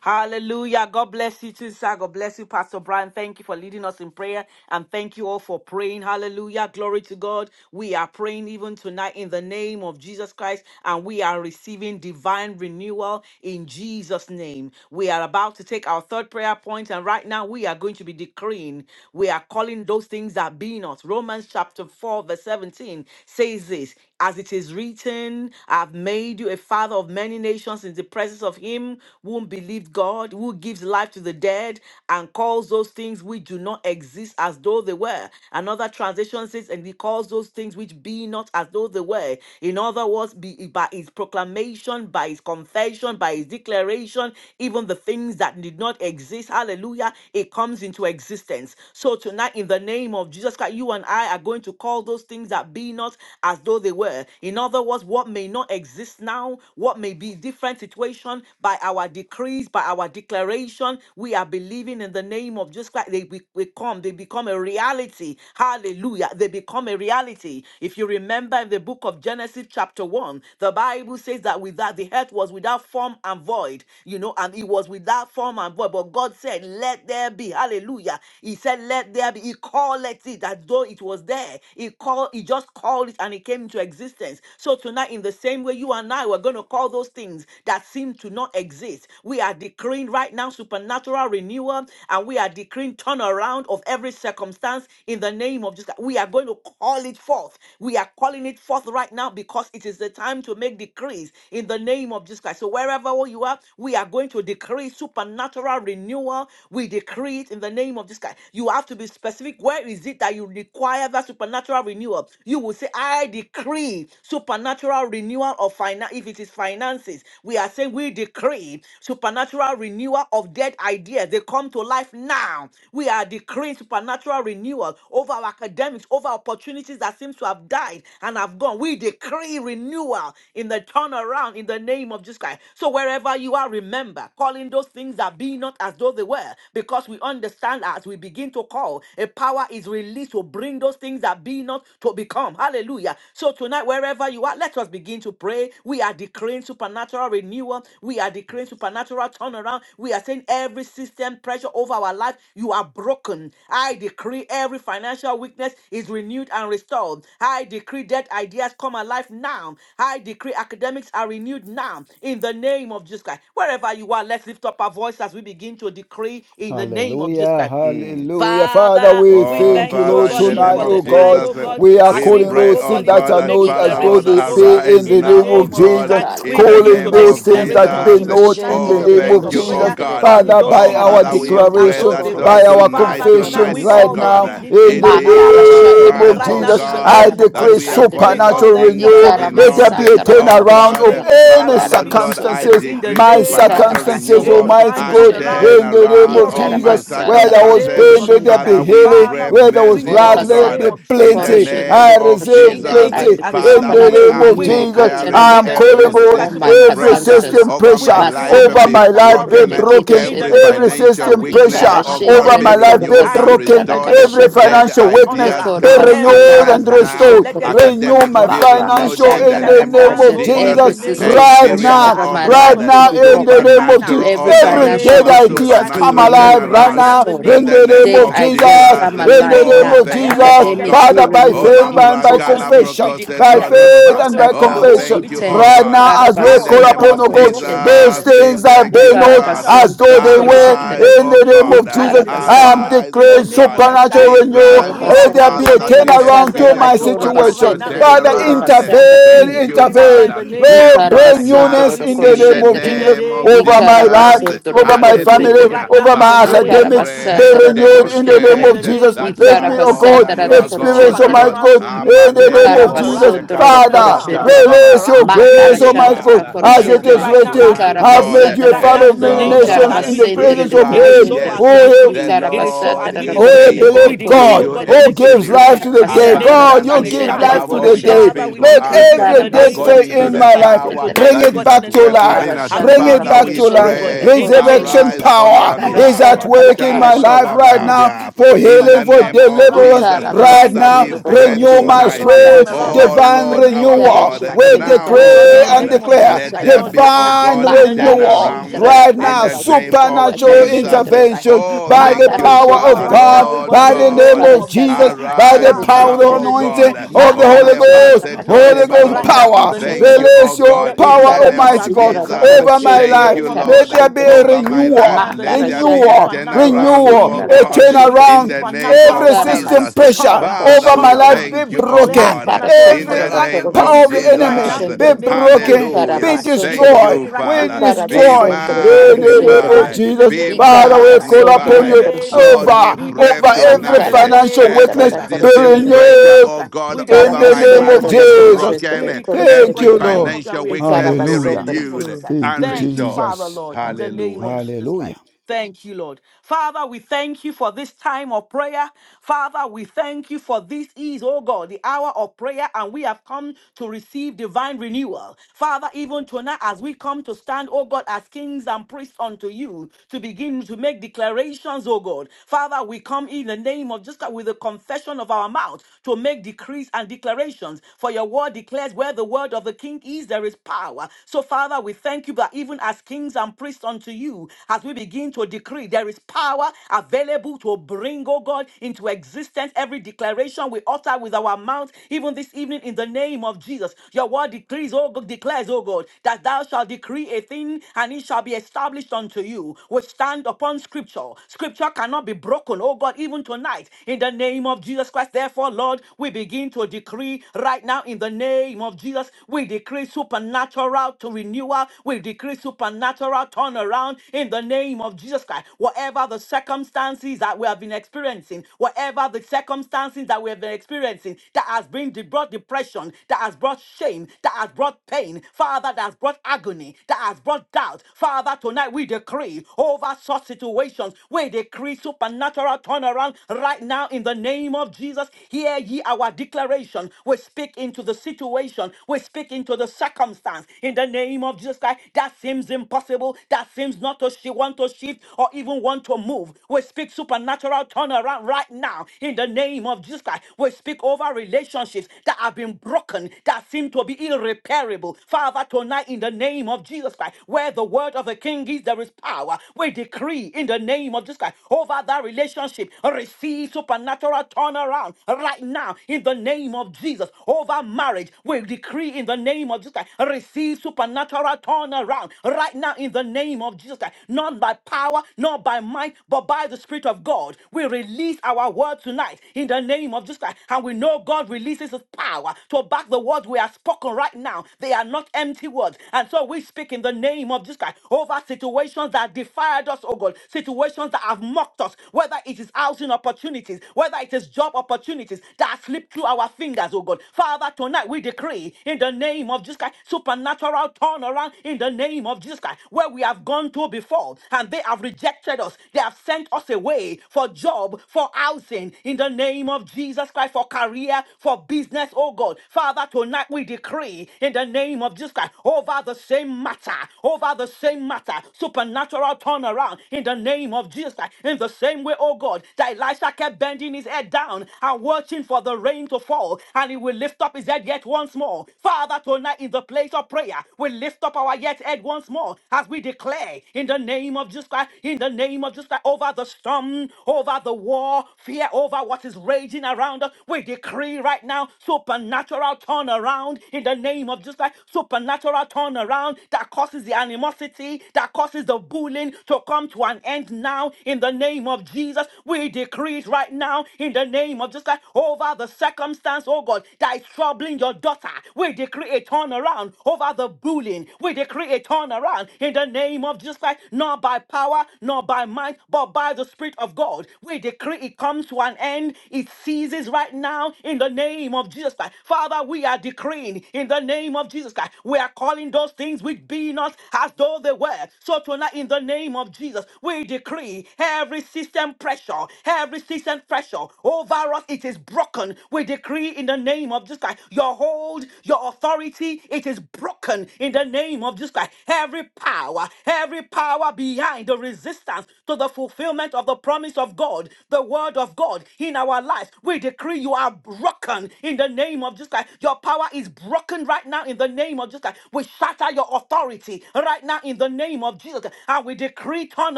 Speaker 2: Hallelujah. God bless you too, sir. God bless you, Pastor Brian. Thank you for leading us in prayer and thank you all for praying. Hallelujah. Glory to God. We are praying even tonight in the name of Jesus Christ and we are receiving divine renewal in Jesus' name. We are about to take our third prayer point and right now we are going to be decreeing. We are calling those things that be not. Romans chapter 4, verse 17 says this as it is written, I've made you a father of many nations in in the presence of him whom believed God, who gives life to the dead and calls those things which do not exist as though they were. Another translation says, and he calls those things which be not as though they were. In other words, be, by his proclamation, by his confession, by his declaration, even the things that did not exist, hallelujah, it comes into existence. So tonight, in the name of Jesus Christ, you and I are going to call those things that be not as though they were. In other words, what may not exist exists now, what may be different situation by our decrees, by our declaration. We are believing in the name of Jesus Christ. They be- become, they become a reality. Hallelujah. They become a reality. If you remember in the book of Genesis, chapter 1, the Bible says that without the earth was without form and void, you know, and it was without form and void. But God said, Let there be. Hallelujah. He said, Let there be. He called it as though it was there. He called, he just called it and it came into existence existence. So tonight, in the same way you and I were going to call those things that seem to not exist, we are decreeing right now supernatural renewal and we are decreeing turnaround of every circumstance in the name of Jesus. We are going to call it forth. We are calling it forth right now because it is the time to make decrees in the name of Jesus Christ. So wherever you are, we are going to decree supernatural renewal. We decree it in the name of Jesus Christ. You have to be specific. Where is it that you require that supernatural? supernatural renewal. You will say, I decree supernatural renewal of finance. If it is finances, we are saying we decree supernatural renewal of dead ideas. They come to life now. We are decreeing supernatural renewal over our academics, over opportunities that seem to have died and have gone. We decree renewal in the turnaround in the name of Jesus Christ. So wherever you are, remember calling those things that be not as though they were, because we understand as we begin to call, a power is is released to bring those things that be not to become. Hallelujah. So tonight, wherever you are, let us begin to pray. We are decreeing supernatural renewal. We are decreeing supernatural turnaround. We are saying every system pressure over our life, you are broken. I decree every financial weakness is renewed and restored. I decree dead ideas come alive now. I decree academics are renewed now. In the name of Jesus Christ. Wherever you are, let's lift up our voice as we begin to decree in the name of Jesus Christ.
Speaker 3: Hallelujah,
Speaker 4: Mm.
Speaker 3: hallelujah. Father,
Speaker 2: Father,
Speaker 3: we
Speaker 2: we
Speaker 4: Oh,
Speaker 3: thank you,
Speaker 2: thank you, oh
Speaker 4: Father,
Speaker 3: Lord,
Speaker 4: in
Speaker 2: God,
Speaker 4: the
Speaker 2: even
Speaker 4: name
Speaker 3: tonight,
Speaker 2: for
Speaker 4: of
Speaker 3: oh
Speaker 2: this
Speaker 5: Kurushindarada
Speaker 2: time,
Speaker 3: God.
Speaker 2: oh
Speaker 4: Jesus, eh,
Speaker 2: God,
Speaker 3: We are
Speaker 2: as
Speaker 4: we
Speaker 2: we
Speaker 3: calling
Speaker 5: Kuramasinda
Speaker 2: come,
Speaker 4: pray,
Speaker 2: oh
Speaker 3: those
Speaker 4: oh
Speaker 3: things
Speaker 2: God, even
Speaker 3: that
Speaker 4: God,
Speaker 2: to
Speaker 3: are
Speaker 4: that
Speaker 2: make
Speaker 3: not
Speaker 4: Father,
Speaker 3: as though
Speaker 5: Ikara
Speaker 4: Lord,
Speaker 3: they
Speaker 2: declarations, oh God,
Speaker 5: Basun
Speaker 3: be in
Speaker 4: arise
Speaker 2: in
Speaker 3: the
Speaker 2: the
Speaker 4: now,
Speaker 3: name
Speaker 4: oh
Speaker 3: of
Speaker 2: name of Jesus
Speaker 4: God,
Speaker 3: Jesus.
Speaker 2: Christ,
Speaker 5: Ikara
Speaker 4: in
Speaker 2: we
Speaker 4: the
Speaker 2: begin
Speaker 3: Calling
Speaker 2: to
Speaker 4: name
Speaker 2: make
Speaker 3: those
Speaker 4: of
Speaker 3: things that
Speaker 5: Basadara
Speaker 2: declarations
Speaker 3: be
Speaker 4: Jesus. Eh,
Speaker 2: even
Speaker 3: not
Speaker 2: tonight
Speaker 3: in
Speaker 2: in
Speaker 3: the
Speaker 4: Oh,
Speaker 2: the
Speaker 5: Kurushindarada
Speaker 3: name
Speaker 2: place
Speaker 3: of
Speaker 4: thank
Speaker 2: of
Speaker 4: you, oh
Speaker 3: Jesus.
Speaker 2: prayer,
Speaker 5: Kurushindara
Speaker 4: God. Eh,
Speaker 2: calling
Speaker 3: Father,
Speaker 2: those
Speaker 3: by
Speaker 4: Oh,
Speaker 2: things
Speaker 5: Kara
Speaker 2: which
Speaker 3: our
Speaker 4: Father,
Speaker 2: be
Speaker 4: we
Speaker 2: not as
Speaker 4: pray
Speaker 5: Basundara
Speaker 2: though
Speaker 3: declaration,
Speaker 4: that
Speaker 2: they
Speaker 3: by
Speaker 2: were.
Speaker 4: Lord,
Speaker 3: our
Speaker 5: Kurubasindara
Speaker 2: Father,
Speaker 4: tonight,
Speaker 2: tonight
Speaker 3: confession
Speaker 4: tonight,
Speaker 2: we
Speaker 4: oh
Speaker 3: right
Speaker 2: call those
Speaker 5: Kurubasindara
Speaker 4: God,
Speaker 3: now,
Speaker 4: eh,
Speaker 2: things which
Speaker 3: in
Speaker 2: be
Speaker 3: the
Speaker 4: it
Speaker 2: not as
Speaker 4: is
Speaker 5: Makara
Speaker 2: though they
Speaker 4: our
Speaker 2: were.
Speaker 3: name
Speaker 5: Shandara
Speaker 4: cry,
Speaker 3: of
Speaker 2: Right
Speaker 4: oh
Speaker 2: now,
Speaker 3: Jesus,
Speaker 2: in the
Speaker 4: God, eh,
Speaker 3: I
Speaker 2: name
Speaker 5: Kurushindara
Speaker 2: of
Speaker 4: that
Speaker 3: decree
Speaker 2: Jesus
Speaker 4: we
Speaker 2: Christ,
Speaker 4: are
Speaker 5: Kurushindara
Speaker 2: we
Speaker 4: calling those
Speaker 2: call
Speaker 3: supernatural
Speaker 2: them
Speaker 4: things
Speaker 2: forth in
Speaker 3: renewal.
Speaker 4: that
Speaker 2: the
Speaker 4: be
Speaker 5: Ikara
Speaker 3: Let
Speaker 2: name
Speaker 3: there
Speaker 4: not.
Speaker 2: of
Speaker 3: be a
Speaker 2: Jesus
Speaker 5: Masandara
Speaker 2: Christ.
Speaker 4: Oh
Speaker 2: In the
Speaker 3: turnaround
Speaker 4: God,
Speaker 3: of
Speaker 4: uh,
Speaker 5: Kurushindara
Speaker 2: name of Jesus Christ,
Speaker 3: any
Speaker 2: we
Speaker 4: Father,
Speaker 5: Kara
Speaker 4: Lord
Speaker 2: speak
Speaker 4: God, I
Speaker 5: Masundara
Speaker 3: circumstances
Speaker 2: in the
Speaker 4: decree
Speaker 3: my
Speaker 2: name of
Speaker 5: Ikara
Speaker 4: supernatural
Speaker 2: Jesus Christ,
Speaker 3: circumstances,
Speaker 2: a
Speaker 4: renewal
Speaker 5: Basundara
Speaker 3: Almighty
Speaker 2: divine
Speaker 4: and
Speaker 3: God,
Speaker 2: turnaround, a
Speaker 5: Kurushindara
Speaker 4: turn
Speaker 3: in the name
Speaker 4: around
Speaker 2: supernatural
Speaker 3: of
Speaker 4: of
Speaker 5: Ikara
Speaker 2: renewal
Speaker 4: my
Speaker 3: Jesus. Where
Speaker 2: in
Speaker 5: Basandara
Speaker 2: the
Speaker 3: there was
Speaker 2: name
Speaker 4: circumstances.
Speaker 3: pain,
Speaker 2: of
Speaker 3: let
Speaker 2: Jesus
Speaker 3: there
Speaker 2: Christ.
Speaker 3: be
Speaker 4: Father,
Speaker 5: Kurushindara
Speaker 4: we
Speaker 3: healing.
Speaker 2: Father,
Speaker 4: pray
Speaker 2: we
Speaker 3: Where there was
Speaker 2: decree
Speaker 4: mercy,
Speaker 2: this
Speaker 4: oh
Speaker 3: lack,
Speaker 2: in the
Speaker 3: let
Speaker 5: Orobasan.
Speaker 2: name
Speaker 3: there
Speaker 4: God,
Speaker 3: be
Speaker 2: of Jesus
Speaker 4: in
Speaker 2: Christ.
Speaker 4: the
Speaker 3: plenty.
Speaker 2: Mm.
Speaker 4: name
Speaker 3: I
Speaker 5: Koroshendere,
Speaker 4: of
Speaker 3: receive
Speaker 2: In the
Speaker 5: koroshendere.
Speaker 4: Jesus.
Speaker 2: name of
Speaker 5: I
Speaker 2: Jesus, as
Speaker 3: plenty
Speaker 5: decree
Speaker 2: we come
Speaker 3: in
Speaker 4: Father,
Speaker 2: to
Speaker 3: the
Speaker 4: we
Speaker 2: pray,
Speaker 5: supernatural
Speaker 3: name
Speaker 4: are
Speaker 3: of
Speaker 2: we
Speaker 5: renewal, a
Speaker 3: Jesus.
Speaker 2: decree
Speaker 4: declaring
Speaker 3: I
Speaker 5: turnaround
Speaker 2: in
Speaker 3: am
Speaker 2: the name
Speaker 3: calling
Speaker 4: every
Speaker 5: of
Speaker 2: of Jesus
Speaker 5: all
Speaker 2: Christ,
Speaker 3: on
Speaker 5: my
Speaker 4: system
Speaker 3: every
Speaker 2: supernatural
Speaker 4: pressure
Speaker 5: circumstances.
Speaker 3: system
Speaker 2: renewal.
Speaker 4: over
Speaker 2: We
Speaker 4: my
Speaker 3: pressure
Speaker 2: decree right
Speaker 4: life
Speaker 2: now
Speaker 3: over
Speaker 5: Masindra,
Speaker 4: be
Speaker 3: my life
Speaker 2: supernatural
Speaker 3: be
Speaker 5: shendere,
Speaker 4: broken.
Speaker 2: renewal.
Speaker 3: broken.
Speaker 2: In the
Speaker 4: Every
Speaker 5: kire,
Speaker 3: Every
Speaker 2: name of Jesus,
Speaker 4: financial
Speaker 3: system
Speaker 2: we decree
Speaker 4: weakness,
Speaker 5: Ikara
Speaker 3: pressure
Speaker 4: oh
Speaker 2: supernatural
Speaker 4: God,
Speaker 3: over
Speaker 5: shedre
Speaker 4: be
Speaker 5: de
Speaker 3: my
Speaker 2: renewal.
Speaker 3: life be
Speaker 5: koroba
Speaker 4: renewed
Speaker 2: I
Speaker 4: and
Speaker 2: decree
Speaker 5: sidra
Speaker 3: broken.
Speaker 2: in
Speaker 5: da
Speaker 2: the
Speaker 5: kara
Speaker 2: name
Speaker 4: restored.
Speaker 2: of
Speaker 3: Every
Speaker 2: Jesus,
Speaker 5: shedre.
Speaker 4: Dead
Speaker 3: financial
Speaker 2: supernatural
Speaker 3: weakness
Speaker 4: ideas
Speaker 2: turnaround.
Speaker 3: be
Speaker 5: Ikoroba
Speaker 4: come
Speaker 2: Every
Speaker 3: renewed
Speaker 5: sidra da
Speaker 4: alive
Speaker 3: and
Speaker 5: kara
Speaker 2: circumstance, oh God,
Speaker 4: now.
Speaker 3: restored.
Speaker 2: let there
Speaker 5: shedre.
Speaker 2: be a
Speaker 3: Renew
Speaker 4: Academics
Speaker 3: my
Speaker 2: supernatural
Speaker 4: be
Speaker 2: turnaround.
Speaker 5: Makara
Speaker 4: renewed
Speaker 3: financial
Speaker 4: in
Speaker 2: Every
Speaker 4: the
Speaker 3: in
Speaker 5: shandra
Speaker 3: the
Speaker 5: da
Speaker 4: name
Speaker 5: kara
Speaker 3: name
Speaker 4: of
Speaker 2: circumstance,
Speaker 3: of
Speaker 5: shed.
Speaker 2: oh God, in
Speaker 4: Jesus.
Speaker 5: Every
Speaker 2: the
Speaker 3: Jesus
Speaker 2: name of
Speaker 5: system
Speaker 2: Jesus
Speaker 3: right
Speaker 2: Christ,
Speaker 5: pressure
Speaker 4: Experience,
Speaker 2: that
Speaker 3: now,
Speaker 5: over
Speaker 2: has
Speaker 4: oh
Speaker 5: my
Speaker 2: touched
Speaker 3: right
Speaker 5: life
Speaker 2: us,
Speaker 4: God,
Speaker 2: oh
Speaker 5: to
Speaker 3: now
Speaker 5: be
Speaker 2: God, we
Speaker 3: in the
Speaker 2: decree
Speaker 5: broken.
Speaker 3: name
Speaker 2: right
Speaker 3: of
Speaker 2: now
Speaker 3: Jesus.
Speaker 4: supernatural,
Speaker 5: Every
Speaker 4: oh
Speaker 2: in the
Speaker 3: Every
Speaker 4: God,
Speaker 2: name
Speaker 5: financial
Speaker 3: dead
Speaker 2: of
Speaker 4: Father,
Speaker 2: Jesus
Speaker 3: idea
Speaker 5: weakness
Speaker 3: has
Speaker 2: Christ,
Speaker 5: be
Speaker 3: come
Speaker 4: supernatural
Speaker 2: we
Speaker 3: alive
Speaker 5: renewed
Speaker 2: decree
Speaker 3: right
Speaker 5: and
Speaker 2: right now
Speaker 4: turnaround.
Speaker 3: now
Speaker 2: in the
Speaker 5: restored.
Speaker 4: In
Speaker 2: name
Speaker 3: in
Speaker 4: the
Speaker 2: of
Speaker 3: the
Speaker 4: name
Speaker 3: name
Speaker 2: Jesus
Speaker 5: Dead
Speaker 3: of
Speaker 4: of
Speaker 2: Christ. We
Speaker 5: ideas
Speaker 3: Jesus,
Speaker 4: Jesus,
Speaker 5: come
Speaker 2: decree in the
Speaker 3: in the
Speaker 5: alive
Speaker 2: name of
Speaker 3: name
Speaker 4: oh,
Speaker 5: now.
Speaker 2: Jesus
Speaker 3: of
Speaker 2: Christ,
Speaker 4: thank you,
Speaker 2: every
Speaker 3: Jesus.
Speaker 4: oh
Speaker 2: system
Speaker 5: Academic
Speaker 4: God.
Speaker 5: be
Speaker 3: Father,
Speaker 2: pressure
Speaker 3: by
Speaker 4: Oh,
Speaker 5: renewed
Speaker 2: over
Speaker 3: faith
Speaker 2: us
Speaker 5: in
Speaker 3: and
Speaker 4: Lambra,
Speaker 3: by
Speaker 5: Jesus'
Speaker 2: broken.
Speaker 5: name.
Speaker 4: Calabro,
Speaker 3: confession,
Speaker 2: We decree
Speaker 3: by
Speaker 5: Um,
Speaker 2: that it is
Speaker 3: faith
Speaker 4: Cosetor,
Speaker 5: Expense
Speaker 3: and by
Speaker 2: broken. The
Speaker 4: Oh,
Speaker 5: account
Speaker 2: hold
Speaker 3: confession,
Speaker 5: be
Speaker 2: of
Speaker 4: thank
Speaker 2: it
Speaker 4: you,
Speaker 2: is
Speaker 4: oh
Speaker 5: turned.
Speaker 3: right
Speaker 2: broken.
Speaker 4: God.
Speaker 3: now
Speaker 2: The
Speaker 3: as we
Speaker 2: power
Speaker 4: In
Speaker 2: of
Speaker 4: the
Speaker 2: it
Speaker 3: call
Speaker 2: over
Speaker 4: name
Speaker 5: Karabasundra da
Speaker 3: upon,
Speaker 2: us
Speaker 4: of
Speaker 3: oh
Speaker 2: is
Speaker 5: kara
Speaker 3: God,
Speaker 2: broken
Speaker 5: shendre.
Speaker 2: in
Speaker 3: those
Speaker 2: the
Speaker 4: Jesus,
Speaker 2: name
Speaker 4: please
Speaker 2: of
Speaker 3: things
Speaker 2: Jesus.
Speaker 3: that
Speaker 4: thank
Speaker 3: be
Speaker 2: Every
Speaker 4: you,
Speaker 3: not
Speaker 2: financial
Speaker 4: Father.
Speaker 3: as
Speaker 2: weakness,
Speaker 5: Ikarabasondra
Speaker 3: though they
Speaker 2: we
Speaker 3: were
Speaker 2: decree it
Speaker 5: Koroshendra
Speaker 4: Arise,
Speaker 2: is
Speaker 3: in
Speaker 4: oh
Speaker 3: the name
Speaker 2: reviewed
Speaker 4: God.
Speaker 3: of
Speaker 2: and it
Speaker 3: Jesus.
Speaker 2: is
Speaker 5: Ikarabasad
Speaker 3: I am
Speaker 2: restored
Speaker 4: Arise,
Speaker 2: in the
Speaker 4: oh
Speaker 3: declaring
Speaker 2: name of
Speaker 4: God.
Speaker 3: supernatural
Speaker 2: Jesus.
Speaker 4: We
Speaker 2: We
Speaker 3: renewal.
Speaker 4: cry
Speaker 2: decree
Speaker 4: for oh
Speaker 2: right
Speaker 3: Let
Speaker 5: Karabasad
Speaker 3: there
Speaker 2: now in
Speaker 3: be
Speaker 2: the
Speaker 4: Father
Speaker 3: a
Speaker 4: that
Speaker 3: turn
Speaker 2: name
Speaker 4: we
Speaker 2: of
Speaker 3: around
Speaker 2: Jesus
Speaker 3: to
Speaker 5: Karashandra
Speaker 3: my
Speaker 2: Christ,
Speaker 4: experience
Speaker 2: oh God, even right
Speaker 3: situation.
Speaker 4: supernatural
Speaker 2: now in the
Speaker 5: Korobasendra
Speaker 3: Father,
Speaker 2: name of Jesus
Speaker 4: turnaround.
Speaker 2: Christ. We
Speaker 5: Korobasandra
Speaker 3: intervene,
Speaker 4: Thank you,
Speaker 2: decree right now in the
Speaker 4: Father.
Speaker 3: intervene.
Speaker 2: name of
Speaker 3: Lord,
Speaker 4: Help
Speaker 2: Jesus
Speaker 4: us
Speaker 3: bring
Speaker 2: Christ. Father,
Speaker 4: now
Speaker 3: newness
Speaker 2: we
Speaker 5: Ikarabasondoro
Speaker 3: in the
Speaker 4: in
Speaker 2: decree
Speaker 3: name
Speaker 4: the
Speaker 3: of
Speaker 2: in
Speaker 5: koroshedere.
Speaker 2: the
Speaker 3: Jesus
Speaker 4: name
Speaker 2: name
Speaker 4: of
Speaker 2: of
Speaker 3: over my
Speaker 2: Jesus Christ.
Speaker 3: life,
Speaker 4: Jesus.
Speaker 2: We
Speaker 5: Ikarabasondoro
Speaker 2: decree,
Speaker 3: over
Speaker 2: oh
Speaker 3: my
Speaker 2: God, even
Speaker 3: family,
Speaker 5: koroshedere.
Speaker 4: Hallelujah.
Speaker 2: right now
Speaker 3: over
Speaker 2: in the
Speaker 3: my
Speaker 4: Father, we
Speaker 2: name of
Speaker 3: academics.
Speaker 2: Jesus
Speaker 3: Be
Speaker 2: Christ.
Speaker 4: pray,
Speaker 5: Ikarabasadara
Speaker 2: We
Speaker 3: renewed in
Speaker 2: decree, oh
Speaker 3: the
Speaker 2: God,
Speaker 3: name
Speaker 5: koroshedere.
Speaker 2: in
Speaker 3: of
Speaker 4: demonstrate
Speaker 2: the
Speaker 3: Jesus.
Speaker 2: name of
Speaker 4: that you
Speaker 3: Let
Speaker 2: Jesus
Speaker 4: are
Speaker 3: me,
Speaker 2: Christ,
Speaker 3: oh
Speaker 2: rather,
Speaker 4: God
Speaker 3: God,
Speaker 4: and you
Speaker 2: we
Speaker 5: Ikarabasadara
Speaker 4: are
Speaker 2: decree
Speaker 3: experience,
Speaker 4: God
Speaker 3: oh
Speaker 5: koroshedere.
Speaker 3: my
Speaker 4: alone.
Speaker 2: supernatural
Speaker 3: God, in
Speaker 2: renewal
Speaker 3: the
Speaker 2: and
Speaker 3: name
Speaker 4: Amandele
Speaker 3: of
Speaker 2: turn
Speaker 4: bobo
Speaker 3: Jesus.
Speaker 2: around,
Speaker 4: seka
Speaker 5: Ikarabasodoro
Speaker 2: turn
Speaker 3: Father,
Speaker 4: lambra
Speaker 2: around,
Speaker 5: koroshedere.
Speaker 4: shala ba
Speaker 2: turn
Speaker 4: ba ba.
Speaker 3: release your
Speaker 2: around in
Speaker 4: Thank
Speaker 2: the
Speaker 3: grace, oh
Speaker 4: you,
Speaker 2: name of
Speaker 3: my
Speaker 2: Jesus
Speaker 3: God,
Speaker 5: Makarashadara
Speaker 2: Christ.
Speaker 4: Father.
Speaker 2: We
Speaker 3: as it
Speaker 4: Help
Speaker 2: decree
Speaker 5: koroshedere.
Speaker 3: is
Speaker 4: us
Speaker 2: right now as
Speaker 3: written.
Speaker 2: we
Speaker 4: tonight,
Speaker 3: I have
Speaker 4: Lord.
Speaker 2: pray,
Speaker 3: made you a
Speaker 5: Ikarabasadara.
Speaker 2: right now
Speaker 3: father
Speaker 4: It's
Speaker 2: in
Speaker 3: of
Speaker 2: the
Speaker 3: many
Speaker 4: oh
Speaker 2: name of Jesus,
Speaker 3: nations
Speaker 2: as
Speaker 4: God.
Speaker 3: in
Speaker 2: we
Speaker 3: the
Speaker 4: We
Speaker 2: decree,
Speaker 3: presence
Speaker 5: Ikarabasedere
Speaker 3: of
Speaker 2: it
Speaker 4: cry,
Speaker 2: is so
Speaker 3: him
Speaker 5: koroshedere.
Speaker 2: as
Speaker 4: yes.
Speaker 2: we
Speaker 3: who
Speaker 4: The
Speaker 2: decree, it is so
Speaker 4: Lord
Speaker 2: as we
Speaker 5: Ikarabasadara
Speaker 4: is
Speaker 3: Oh,
Speaker 2: decree.
Speaker 5: koroshedere
Speaker 2: We
Speaker 4: able
Speaker 3: believe
Speaker 4: to
Speaker 2: decree,
Speaker 3: God
Speaker 2: oh
Speaker 4: do
Speaker 2: God,
Speaker 5: koroshedere.
Speaker 2: we
Speaker 3: who
Speaker 2: make a
Speaker 3: gives life
Speaker 4: exceedingly
Speaker 3: to
Speaker 2: decree
Speaker 3: the
Speaker 2: in the
Speaker 3: dead.
Speaker 2: name of
Speaker 5: Ikarabasadara
Speaker 3: God,
Speaker 2: Jesus
Speaker 3: you
Speaker 2: and it
Speaker 4: abundantly
Speaker 3: give
Speaker 2: stands,
Speaker 5: koroshedere
Speaker 2: oh
Speaker 3: life
Speaker 4: above
Speaker 3: to
Speaker 2: God.
Speaker 4: all
Speaker 3: the
Speaker 4: we can
Speaker 3: dead.
Speaker 5: koroshedere.
Speaker 2: Father,
Speaker 4: think
Speaker 2: we
Speaker 4: or
Speaker 3: Lord,
Speaker 2: decree
Speaker 4: ask
Speaker 2: this in
Speaker 3: every
Speaker 2: the
Speaker 3: dead
Speaker 2: name of
Speaker 3: thing
Speaker 4: according to
Speaker 5: Ikarabasotoro
Speaker 3: in
Speaker 5: no
Speaker 2: Jesus
Speaker 4: the
Speaker 3: my
Speaker 2: Christ.
Speaker 3: life,
Speaker 2: Even
Speaker 4: power
Speaker 2: tonight,
Speaker 5: conscendere,
Speaker 3: bring
Speaker 2: oh
Speaker 4: that
Speaker 3: it
Speaker 4: is
Speaker 2: God, in
Speaker 4: at
Speaker 3: back
Speaker 2: the
Speaker 3: to
Speaker 2: name
Speaker 4: work
Speaker 2: of Jesus
Speaker 3: life.
Speaker 2: Christ,
Speaker 4: within us.
Speaker 2: as we
Speaker 5: Karashandra
Speaker 3: Bring
Speaker 5: la
Speaker 3: it
Speaker 2: begin
Speaker 4: Father,
Speaker 2: to
Speaker 3: back
Speaker 4: we
Speaker 3: to
Speaker 2: decree, oh
Speaker 3: life.
Speaker 5: Korashendra
Speaker 2: God,
Speaker 5: la
Speaker 4: pray,
Speaker 2: in the name of
Speaker 3: Resurrection
Speaker 5: Korashendra,
Speaker 2: Jesus
Speaker 4: arise
Speaker 2: Christ.
Speaker 4: on
Speaker 3: power
Speaker 2: That
Speaker 4: our
Speaker 2: Lord,
Speaker 3: is
Speaker 2: let
Speaker 4: behalf,
Speaker 3: at
Speaker 2: there
Speaker 5: Karashandra
Speaker 2: be, oh
Speaker 5: la
Speaker 3: work
Speaker 2: God,
Speaker 3: in
Speaker 2: a
Speaker 3: my
Speaker 4: charge over
Speaker 3: life
Speaker 2: turnaround,
Speaker 3: right
Speaker 4: our
Speaker 5: Karashendra,
Speaker 3: now
Speaker 4: behalf.
Speaker 2: a
Speaker 3: for
Speaker 4: In
Speaker 3: healing,
Speaker 4: the
Speaker 3: for
Speaker 2: supernatural
Speaker 4: name of
Speaker 2: turnaround
Speaker 3: deliverance
Speaker 4: Jesus,
Speaker 2: in the
Speaker 3: right
Speaker 2: name
Speaker 4: Father,
Speaker 2: of
Speaker 4: we
Speaker 5: Ikaramasundra
Speaker 2: Jesus
Speaker 3: now.
Speaker 5: la
Speaker 2: Christ.
Speaker 4: pray
Speaker 2: The
Speaker 3: Renew my
Speaker 5: Korashendra la
Speaker 4: tonight.
Speaker 2: supernatural
Speaker 3: strength,
Speaker 2: turnaround
Speaker 5: Karashandra,
Speaker 2: right
Speaker 4: Oh
Speaker 2: now in
Speaker 3: divine
Speaker 2: the
Speaker 4: Lord,
Speaker 2: name
Speaker 4: our
Speaker 2: of
Speaker 3: renewal.
Speaker 2: Jesus
Speaker 4: God,
Speaker 2: Christ.
Speaker 3: We
Speaker 5: Karashendra la
Speaker 2: We
Speaker 4: now,
Speaker 2: pray,
Speaker 4: oh
Speaker 2: Lord, in
Speaker 3: decree
Speaker 2: the
Speaker 5: Karashandra
Speaker 3: and
Speaker 5: la
Speaker 4: God,
Speaker 2: name of
Speaker 3: declare
Speaker 2: Jesus
Speaker 4: let
Speaker 2: Christ,
Speaker 4: there
Speaker 5: Karashandra,
Speaker 2: Lord,
Speaker 4: be,
Speaker 2: right
Speaker 4: oh
Speaker 2: now,
Speaker 3: divine
Speaker 4: God,
Speaker 2: in
Speaker 4: a
Speaker 2: the name of
Speaker 3: renewal
Speaker 2: Jesus
Speaker 5: Matarashindra
Speaker 2: Christ.
Speaker 4: turnaround
Speaker 5: la
Speaker 3: right
Speaker 2: As
Speaker 4: in
Speaker 3: now,
Speaker 2: we
Speaker 4: the
Speaker 2: love
Speaker 4: name
Speaker 5: Korabasindra
Speaker 4: of
Speaker 5: la
Speaker 2: God, in the
Speaker 3: supernatural
Speaker 2: name of
Speaker 4: Jesus.
Speaker 2: Jesus
Speaker 5: Karashendra,
Speaker 2: Christ,
Speaker 3: intervention
Speaker 4: Oh,
Speaker 3: by the
Speaker 4: thank
Speaker 2: supernatural
Speaker 4: you,
Speaker 3: power
Speaker 5: Matarashindra
Speaker 2: turnaround
Speaker 3: of
Speaker 4: Father,
Speaker 5: la
Speaker 2: right now, oh
Speaker 3: God,
Speaker 4: Lord
Speaker 2: God, in
Speaker 3: by
Speaker 2: the
Speaker 3: the
Speaker 5: Karashandra la
Speaker 3: name
Speaker 4: God.
Speaker 2: name
Speaker 3: of
Speaker 2: of
Speaker 3: Jesus,
Speaker 5: Karashandra,
Speaker 2: Jesus Christ.
Speaker 3: by the
Speaker 4: Arise
Speaker 5: Kere
Speaker 2: Father,
Speaker 3: power of
Speaker 4: now,
Speaker 2: Lord,
Speaker 3: the
Speaker 5: şedere.
Speaker 2: in
Speaker 4: O
Speaker 2: the name
Speaker 3: anointing
Speaker 4: God.
Speaker 2: of Jesus
Speaker 3: of the
Speaker 2: Christ,
Speaker 5: Makara
Speaker 3: Holy
Speaker 4: Ole
Speaker 2: Father, Lord, we
Speaker 5: şedere.
Speaker 3: Ghost.
Speaker 2: declare.
Speaker 5: Bakara
Speaker 4: basetori
Speaker 3: Holy
Speaker 4: ba ba
Speaker 3: Ghost
Speaker 4: ba
Speaker 2: Right
Speaker 5: şedere.
Speaker 2: now,
Speaker 4: ba.
Speaker 2: in
Speaker 5: Bakara
Speaker 2: the
Speaker 3: power,
Speaker 2: name
Speaker 4: Thank
Speaker 2: of
Speaker 5: şedere.
Speaker 4: you,
Speaker 2: Jesus
Speaker 4: O
Speaker 3: release
Speaker 2: Christ,
Speaker 3: your
Speaker 4: God,
Speaker 2: let me
Speaker 3: power,
Speaker 4: in
Speaker 2: do
Speaker 4: the
Speaker 2: God.
Speaker 5: İkara
Speaker 4: name
Speaker 2: Even
Speaker 3: Almighty
Speaker 2: as
Speaker 4: of
Speaker 2: we
Speaker 3: God,
Speaker 5: basindere.
Speaker 4: Jesus.
Speaker 2: decree,
Speaker 5: Bakara
Speaker 3: over
Speaker 2: in
Speaker 3: my
Speaker 2: the
Speaker 5: şedere.
Speaker 4: Thank
Speaker 3: life.
Speaker 2: name
Speaker 4: you,
Speaker 2: of
Speaker 5: Bakara
Speaker 2: Jesus
Speaker 4: Lord.
Speaker 3: Let there
Speaker 2: Christ,
Speaker 3: be
Speaker 5: şedere.
Speaker 2: we
Speaker 3: a
Speaker 4: Over my
Speaker 2: decree right
Speaker 4: life,
Speaker 2: now in
Speaker 3: renewal
Speaker 2: the
Speaker 4: let
Speaker 5: Makara
Speaker 2: name
Speaker 4: there
Speaker 2: of the
Speaker 4: be a
Speaker 5: şedere.
Speaker 3: renewal,
Speaker 5: Bakara
Speaker 2: supernatural
Speaker 4: turnaround,
Speaker 3: renewal,
Speaker 4: O
Speaker 5: basindere.
Speaker 3: a
Speaker 2: renewal.
Speaker 5: Bakara
Speaker 4: God,
Speaker 2: We
Speaker 5: şedere.
Speaker 2: decree
Speaker 4: in
Speaker 3: turnaround.
Speaker 4: the name
Speaker 2: supernatural
Speaker 3: Every
Speaker 4: of
Speaker 5: İkara
Speaker 2: turnaround,
Speaker 3: system
Speaker 4: Jesus.
Speaker 5: basindere.
Speaker 3: pressure
Speaker 5: Bakara
Speaker 2: turnaround,
Speaker 4: Father,
Speaker 3: over my
Speaker 4: we
Speaker 5: şedere.
Speaker 3: life
Speaker 2: turnaround.
Speaker 3: be
Speaker 4: thank
Speaker 2: We
Speaker 4: you, O
Speaker 2: declare it's
Speaker 3: broken.
Speaker 4: God,
Speaker 5: Makara
Speaker 2: supernatural
Speaker 4: in
Speaker 3: Every
Speaker 5: şedere.
Speaker 4: the
Speaker 3: uh,
Speaker 2: turnaround.
Speaker 5: Bakara
Speaker 4: name
Speaker 2: We
Speaker 4: of
Speaker 3: power of the
Speaker 2: decree
Speaker 5: basindere.
Speaker 2: right
Speaker 5: Bakara
Speaker 3: enemy
Speaker 2: now
Speaker 4: Jesus.
Speaker 2: in
Speaker 3: be
Speaker 2: the
Speaker 5: şedere.
Speaker 2: name of
Speaker 3: broken,
Speaker 2: Jesus
Speaker 5: İkara
Speaker 3: be
Speaker 4: Hallelujah.
Speaker 2: Christ. We
Speaker 5: basindere.
Speaker 4: Thank
Speaker 3: destroyed.
Speaker 4: you,
Speaker 2: decree right
Speaker 3: We
Speaker 2: now
Speaker 4: Father.
Speaker 2: in the
Speaker 5: İkara
Speaker 4: Be
Speaker 2: name of
Speaker 3: destroy in
Speaker 5: basindere.
Speaker 2: Jesus Christ.
Speaker 5: Bakara
Speaker 2: We
Speaker 3: the name
Speaker 5: şedere.
Speaker 3: of
Speaker 2: decree
Speaker 4: magnified.
Speaker 2: it in the
Speaker 3: Jesus.
Speaker 4: Be
Speaker 2: name of
Speaker 3: Father,
Speaker 5: Ikara
Speaker 2: Jesus
Speaker 3: we
Speaker 2: Christ.
Speaker 3: call
Speaker 2: In
Speaker 5: basondoro
Speaker 3: upon
Speaker 2: the
Speaker 3: you
Speaker 4: magnified.
Speaker 2: name of Jesus
Speaker 4: Lord,
Speaker 5: da
Speaker 2: Christ,
Speaker 4: we
Speaker 3: over,
Speaker 2: we
Speaker 4: pray
Speaker 3: over
Speaker 2: decree right now
Speaker 3: every
Speaker 2: in the
Speaker 4: tonight.
Speaker 2: name
Speaker 3: financial
Speaker 2: of
Speaker 5: Ikarabasindara
Speaker 2: Jesus
Speaker 3: weakness
Speaker 4: Every
Speaker 2: Christ.
Speaker 3: be
Speaker 2: In
Speaker 4: system
Speaker 2: the
Speaker 5: koroshendere.
Speaker 2: name of
Speaker 4: pressure,
Speaker 3: renewed
Speaker 2: Jesus
Speaker 4: oh
Speaker 2: Christ,
Speaker 4: God,
Speaker 2: we
Speaker 3: in
Speaker 4: over
Speaker 2: decree
Speaker 3: the
Speaker 2: in the
Speaker 4: my
Speaker 3: name
Speaker 2: name
Speaker 3: of
Speaker 4: life
Speaker 5: Ikarabasondara
Speaker 2: of
Speaker 4: be
Speaker 2: Jesus Christ.
Speaker 3: Jesus.
Speaker 5: koroshendere
Speaker 2: We
Speaker 4: broken.
Speaker 2: decree, oh
Speaker 3: Thank
Speaker 2: God,
Speaker 4: Every
Speaker 5: koroshendere.
Speaker 2: in
Speaker 3: you,
Speaker 2: the name
Speaker 3: Lord.
Speaker 2: of God,
Speaker 4: financial
Speaker 2: we expect,
Speaker 4: weakness
Speaker 2: us,
Speaker 4: be
Speaker 2: Lord, in the
Speaker 3: Hallelujah.
Speaker 5: Ikarabasondara.
Speaker 2: name of
Speaker 4: renewed
Speaker 2: Jesus.
Speaker 5: Mm.
Speaker 3: Thank
Speaker 4: and
Speaker 3: you,
Speaker 5: Mm.
Speaker 2: Thank you,
Speaker 4: restored.
Speaker 2: Father,
Speaker 3: Jesus.
Speaker 2: Lord, in the name of
Speaker 4: Hallelujah.
Speaker 2: Jesus
Speaker 3: Hallelujah.
Speaker 2: Christ. Thank you, Lord. Father, we thank you for this time of prayer. Father, we thank you for this is, oh God, the hour of prayer, and we have come to receive divine renewal. Father, even tonight, as we come to stand, oh God, as kings and priests unto you, to begin to make declarations, oh God. Father, we come in the name of just with the confession of our mouth to make decrees and declarations. For your word declares where the word of the king is, there is power. So so, Father, we thank you that even as kings and priests unto you, as we begin to decree, there is power available to bring, oh God, into existence every declaration we utter with our mouth, even this evening in the name of Jesus. Your word decrees, oh God, declares, oh God, that thou shalt decree a thing and it shall be established unto you. We stand upon scripture. Scripture cannot be broken, oh God, even tonight in the name of Jesus Christ. Therefore, Lord, we begin to decree right now in the name of Jesus. We decree supernatural to renewal. We decree supernatural turnaround in the name of Jesus Christ. Whatever the circumstances that we have been experiencing, whatever the circumstances that we have been experiencing that has been de- brought depression, that has brought shame, that has brought pain, Father, that has brought agony, that has brought doubt. Father, tonight we decree over such situations, we decree supernatural turnaround right now in the name of Jesus. Hear ye our declaration. We speak into the situation we speak into the circumstance in the name of Jesus Christ. That seems impossible. That seems not to she want to shift or even want to move. We speak supernatural turnaround right now in the name of Jesus Christ. We speak over relationships that have been broken, that seem to be irreparable. Father, tonight in the name of Jesus Christ, where the word of the king is, there is power. We decree in the name of Jesus Christ over that relationship, receive supernatural turnaround right now in the name of Jesus. Over marriage, we decree in the name of Jesus Christ, receive supernatural turnaround right now in the name of Jesus Christ. Not by power, not by might, but by the Spirit of God. We release our word tonight in the name of Jesus Christ. And we know God releases His power to back the words we are spoken right now. They are not empty words. And so we speak in the name of Jesus Christ over situations that defied us, oh God, situations that have mocked us, whether it is housing opportunities, whether it is job opportunities that slip through our fingers fingers, oh God. Father, tonight we decree in the name of Jesus Christ, supernatural turnaround in the name of Jesus Christ, where we have gone to before and they have rejected us. They have sent us away for job, for housing, in the name of Jesus Christ, for career, for business, oh God. Father, tonight we decree in the name of Jesus Christ over the same matter, over the same matter, supernatural turnaround in the name of Jesus Christ. In the same way, oh God, that Elisha kept bending his head down and watching for for the rain to fall and he will lift up his head yet once more. Father, tonight in the place of prayer, we lift up our yet head once more as we declare in the name of Jesus Christ, in the name of Jesus Christ, over the storm, over the war, fear over what is raging around us. We decree right now supernatural turnaround in the name of Jesus Christ, supernatural turnaround that causes the animosity, that causes the bullying to come to an end now in the name of Jesus. We decree it right now in the name name of Jesus Christ over the circumstance, oh God, that is troubling your daughter. We decree a turnaround over the bullying. We decree a turnaround in the name of Jesus Christ, not by power, not by might, but by the Spirit of God. We decree it comes to an end. It ceases right now in the name of Jesus Christ. Father, we are decreeing in the name of Jesus Christ. We are calling those things which be not as though they were. So tonight, in the name of Jesus, we decree every system pressure, every system recent pressure over us, it is broken. We decree in the name of Jesus Christ. Your hold, your authority, it is broken in the name of Jesus Christ. Every power, every power behind the resistance to the fulfillment of the promise of God, the word of God in our lives, we decree you are broken in the name of Jesus Christ. Your power is broken right now in the name of Jesus Christ. We shatter your authority right now in the name of Jesus Christ. And we decree turn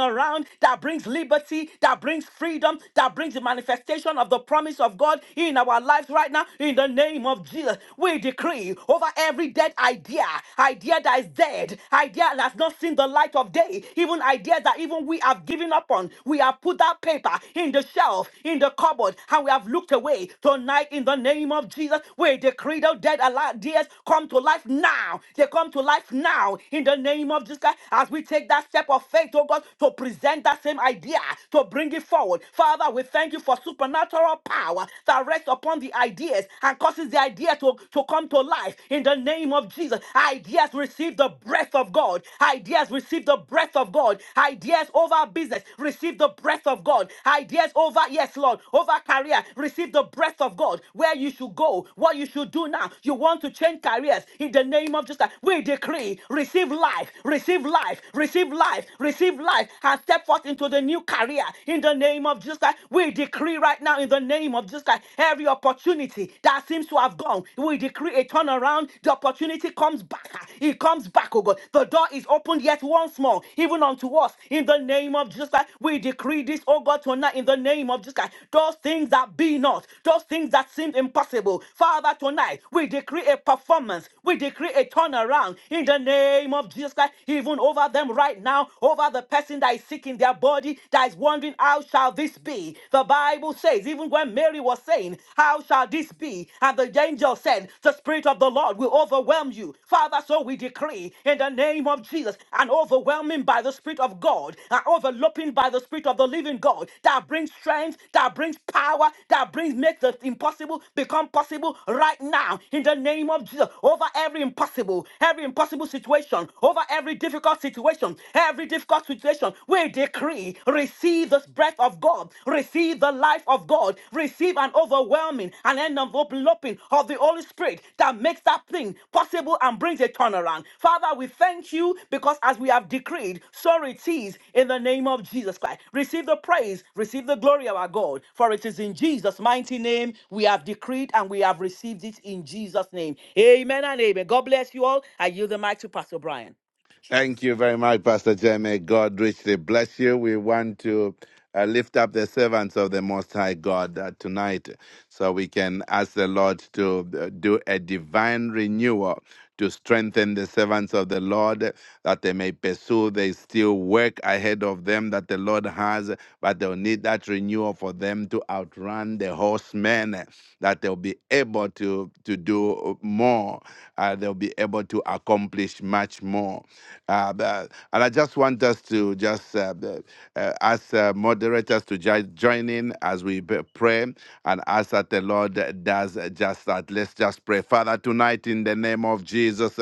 Speaker 2: around that brings liberty, that brings freedom that brings the manifestation of the promise of God in our lives right now. In the name of Jesus, we decree over every dead idea, idea that is dead, idea that has not seen the light of day, even ideas that even we have given up on. We have put that paper in the shelf, in the cupboard, and we have looked away. Tonight, in the name of Jesus, we decree those dead ideas come to life now. They come to life now. In the name of Jesus, Christ, as we take that step of faith, oh God, to present that same idea year to bring it forward. Father, we thank you for supernatural power that rests upon the ideas and causes the idea to, to come to life in the name of Jesus. Ideas receive the breath of God. Ideas receive the breath of God. Ideas over business receive the breath of God. Ideas over, yes, Lord, over career receive the breath of God. Where you should go, what you should do now. You want to change careers in the name of Jesus. We decree, receive life, receive life, receive life, receive life, And and step forth into the new career in the name of Jesus Christ. We decree right now in the name of Jesus Christ every opportunity that seems to have gone, we decree a turnaround. The opportunity comes back. It comes back, oh God. The door is opened yet once more, even unto us in the name of Jesus Christ. We decree this, oh God, tonight in the name of Jesus Christ. Those things that be not, those things that seem impossible, Father, tonight we decree a performance, we decree a turnaround in the name of Jesus Christ, even over them right now over the person that is sick in their body, that is wondering, how shall this be? The Bible says, even when Mary was saying, how shall this be? And the angel said, the Spirit of the Lord will overwhelm you. Father, so we decree in the name of Jesus, an overwhelming by the Spirit of God, an overlapping by the Spirit of the living God, that brings strength, that brings power, that brings, make the impossible become possible right now in the name of Jesus, over every impossible, every impossible situation, over every difficult situation situation, every difficult situation, we decree receive this breath of God, receive the life of God, receive an overwhelming and an enveloping of the Holy Spirit that makes that thing possible and brings a turnaround. Father, we thank you because as we have decreed, so it is in the name of Jesus Christ. Receive the praise, receive the glory of our God, for it is in Jesus' mighty name we have decreed and we have received it in Jesus' name. Amen and amen. God bless you all. I yield the mic to Pastor Brian.
Speaker 4: Thank you very much, Pastor Jeremy. God richly bless you. We want to uh, lift up the servants of the Most High God uh, tonight so we can ask the Lord to uh, do a divine renewal to strengthen the servants of the Lord, that they may pursue the still work ahead of them that the Lord has, but they'll need that renewal for them to outrun the horsemen, that they'll be able to, to do more, uh, they'll be able to accomplish much more. Uh, but- and I just want us to just just uh, uh, ask uh, moderators to jo- join in as we b- pray and ask that the Lord does just that. Let's just pray. Father, tonight in the name of Jesus,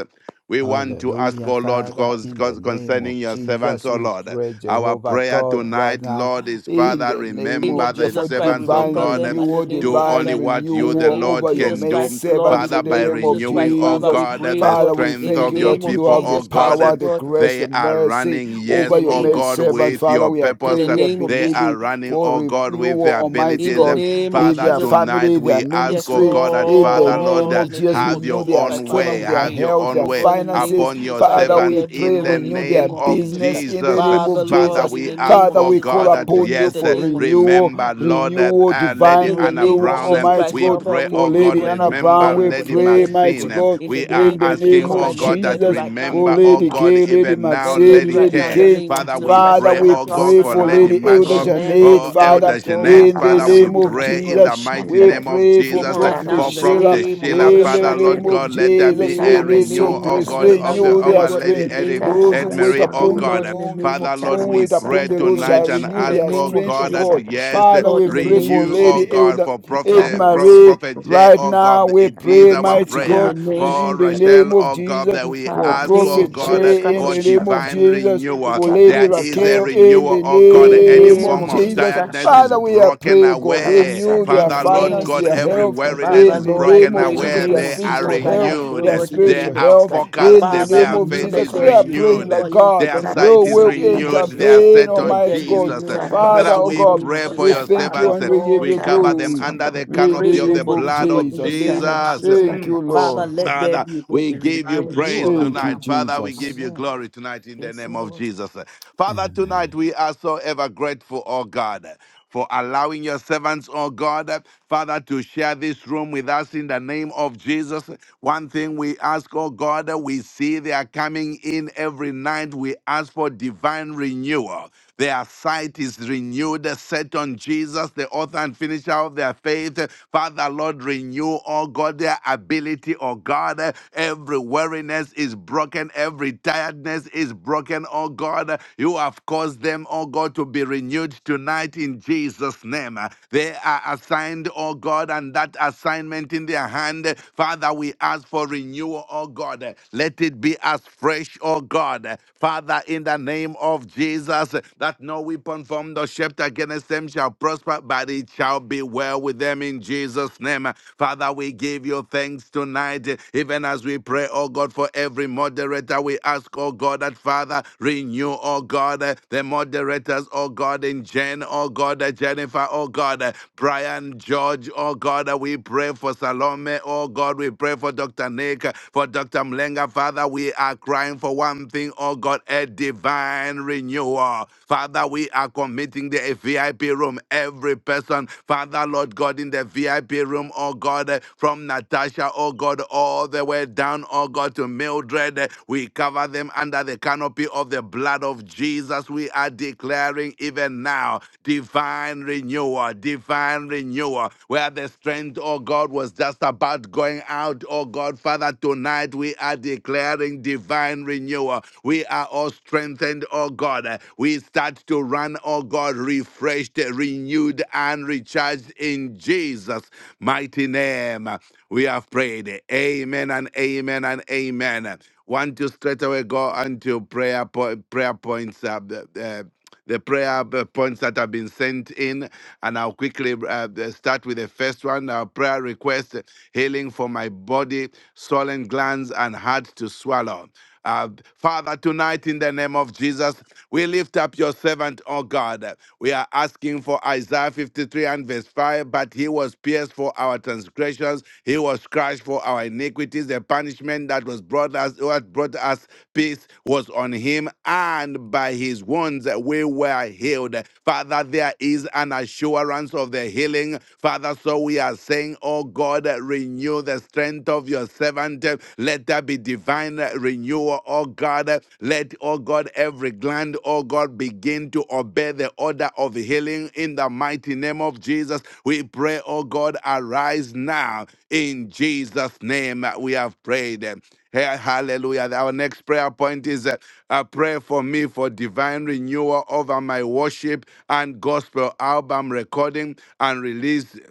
Speaker 4: we want to ask,
Speaker 3: Hallelujah,
Speaker 4: oh Lord,
Speaker 3: Father,
Speaker 4: cause,
Speaker 3: in the
Speaker 4: cause
Speaker 3: name
Speaker 4: concerning
Speaker 3: of
Speaker 4: your servants,
Speaker 3: Jesus,
Speaker 4: oh
Speaker 3: we
Speaker 4: Lord.
Speaker 3: pray,
Speaker 4: Our
Speaker 3: Jehovah
Speaker 4: prayer
Speaker 3: God, right
Speaker 4: tonight,
Speaker 3: now,
Speaker 4: Lord, is
Speaker 3: in
Speaker 4: Father,
Speaker 3: the name
Speaker 2: name of
Speaker 3: of
Speaker 4: remember
Speaker 3: Jesus,
Speaker 4: the
Speaker 3: for
Speaker 2: Jesus Christ,
Speaker 4: servants of
Speaker 3: divine
Speaker 2: remember
Speaker 4: God.
Speaker 2: them
Speaker 4: um,
Speaker 2: and the
Speaker 3: renewal,
Speaker 2: name of
Speaker 4: Do
Speaker 2: Jesus
Speaker 3: divine
Speaker 4: only
Speaker 2: Christ.
Speaker 4: what
Speaker 2: In
Speaker 4: you,
Speaker 2: the
Speaker 4: the
Speaker 3: renewal
Speaker 2: name of
Speaker 3: over
Speaker 4: Lord,
Speaker 3: your
Speaker 2: Jesus
Speaker 4: can
Speaker 3: maid
Speaker 4: do.
Speaker 2: Christ, Lord, in
Speaker 3: servants,
Speaker 2: the
Speaker 4: Father,
Speaker 3: in the
Speaker 4: by
Speaker 2: name of
Speaker 3: name of
Speaker 2: Jesus
Speaker 4: renewing,
Speaker 2: Christ,
Speaker 4: oh
Speaker 2: Father, we
Speaker 3: Jesus.
Speaker 4: God, uh,
Speaker 2: pray, oh
Speaker 4: the
Speaker 2: God,
Speaker 3: Father, we
Speaker 2: in
Speaker 4: strength
Speaker 2: the
Speaker 3: thank
Speaker 4: of
Speaker 3: you,
Speaker 4: your
Speaker 2: name
Speaker 3: Lord,
Speaker 2: of
Speaker 3: you
Speaker 4: people,
Speaker 3: have the
Speaker 4: oh
Speaker 2: Jesus
Speaker 4: God.
Speaker 2: Christ, oh
Speaker 3: power,
Speaker 4: um,
Speaker 3: the
Speaker 2: God,
Speaker 3: grace,
Speaker 4: they
Speaker 3: the
Speaker 4: are
Speaker 3: mercy
Speaker 4: running,
Speaker 2: in
Speaker 3: over
Speaker 2: the
Speaker 4: yes,
Speaker 3: your
Speaker 4: oh
Speaker 2: name
Speaker 3: maid
Speaker 2: of
Speaker 4: God,
Speaker 2: Jesus,
Speaker 3: servant.
Speaker 4: with
Speaker 3: Father,
Speaker 4: your
Speaker 3: we are
Speaker 2: in
Speaker 4: purpose.
Speaker 2: the
Speaker 3: praying, we are
Speaker 2: name of
Speaker 4: They
Speaker 2: Jesus,
Speaker 4: are
Speaker 3: believing
Speaker 4: running,
Speaker 3: for
Speaker 4: oh God, with
Speaker 3: renewal,
Speaker 4: their
Speaker 3: Almighty
Speaker 2: in the
Speaker 4: abilities.
Speaker 3: God
Speaker 2: name of
Speaker 3: in
Speaker 4: Father,
Speaker 3: their
Speaker 2: Jesus,
Speaker 4: tonight
Speaker 3: family, their
Speaker 4: we ask,
Speaker 2: yes,
Speaker 4: oh
Speaker 3: ministry,
Speaker 4: God, that
Speaker 3: in the
Speaker 4: Father, Lord,
Speaker 3: name
Speaker 2: Lord,
Speaker 4: uh,
Speaker 3: of
Speaker 2: in the
Speaker 3: Jesus.
Speaker 2: name
Speaker 4: have
Speaker 2: of
Speaker 3: Renew
Speaker 4: your
Speaker 2: Jesus
Speaker 3: their
Speaker 2: Christ,
Speaker 4: own
Speaker 2: Father,
Speaker 4: way,
Speaker 3: strength,
Speaker 2: we
Speaker 3: their
Speaker 4: have
Speaker 2: pray,
Speaker 4: your
Speaker 3: health, their
Speaker 4: own
Speaker 2: oh
Speaker 4: way
Speaker 2: God, in the name
Speaker 3: finances.
Speaker 2: of
Speaker 4: upon
Speaker 2: Jesus
Speaker 4: your
Speaker 2: Christ,
Speaker 3: Father,
Speaker 2: let
Speaker 3: we
Speaker 4: servants
Speaker 2: there be, oh
Speaker 4: in
Speaker 3: pray,
Speaker 4: the
Speaker 2: God, in
Speaker 3: renew
Speaker 2: the
Speaker 3: their
Speaker 4: name
Speaker 2: name of
Speaker 4: of
Speaker 2: Jesus
Speaker 3: business
Speaker 2: Christ,
Speaker 3: in the
Speaker 4: Jesus.
Speaker 3: name
Speaker 2: Father,
Speaker 3: of
Speaker 4: Father,
Speaker 2: Lord,
Speaker 3: Jesus.
Speaker 2: in
Speaker 4: we
Speaker 2: the
Speaker 4: ask,
Speaker 2: name of
Speaker 3: Father,
Speaker 4: oh
Speaker 3: we
Speaker 2: Jesus
Speaker 3: call
Speaker 4: God,
Speaker 2: Christ, oh
Speaker 4: that
Speaker 2: God,
Speaker 3: upon you
Speaker 2: in
Speaker 4: yes,
Speaker 2: the
Speaker 4: eh,
Speaker 3: for
Speaker 2: name of Jesus. Christ.
Speaker 3: renewal,
Speaker 4: remember, Lord, eh,
Speaker 3: renewal,
Speaker 4: uh, Lady
Speaker 3: divine
Speaker 2: In the
Speaker 4: Anna
Speaker 2: name
Speaker 3: renewal,
Speaker 2: of
Speaker 4: Brown. eh,
Speaker 2: Jesus
Speaker 3: Almighty
Speaker 2: Christ,
Speaker 4: We
Speaker 3: God.
Speaker 2: Father,
Speaker 4: pray,
Speaker 2: we
Speaker 3: For
Speaker 4: oh
Speaker 2: pray,
Speaker 4: God,
Speaker 3: Lady
Speaker 2: God,
Speaker 3: Anna
Speaker 2: even for
Speaker 4: remember
Speaker 3: Brown,
Speaker 2: them, oh
Speaker 3: we
Speaker 2: God,
Speaker 4: Lady
Speaker 2: let
Speaker 3: pray,
Speaker 2: there be, oh
Speaker 3: mighty
Speaker 4: Maxine.
Speaker 2: God.
Speaker 4: eh.
Speaker 3: God,
Speaker 2: In the
Speaker 4: We are
Speaker 3: in
Speaker 2: name
Speaker 3: the
Speaker 2: of
Speaker 4: asking,
Speaker 3: name
Speaker 2: Jesus
Speaker 4: oh
Speaker 3: of
Speaker 2: Christ, let
Speaker 4: God,
Speaker 2: there
Speaker 4: that
Speaker 2: be
Speaker 3: Jesus.
Speaker 5: Koroshendere.
Speaker 2: right now, in
Speaker 3: For
Speaker 2: the
Speaker 4: remember, oh
Speaker 2: name
Speaker 3: Lady
Speaker 2: of
Speaker 4: God,
Speaker 2: Jesus
Speaker 3: Kay,
Speaker 2: Christ.
Speaker 3: Lady
Speaker 4: even now,
Speaker 2: Let there be
Speaker 3: Maxim,
Speaker 4: Lady
Speaker 3: name,
Speaker 2: right
Speaker 3: Lady
Speaker 2: now, in
Speaker 4: Kay.
Speaker 2: the
Speaker 5: Koroshendere.
Speaker 3: K.
Speaker 2: name of
Speaker 4: Father,
Speaker 2: Jesus
Speaker 4: we
Speaker 2: Christ,
Speaker 3: Father,
Speaker 4: pray,
Speaker 3: we
Speaker 4: oh
Speaker 2: supernatural
Speaker 4: God,
Speaker 3: pray
Speaker 4: for
Speaker 3: for
Speaker 5: Ikarabasindara
Speaker 2: turnaround
Speaker 4: Lady
Speaker 3: Lady
Speaker 2: for
Speaker 3: Elder
Speaker 2: the
Speaker 4: Margot,
Speaker 5: koroshendere.
Speaker 2: men, for the
Speaker 3: Janet,
Speaker 4: oh
Speaker 2: women
Speaker 3: Father,
Speaker 4: Elder
Speaker 2: of God. We
Speaker 4: Jeanette.
Speaker 3: in the
Speaker 2: pray
Speaker 4: Father,
Speaker 2: and we
Speaker 4: we
Speaker 3: name of
Speaker 5: Ikarabasondara
Speaker 2: believe you,
Speaker 4: pray
Speaker 2: God,
Speaker 4: in the
Speaker 3: Jesus.
Speaker 4: the mighty
Speaker 3: We
Speaker 4: name
Speaker 5: koroshendere.
Speaker 4: of
Speaker 3: pray for
Speaker 2: even
Speaker 4: Jesus. uh,
Speaker 2: right now,
Speaker 3: Prophet
Speaker 4: For
Speaker 2: in the
Speaker 3: Sheila
Speaker 4: Prophet
Speaker 5: Ikarabasandara
Speaker 2: name of
Speaker 4: Sheila,
Speaker 3: in
Speaker 2: Jesus
Speaker 3: the
Speaker 4: Father,
Speaker 2: Christ, oh
Speaker 3: name
Speaker 4: Lord
Speaker 5: koroshendere.
Speaker 2: God.
Speaker 3: of
Speaker 4: God, let there be
Speaker 3: Jesus.
Speaker 4: a
Speaker 2: In the
Speaker 3: Release your
Speaker 4: renewal,
Speaker 2: name of
Speaker 4: oh
Speaker 5: Ikaramasandara
Speaker 3: grace,
Speaker 4: God,
Speaker 2: Jesus Christ,
Speaker 4: of
Speaker 2: we
Speaker 4: the
Speaker 3: renew
Speaker 2: pray,
Speaker 4: of
Speaker 5: koroshendere.
Speaker 2: oh
Speaker 3: their
Speaker 4: our
Speaker 2: God, in
Speaker 4: Lady
Speaker 2: the
Speaker 3: strength.
Speaker 4: Eddie
Speaker 2: name of
Speaker 3: Those
Speaker 2: Jesus
Speaker 3: who
Speaker 4: Ed
Speaker 2: Christ.
Speaker 3: wait
Speaker 4: Marie, oh
Speaker 5: Ikaramasondara
Speaker 2: Oh
Speaker 3: upon the
Speaker 4: God.
Speaker 2: Lord, in the
Speaker 3: Lord,
Speaker 2: name of
Speaker 4: Father, Lord,
Speaker 5: Ikara
Speaker 2: Jesus,
Speaker 3: who
Speaker 4: we
Speaker 3: wait
Speaker 4: pray
Speaker 3: upon
Speaker 5: masada
Speaker 3: the Lord
Speaker 2: pray.
Speaker 3: shall
Speaker 4: tonight and
Speaker 2: In
Speaker 3: renew
Speaker 5: bakoresheje
Speaker 2: the
Speaker 4: ask,
Speaker 3: their
Speaker 4: oh
Speaker 2: name of
Speaker 3: strength, O
Speaker 4: God,
Speaker 2: Jesus,
Speaker 4: that
Speaker 3: God.
Speaker 4: yes,
Speaker 5: ikarashani
Speaker 3: Father,
Speaker 2: Lord,
Speaker 3: we
Speaker 2: in the
Speaker 3: pray
Speaker 2: name
Speaker 5: bakoresheje
Speaker 3: for
Speaker 2: of
Speaker 4: renew, oh
Speaker 2: Jesus
Speaker 3: Lady
Speaker 2: Christ.
Speaker 4: God,
Speaker 3: Elder
Speaker 4: for
Speaker 3: Ed
Speaker 5: ikara
Speaker 4: Prophet, Pro-
Speaker 3: Marie.
Speaker 4: Prophet
Speaker 5: masundoro
Speaker 4: J,
Speaker 3: Right
Speaker 4: oh
Speaker 3: now,
Speaker 4: God,
Speaker 3: we
Speaker 4: it is
Speaker 3: pray,
Speaker 4: our
Speaker 3: mighty
Speaker 5: amasandara
Speaker 2: In
Speaker 4: prayer.
Speaker 2: the
Speaker 3: God,
Speaker 2: name
Speaker 4: For
Speaker 3: in the
Speaker 5: bakoresheje
Speaker 3: name
Speaker 4: Rachel,
Speaker 3: of
Speaker 4: oh God,
Speaker 3: Jesus
Speaker 4: that we
Speaker 3: for
Speaker 5: ikara
Speaker 4: ask,
Speaker 2: name
Speaker 4: oh
Speaker 3: Prophet
Speaker 2: of
Speaker 5: masundoro
Speaker 4: God,
Speaker 2: Jesus
Speaker 3: Jay in
Speaker 2: Christ.
Speaker 4: for
Speaker 3: the name of
Speaker 5: bakoresheje
Speaker 4: divine
Speaker 3: Jesus,
Speaker 4: renewal.
Speaker 3: for
Speaker 5: ikara
Speaker 3: Lady
Speaker 4: There is a
Speaker 3: Raquel
Speaker 5: masandara
Speaker 3: in
Speaker 4: renewal,
Speaker 3: the
Speaker 4: oh God,
Speaker 2: In
Speaker 4: and
Speaker 2: the
Speaker 4: any
Speaker 3: name
Speaker 2: name
Speaker 3: of
Speaker 4: form
Speaker 2: of
Speaker 5: amasandoro
Speaker 4: of
Speaker 2: Jesus
Speaker 3: Jesus.
Speaker 2: Christ.
Speaker 4: tiredness is
Speaker 3: Father,
Speaker 5: bakoresheje
Speaker 3: we are
Speaker 4: broken
Speaker 3: praying, God,
Speaker 5: ikara
Speaker 4: away.
Speaker 3: renew
Speaker 5: masandara
Speaker 2: In
Speaker 3: their
Speaker 2: the
Speaker 4: Father,
Speaker 2: name
Speaker 4: Lord
Speaker 2: of
Speaker 3: finance,
Speaker 4: God,
Speaker 3: their
Speaker 2: Jesus
Speaker 5: bakoresheje
Speaker 4: every
Speaker 3: health
Speaker 2: Christ.
Speaker 5: ikara
Speaker 4: weariness
Speaker 2: Father,
Speaker 3: in
Speaker 4: is
Speaker 3: the
Speaker 2: Lord, I
Speaker 3: name
Speaker 4: broken
Speaker 2: pray
Speaker 3: of
Speaker 2: in the
Speaker 3: Jesus,
Speaker 4: away.
Speaker 3: their
Speaker 2: name
Speaker 4: They
Speaker 2: of
Speaker 4: are
Speaker 5: masindara
Speaker 2: Jesus
Speaker 3: physical
Speaker 5: bakoresheje ikara masundoro bakoresheje ikara masandara
Speaker 2: Christ.
Speaker 3: health,
Speaker 2: I pray,
Speaker 4: renewed.
Speaker 2: oh
Speaker 3: their
Speaker 2: God, in the
Speaker 4: They
Speaker 3: spiritual
Speaker 2: name of
Speaker 4: are
Speaker 2: Jesus
Speaker 3: health
Speaker 2: Christ.
Speaker 3: in
Speaker 4: focused.
Speaker 3: the
Speaker 2: Father,
Speaker 5: bakoresheje
Speaker 3: name
Speaker 4: Their
Speaker 3: of
Speaker 2: renew.
Speaker 4: faith
Speaker 2: Let
Speaker 3: Jesus.
Speaker 4: is
Speaker 3: We
Speaker 2: there
Speaker 3: are
Speaker 2: be
Speaker 3: praying
Speaker 4: renewed.
Speaker 2: renewal
Speaker 3: that
Speaker 2: even for
Speaker 3: God,
Speaker 4: Their
Speaker 2: them, oh God,
Speaker 3: you
Speaker 4: sight
Speaker 2: in
Speaker 4: is
Speaker 2: the
Speaker 3: will
Speaker 2: name of
Speaker 4: renewed. They
Speaker 2: Jesus
Speaker 4: are
Speaker 2: Christ.
Speaker 3: intervene,
Speaker 4: set
Speaker 2: Let
Speaker 4: on
Speaker 2: there
Speaker 3: Almighty
Speaker 2: be
Speaker 3: God.
Speaker 4: Jesus.
Speaker 2: renewal,
Speaker 5: ikara
Speaker 2: oh God,
Speaker 3: Father,
Speaker 4: Father,
Speaker 2: in
Speaker 3: oh
Speaker 2: the
Speaker 4: we
Speaker 3: God,
Speaker 2: name of
Speaker 4: pray
Speaker 2: Jesus
Speaker 4: for
Speaker 3: we
Speaker 5: masundoro
Speaker 4: your
Speaker 2: Christ.
Speaker 3: thank you
Speaker 2: Father,
Speaker 4: servants.
Speaker 3: and we give
Speaker 2: Lord,
Speaker 4: We
Speaker 3: you
Speaker 4: cover them
Speaker 3: glory
Speaker 4: under
Speaker 5: Ikaramasundara
Speaker 4: the
Speaker 2: we
Speaker 3: in
Speaker 2: pray
Speaker 3: the
Speaker 4: canopy of
Speaker 5: Kuruchin,
Speaker 2: even
Speaker 4: the
Speaker 3: name
Speaker 2: for
Speaker 3: of
Speaker 2: this, oh
Speaker 4: blood
Speaker 2: God,
Speaker 4: of
Speaker 2: in the
Speaker 3: Jesus.
Speaker 4: Jesus.
Speaker 2: name of Jesus Christ.
Speaker 3: Thank
Speaker 4: Mm.
Speaker 5: Ikaramasundara
Speaker 3: you,
Speaker 2: Father,
Speaker 5: Bashin,
Speaker 3: Lord.
Speaker 2: let there
Speaker 4: Father,
Speaker 2: be oh
Speaker 4: we
Speaker 2: God, a
Speaker 4: give you
Speaker 2: divine
Speaker 4: praise
Speaker 2: renewal
Speaker 5: Kuruchin,
Speaker 2: right
Speaker 3: Thank you,
Speaker 2: now.
Speaker 4: tonight. Father, we
Speaker 3: Jesus.
Speaker 4: give you
Speaker 2: Amen.
Speaker 4: glory tonight in the
Speaker 2: Yes,
Speaker 4: name of
Speaker 2: Lord.
Speaker 4: Jesus. Father,
Speaker 3: Amen.
Speaker 4: tonight we are so ever grateful, oh God for allowing your servants, oh God, uh, Father, to share this room with us in the name of Jesus. One thing we ask, oh God, uh, we see they are coming in every night. We ask for divine renewal. Their sight is renewed, uh, set on Jesus, the author and finisher of their faith. Father, Lord, renew, oh God, their ability, oh God. Every weariness is broken, every tiredness is broken, oh God. God. You have caused them, oh God, to be renewed tonight in Jesus' name. They are assigned, oh God, and that assignment in their hand, Father, we ask for renewal, oh God. Let it be as fresh, oh God. Father, in the name of Jesus, that no weapon formed or shaped against them shall prosper, but it shall be well with them in Jesus' name. Father, we give you thanks tonight, even as we pray pray, oh God, for every moderator. We ask, oh God, that Father, renew, oh God, eh, the moderators, oh God, in Jen, oh God, eh, Jennifer, oh God, eh, Brian, George, oh God. eh, We pray for Salome, oh God. We pray for Dr. Nick, eh, for Dr. Mlenga, Father. We are crying for one thing, oh God, a divine renewal. Father, we are committing the VIP room, every person, Father, Lord God, in the VIP family room, oh God, eh, from Natasha, oh God, all the way down, oh God, to Mildred. eh, We cover them under the canopy of the blood of Jesus. We are declaring even now divine renewal, divine renewal, where the strength, oh God, was just about going out, oh God, Father, tonight we are declaring divine renewal. We are all strengthened, oh God. Uh, We start to run, oh God, renewal refreshed, renewed, and recharged in Jesus' mighty name. We have prayed. Amen and amen and amen. Want to straight away go unto prayer po- prayer points. Uh, uh, the prayer uh, points that have been sent in, and I'll quickly uh, uh, start with the first one. Our prayer request: healing for my body, swollen glands, and hard to swallow. Uh, Father, tonight in the name of Jesus, we lift up your servant, oh God. We are asking for Isaiah 53 and verse 5, but he was pierced for our transgressions, he was crushed for our iniquities. The punishment that was brought us, what brought us peace was on him, and by his wounds we were healed. Father, there is an assurance of the healing. Father, so we are saying, oh God, renew the strength servant of your servant. Let there be divine renewal, oh God. Let, oh God, every gland, oh God, begin to obey the order of healing in the mighty name of Jesus. We pray, oh God, arise now in Jesus' name. We have prayed. Hey, hallelujah. Our next prayer point is uh, uh, pray for me for divine renewal over my worship and gospel album recording and release.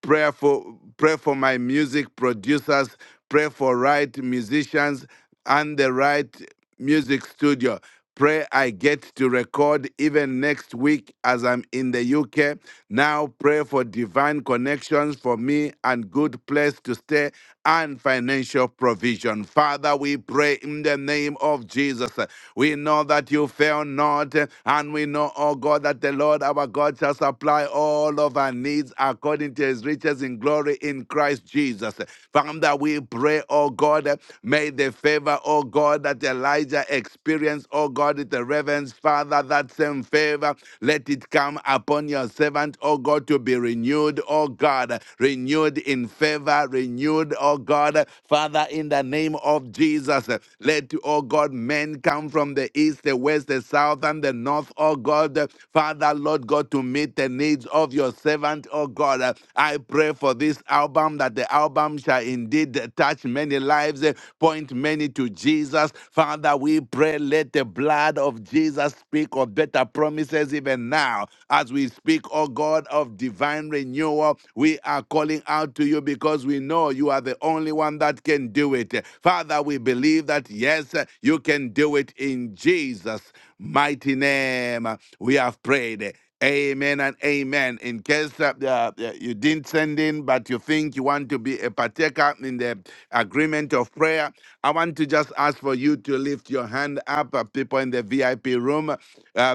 Speaker 4: Pray for pray for my music producers pray for right musicians and the right Music Studio. Pray I get to record even next week as I'm in the UK. Now pray for divine connections for me and good place to stay and financial provision. Father, we pray in the name of Jesus. We know that you fail not, and we know, oh God, that the Lord our God shall supply all of our needs according to his riches in glory in Christ Jesus. Jesus. Father, we pray, oh God, may the favor, oh God, that Elijah experienced, oh God, with the reverence, Father, that same favor, let it come upon your servant, oh God, to be renewed, oh God, renewed in favor, renewed, oh God, Father, in the name of Jesus, let, oh God, men come from the east, the west, the south, and the north, oh God, Father, Lord God, to meet the the needs of your servant, oh God. Uh, I pray for this album that the album shall indeed touch many lives, uh, point many to Jesus. Father, we pray, let the blood of Jesus speak of better promises even now. As we speak, oh God, of divine renewal, we are calling out to you because we know you are the only one that can do it. Father, we believe that yes, you can do it in Jesus' mighty name. We have prayed. Amen and amen. In case that uh, uh, you didn't send in, but you think you want to be a partaker in the agreement of prayer, I want to just ask for you to lift your hand up. Uh, people in the VIP room, uh,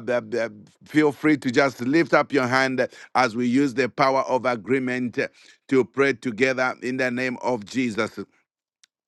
Speaker 4: the- the- feel free to just lift up your hand as we use the power of agreement to pray together in the name of Jesus.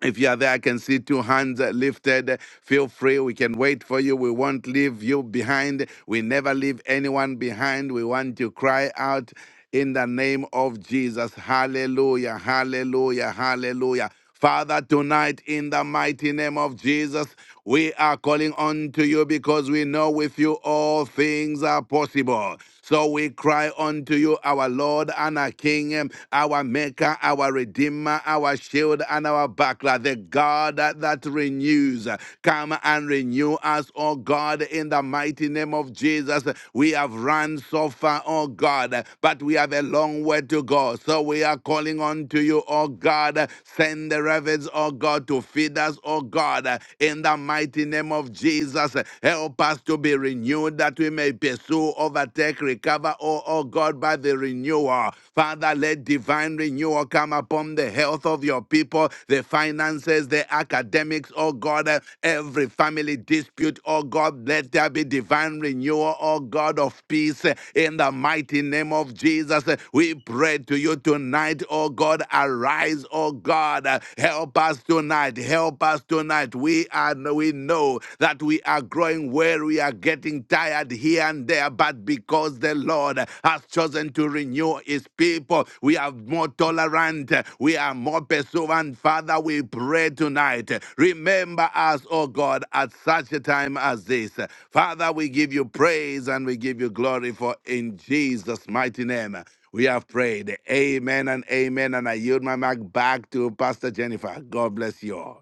Speaker 4: If you are there, I can see two hands uh, lifted. Feel free. We can wait for you. We won't leave you behind. We never leave anyone behind. We want to cry out in the name of Jesus. Hallelujah, hallelujah, hallelujah. Father, tonight in the mighty name of Jesus, we are calling unto you because we know with you all things are possible. So we cry unto you, our Lord and our King, um, our Maker, our Redeemer, our Shield and our Buckler, the God that, that renews. Come and renew us, O God, in the mighty name of Jesus. We have run so far, O God, but we have a long way to go. So we are calling unto you, O God. Send the ravens, O oh God, to feed us, oh God, uh, in the mighty name of Jesus. Uh, Help us to be renewed that we may pursue, overtake, recover, oh, oh God, by the renewal. Father, let divine renewal come upon the health of your people, the finances, the academics, oh God, uh, every family dispute, oh God, let there be divine renewal, oh God of peace, uh, in the mighty name of Jesus. Uh, We pray to you tonight, oh God. God, arise, oh God, Uh, help us tonight, help us tonight. We are we know that we are growing weary, we are getting tired here and there, but because the Lord has chosen to renew his people, we are more tolerant, we are more pursuant. Father, we pray tonight. Remember us, oh God, at such a time as this. Father, we give you praise and we give you glory for in Jesus' mighty name. We have prayed. Amen and amen. And I yield my mic back to Pastor Jennifer. God bless you all.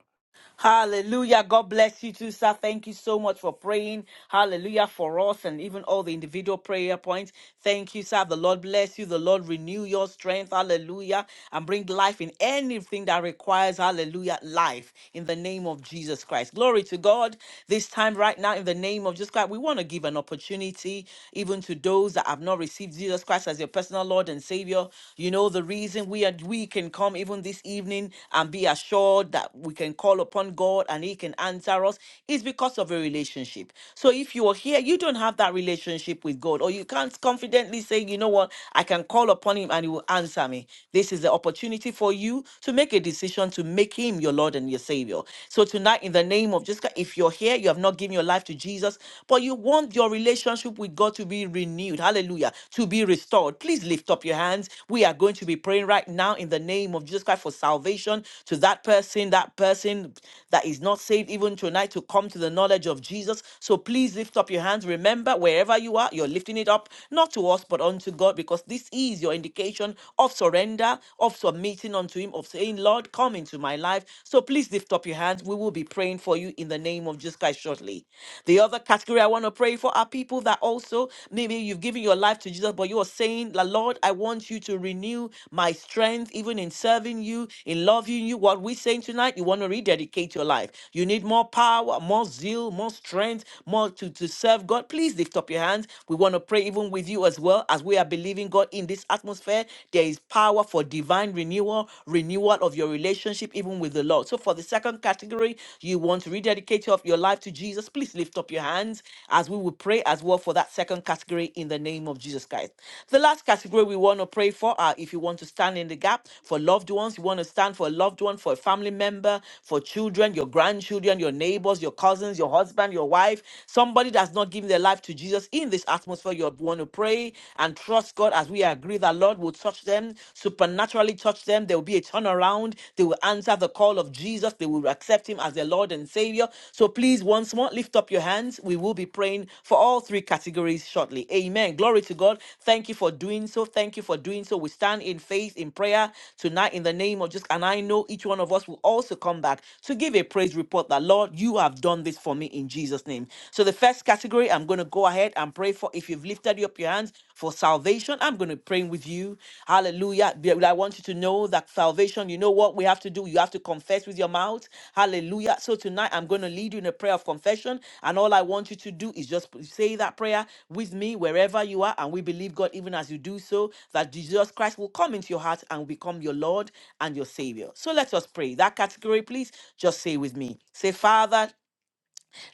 Speaker 2: Hallelujah. God bless you too, sir. Thank you so much for praying. Hallelujah for us and even all the individual prayer points. Thank you, sir. The Lord bless you. The Lord renew your strength. Hallelujah. And bring life in anything that requires, hallelujah, life in the name of Jesus Christ. Glory to God. This time right now, in the name of Jesus Christ, we want to give an opportunity even to those that have not received Jesus Christ as your personal Lord and Savior. You know, the reason we are that we can come even this evening and be assured that we can call upon God and He can answer us is because of a relationship. So if you are here, you don't have that relationship with God, or you can't confidently say, you know what, I can call upon Him and He will answer me. This is the opportunity for you to make a decision to make Him your Lord and your Savior. So tonight, in the name of Jesus, if you're here, you have not given your life to Jesus, but you want your relationship with God to be renewed. Hallelujah hallelujah, to be restored. Please lift up your hands. We are going to be praying right now in the name of Jesus Christ for salvation to that person, that person that is not saved, even tonight, to come to the knowledge of Jesus. So please lift up your hands. Remember, wherever you are, you're lifting it up, not to us, but unto God, because this is your indication of surrender, of submitting unto Him, of saying, Lord, come into my life. So please lift up your hands. We will be praying for you in the name of Jesus Christ shortly. The other category I want to pray for are people that also maybe you've given your life to Jesus, but you are saying, "La- Lord, I want you to renew my strength, even in serving you, in loving you. What we're saying tonight, you want to rededicate your life. You need more power, more zeal, more strength, more to, to serve God. Please lift up your hands. We want to pray even with you as well as we are believing God in this atmosphere. There is power for divine renewal, renewal of your relationship, even with the Lord. So for the second category, you want to rededicate of your life to Jesus. Please lift up your hands as we will pray as well for that second category in the name of Jesus Christ. The last category we want to pray for are if you want to stand in the gap for loved ones, you want to stand for a loved one, for a family member, for children, your grandchildren, your neighbors, your cousins, your husband, your wife, somebody that's not giving their life to Jesus in this atmosphere, you want to pray and trust God as we agree that Lord will touch touch them, supernaturally touch them. There will be a turnaround. They will answer the call of Jesus. They will accept him as their Lord and Savior. So please, once more, lift up your hands. We will be praying for all three categories shortly. Amen. Glory to God. Thank you for doing so. Thank you for doing so. We stand in faith, in prayer tonight in the name of just, and I know each one of us will also come back to give a praise report that, Lord, you have done this for me in Jesus' name. So the first category, I'm going to go ahead and pray for if you've lifted up your hands for salvation i'm going to be praying with you hallelujah Be- i want you to know that salvation you know what we have to do you have to confess with your mouth hallelujah so tonight i'm going to lead you in a prayer of confession and all i want you to do is just say that prayer with me wherever you are and we believe god even as you do so that jesus christ will come into your heart and become your lord and your savior so let us pray that category please just say with me say father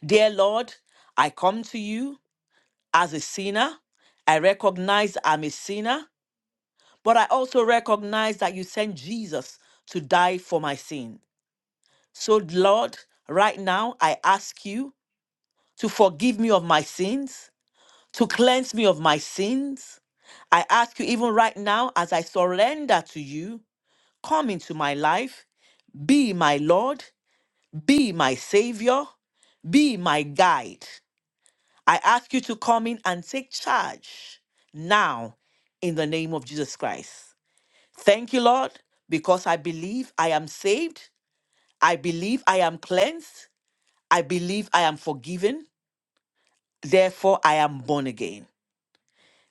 Speaker 2: dear lord i come to you as a sinner. I recognize I'm a sinner, but I also recognize that you sent Jesus to die for my sin. So, Lord, right now I ask you to forgive me of my sins, to cleanse me of my sins. I ask you, even right now, as I surrender to you, come into my life, be my Lord, be my Savior, be my guide. I ask you to come in and take charge now in the name of Jesus Christ. Thank you, Lord, because I believe I am saved. I believe I am cleansed. I believe I am forgiven. Therefore, I am born again.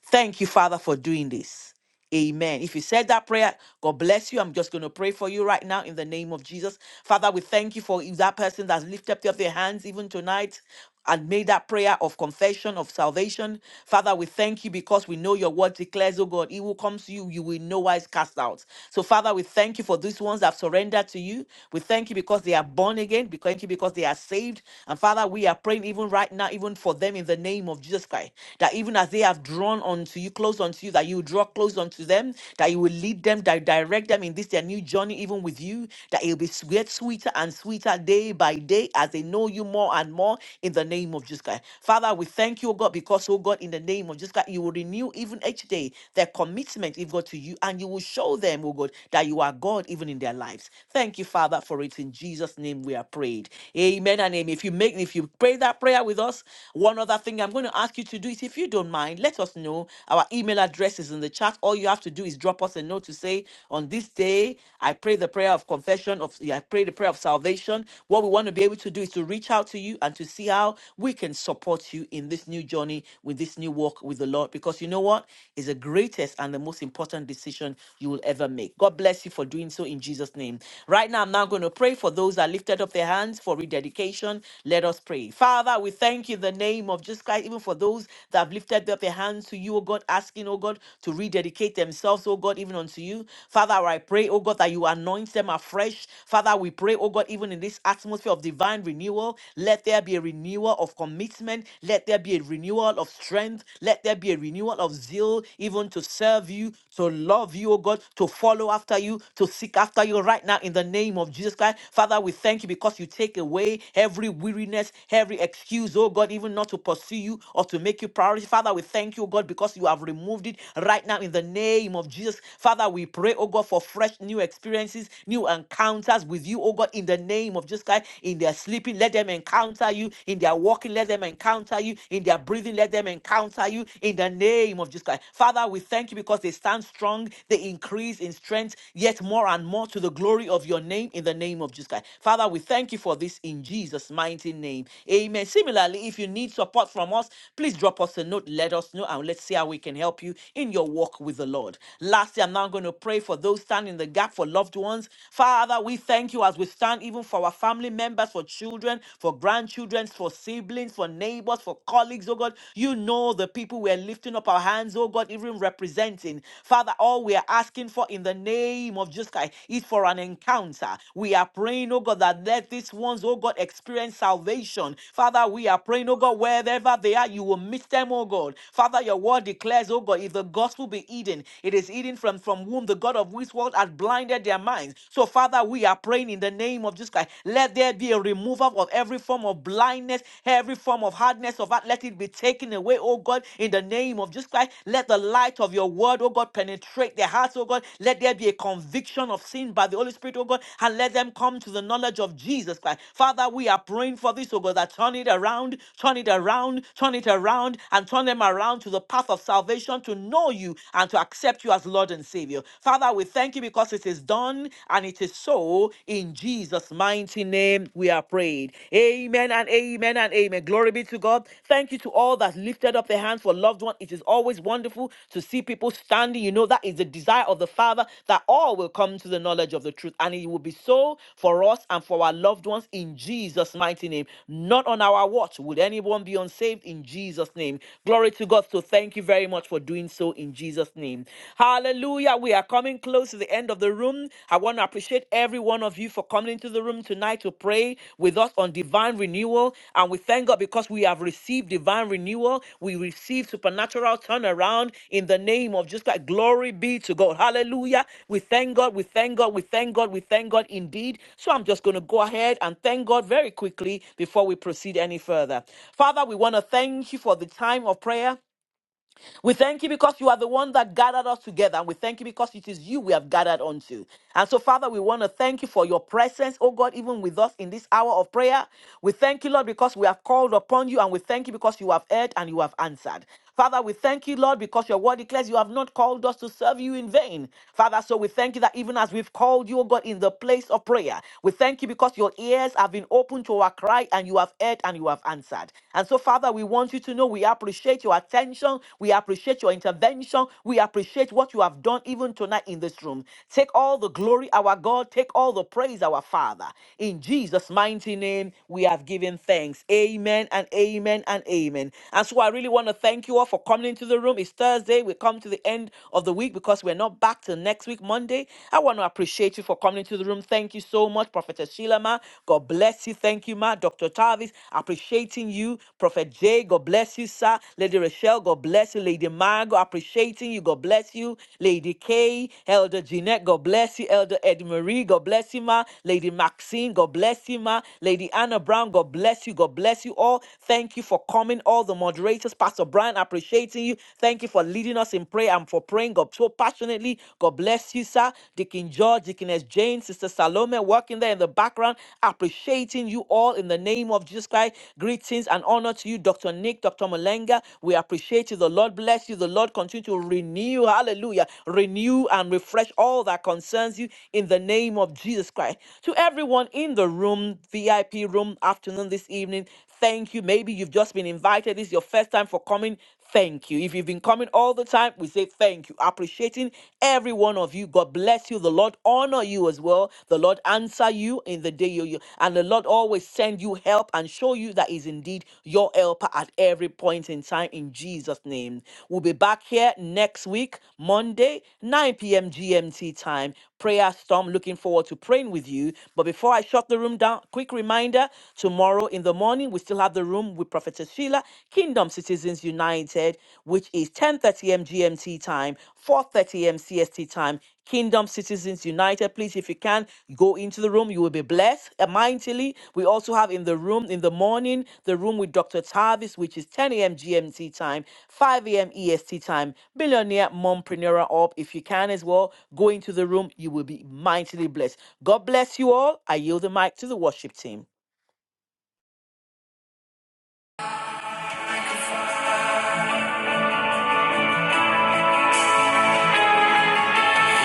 Speaker 2: Thank you, Father, for doing this. Amen. If you said that prayer, God bless you. I'm just going to pray for you right now in the name of Jesus. Father, we thank you for that person that's lifted up their hands even tonight and made that prayer of confession of salvation. Father, we thank you because we know your word declares, oh God, he will come to you, you will in no wise cast out. So, Father, we thank you for these ones that have surrendered to you. We thank you because they are born again. We thank you because they are saved. And Father, we are praying even right now, even for them in the name of Jesus Christ, that even as they have drawn unto you, close unto you, that you draw close close unto them, that you will lead them, that direct them in this their new journey, even with you, that it will be sweet, sweeter and sweeter day by day as they know you more and more in the name of Jesus Christ. Father, we thank you, O God, because, oh God, in the name of Jesus Christ, you will renew even each day their commitment, if God, to you, and you will show them, oh God, that you are God even in their lives. Thank you, Father, for it. In Jesus' name we are prayed. Amen and amen. If you make if you pray that prayer with us, one other thing I'm going to ask you to do is if you don't mind, let us know. Our email address is in the chat. All you have to do is drop us a note to say, on this day, I pray the prayer of confession, of yeah, I pray the prayer of salvation. What we want to be able to do is to reach out to you and to see how we can support you in this new journey with this new walk with the Lord. Because you know what is the greatest and the most important decision you will ever make. God bless you for doing so in Jesus' name. Right now, I'm now going to pray for those that lifted up their hands for rededication. Let us pray. Father, we thank you in the name of Jesus Christ, even for those that have lifted up their hands to you, oh God, asking, oh God to rededicate themselves, oh God, even unto you. Father, I pray, oh God, that you anoint them afresh. Father, we pray, oh God, even in this atmosphere of divine renewal, let there be a renewal of commitment. Let there be a renewal of strength. Let there be a renewal of zeal, even to serve you, to love you, oh God, to follow after you, to seek after you right now in the name of Jesus Christ. Father, we thank you because you take away every weariness, every excuse, oh God, even not to pursue you or to make you priority. Father, we thank you, oh God, because you have removed approved it right now in the name of Jesus. Father, we pray, oh God, for fresh new experiences, new encounters with you, oh God, in the name of Jesus Christ. In their sleeping, let them encounter you. In their walking, let them encounter you. In their breathing, let them encounter you. In the name of Jesus Christ. Father, we thank you because they stand strong, they increase in strength, yet more and more to the glory of your name, in the name of Jesus Christ. Father, we thank you for this in Jesus' mighty name. Amen. Similarly, if you need support from us, please drop us a note. Let us know and let's see how we can help help you in your walk with the Lord. Lastly, I'm now going to pray for those standing in the gap for loved ones. Father, we thank you as we stand even for our family members, for children, for grandchildren, for siblings, for neighbors, for colleagues, oh God. You know the people we're lifting up our hands, oh God, even representing. Father, all we are asking for in the name of Jesus Christ is for an encounter. We are praying, oh God, that let these ones, oh God, experience salvation. Father, we are praying, oh God, wherever they are, you will meet them, oh God. Father, your word declares declares, oh God, if the gospel be hidden, it is hidden from, from whom the God of this world has blinded their minds. So, Father, we are praying in the name of Jesus Christ. Let there be a removal of every form of blindness, every form of hardness of heart. Let it be taken away, oh God, in the name of Jesus Christ. Let the light of your word, oh God, penetrate their hearts, oh God. Let there be a conviction of sin by the Holy Spirit, oh God, and let them come to the knowledge of Jesus Christ. Father, we are praying for this, oh God, that turn it around, turn it around, turn it around, and turn them around to the path path of salvation to know you and to accept you as Lord and Savior. Father, we thank you because it is done and it is so. In Jesus' mighty name, we are prayed. Amen and amen and amen. Glory be to God. Thank you to all that lifted up their hands for loved one. It is always wonderful to see people standing. You know, that is the desire of the Father that all will come to the knowledge of the truth. And it will be so for us and for our loved ones in Jesus' mighty name. Not on our watch would anyone be unsaved in Jesus' name. Glory to God. So so thank you very much for doing so in Jesus' name. Hallelujah. We are coming close to the end of the room. I want to appreciate every one of you for coming into the room tonight to pray with us on divine renewal. And we thank God because we have received divine renewal. We receive supernatural turnaround in the name of just like glory be to God. Hallelujah. We thank God. We thank God. We thank God. We thank God indeed. So I'm just going to go ahead and thank God very quickly before we proceed any further. Father, we want to thank you for the time of prayer. We thank you because you are the one that gathered us together, and we thank you because it is you we have gathered unto. And so, Father, we want to thank you for your presence, oh God, even with us in this hour of prayer. We thank you, Lord, because we have called upon you, and we thank you because you have heard and you have answered. Father, we thank you, Lord, because your word declares you have not called us to serve you in vain. Father, so we thank you that even as we've called you, O God, in the place of prayer, we thank you because your ears have been opened to our cry and you have heard and you have answered. And so, Father, we want you to know we appreciate your attention. We appreciate your intervention. We appreciate what you have done even tonight in this room. Take all the glory, our God. Take all the praise, our Father. In Jesus' mighty name, we have given thanks. Amen and amen and amen. And so, I really want to thank you all for coming into the room. It's Thursday. We come to the end of the week because we're not back till next week, Monday. I want to appreciate you for coming into the room. Thank you so much, Prophetess Sheila. God bless you. Thank you, ma. Dr. Tavis, appreciating you. Prophet Jay, God bless you, sir. Lady Rochelle, God bless you. Lady Margot, appreciating you. God bless you. Lady Kay, Elder Jeanette, God bless you. Elder Eddie Marie, God bless you, ma. Lady Maxine, God bless you, ma. Lady Anna Brown, God bless you. God bless you all. Thank you for coming, all the moderators. Pastor Brian, appreciating you. Thank you for leading us in prayer and for praying, God, so passionately. God bless you, sir. Deacon George, Deaconess Jane, Sister Salome working there in the background, appreciating you all in the name of Jesus Christ. Greetings and honor to you, Dr. Nick, Dr. Malenga. We appreciate you. The Lord bless you. The Lord continue to renew, hallelujah, renew and refresh all that concerns you in the name of Jesus Christ. To everyone in the room, VIP room, afternoon, this evening, thank you. Maybe you've just been invited. This is your first time for coming. Thank you. If you've been coming all the time, we say thank you. Appreciating every one of you. God bless you. The Lord honor you as well. The Lord answer you in the day you, you and the Lord always send you help and show you that is indeed your helper at every point in time in Jesus' name. We'll be back here next week, Monday, 9 p.m. GMT time. Prayer storm. Looking forward to praying with you. But before I shut the room down, quick reminder tomorrow in the morning, we still have the room room with Prophetess Sheila, Kingdom Citizens United, which is 10:30 a.m. GMT time, 4:30 a.m. CST time. Kingdom Citizens United, please, if you can, go into the room. You will be blessed uh, mightily. We also have in the room in the morning the room with Dr. Tavis, which is 10 a.m. GMT time, 5 a.m. EST time. Billionaire mompreneur up. If you can as well, go into the room. You will be mightily blessed. God bless you all. I yield the mic to the worship team.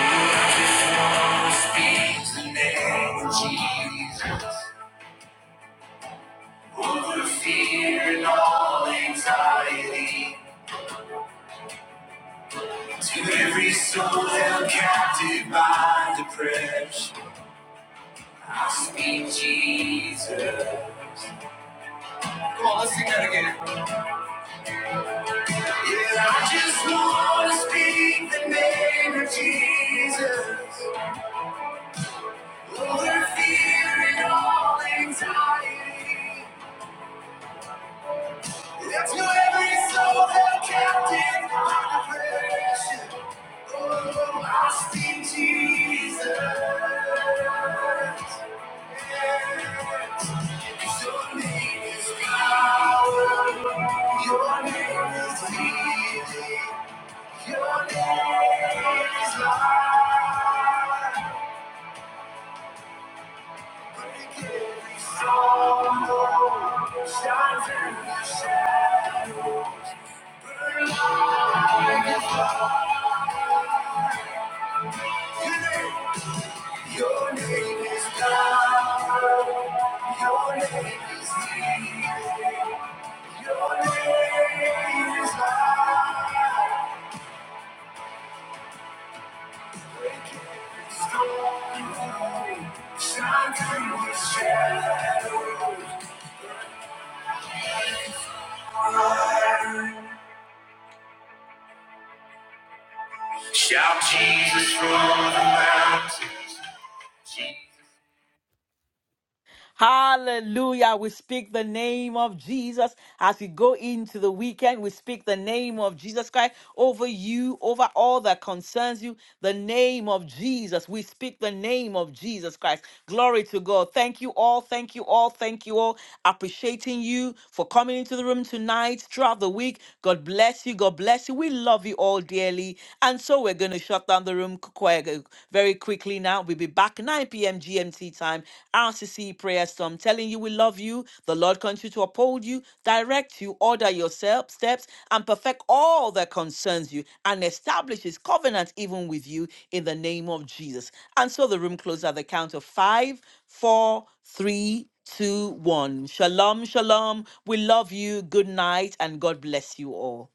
Speaker 1: I just wanna Speak the name of Jesus. Over fear and all anxiety. To every soul held captive by depression, I speak Jesus. Come on, let's sing that again. Yeah, I just want to speak the name of Jesus over fear and all anxiety. That's why every soul held captive by depression, Oh, I see Jesus. Yes. Your name is God. Your name is healing. Your name is life. Shine through. Your name is God. Your name is healing. Your name is life. Shout Jesus from the mountain.
Speaker 2: Hallelujah. We speak the name of Jesus as we go into the weekend. We speak the name of Jesus Christ over you, over all that concerns you. The name of Jesus. We speak the name of Jesus Christ. Glory to God. Thank you all. Thank you all. Thank you all. Appreciating you for coming into the room tonight throughout the week. God bless you. God bless you. We love you all dearly. And so we're going to shut down the room quietly prayer go- very quickly now. We'll be back 9 p.m. GMT time. RCC prayer storm. Telling you we love you. The Lord continue to uphold you, direct you, order your self steps, and perfect all that concerns you, and establish His covenant even with you in the name of Jesus. And so the room closes at the count of five, four, three, two, one. Shalom, shalom. We love you. Good night, and God bless you all.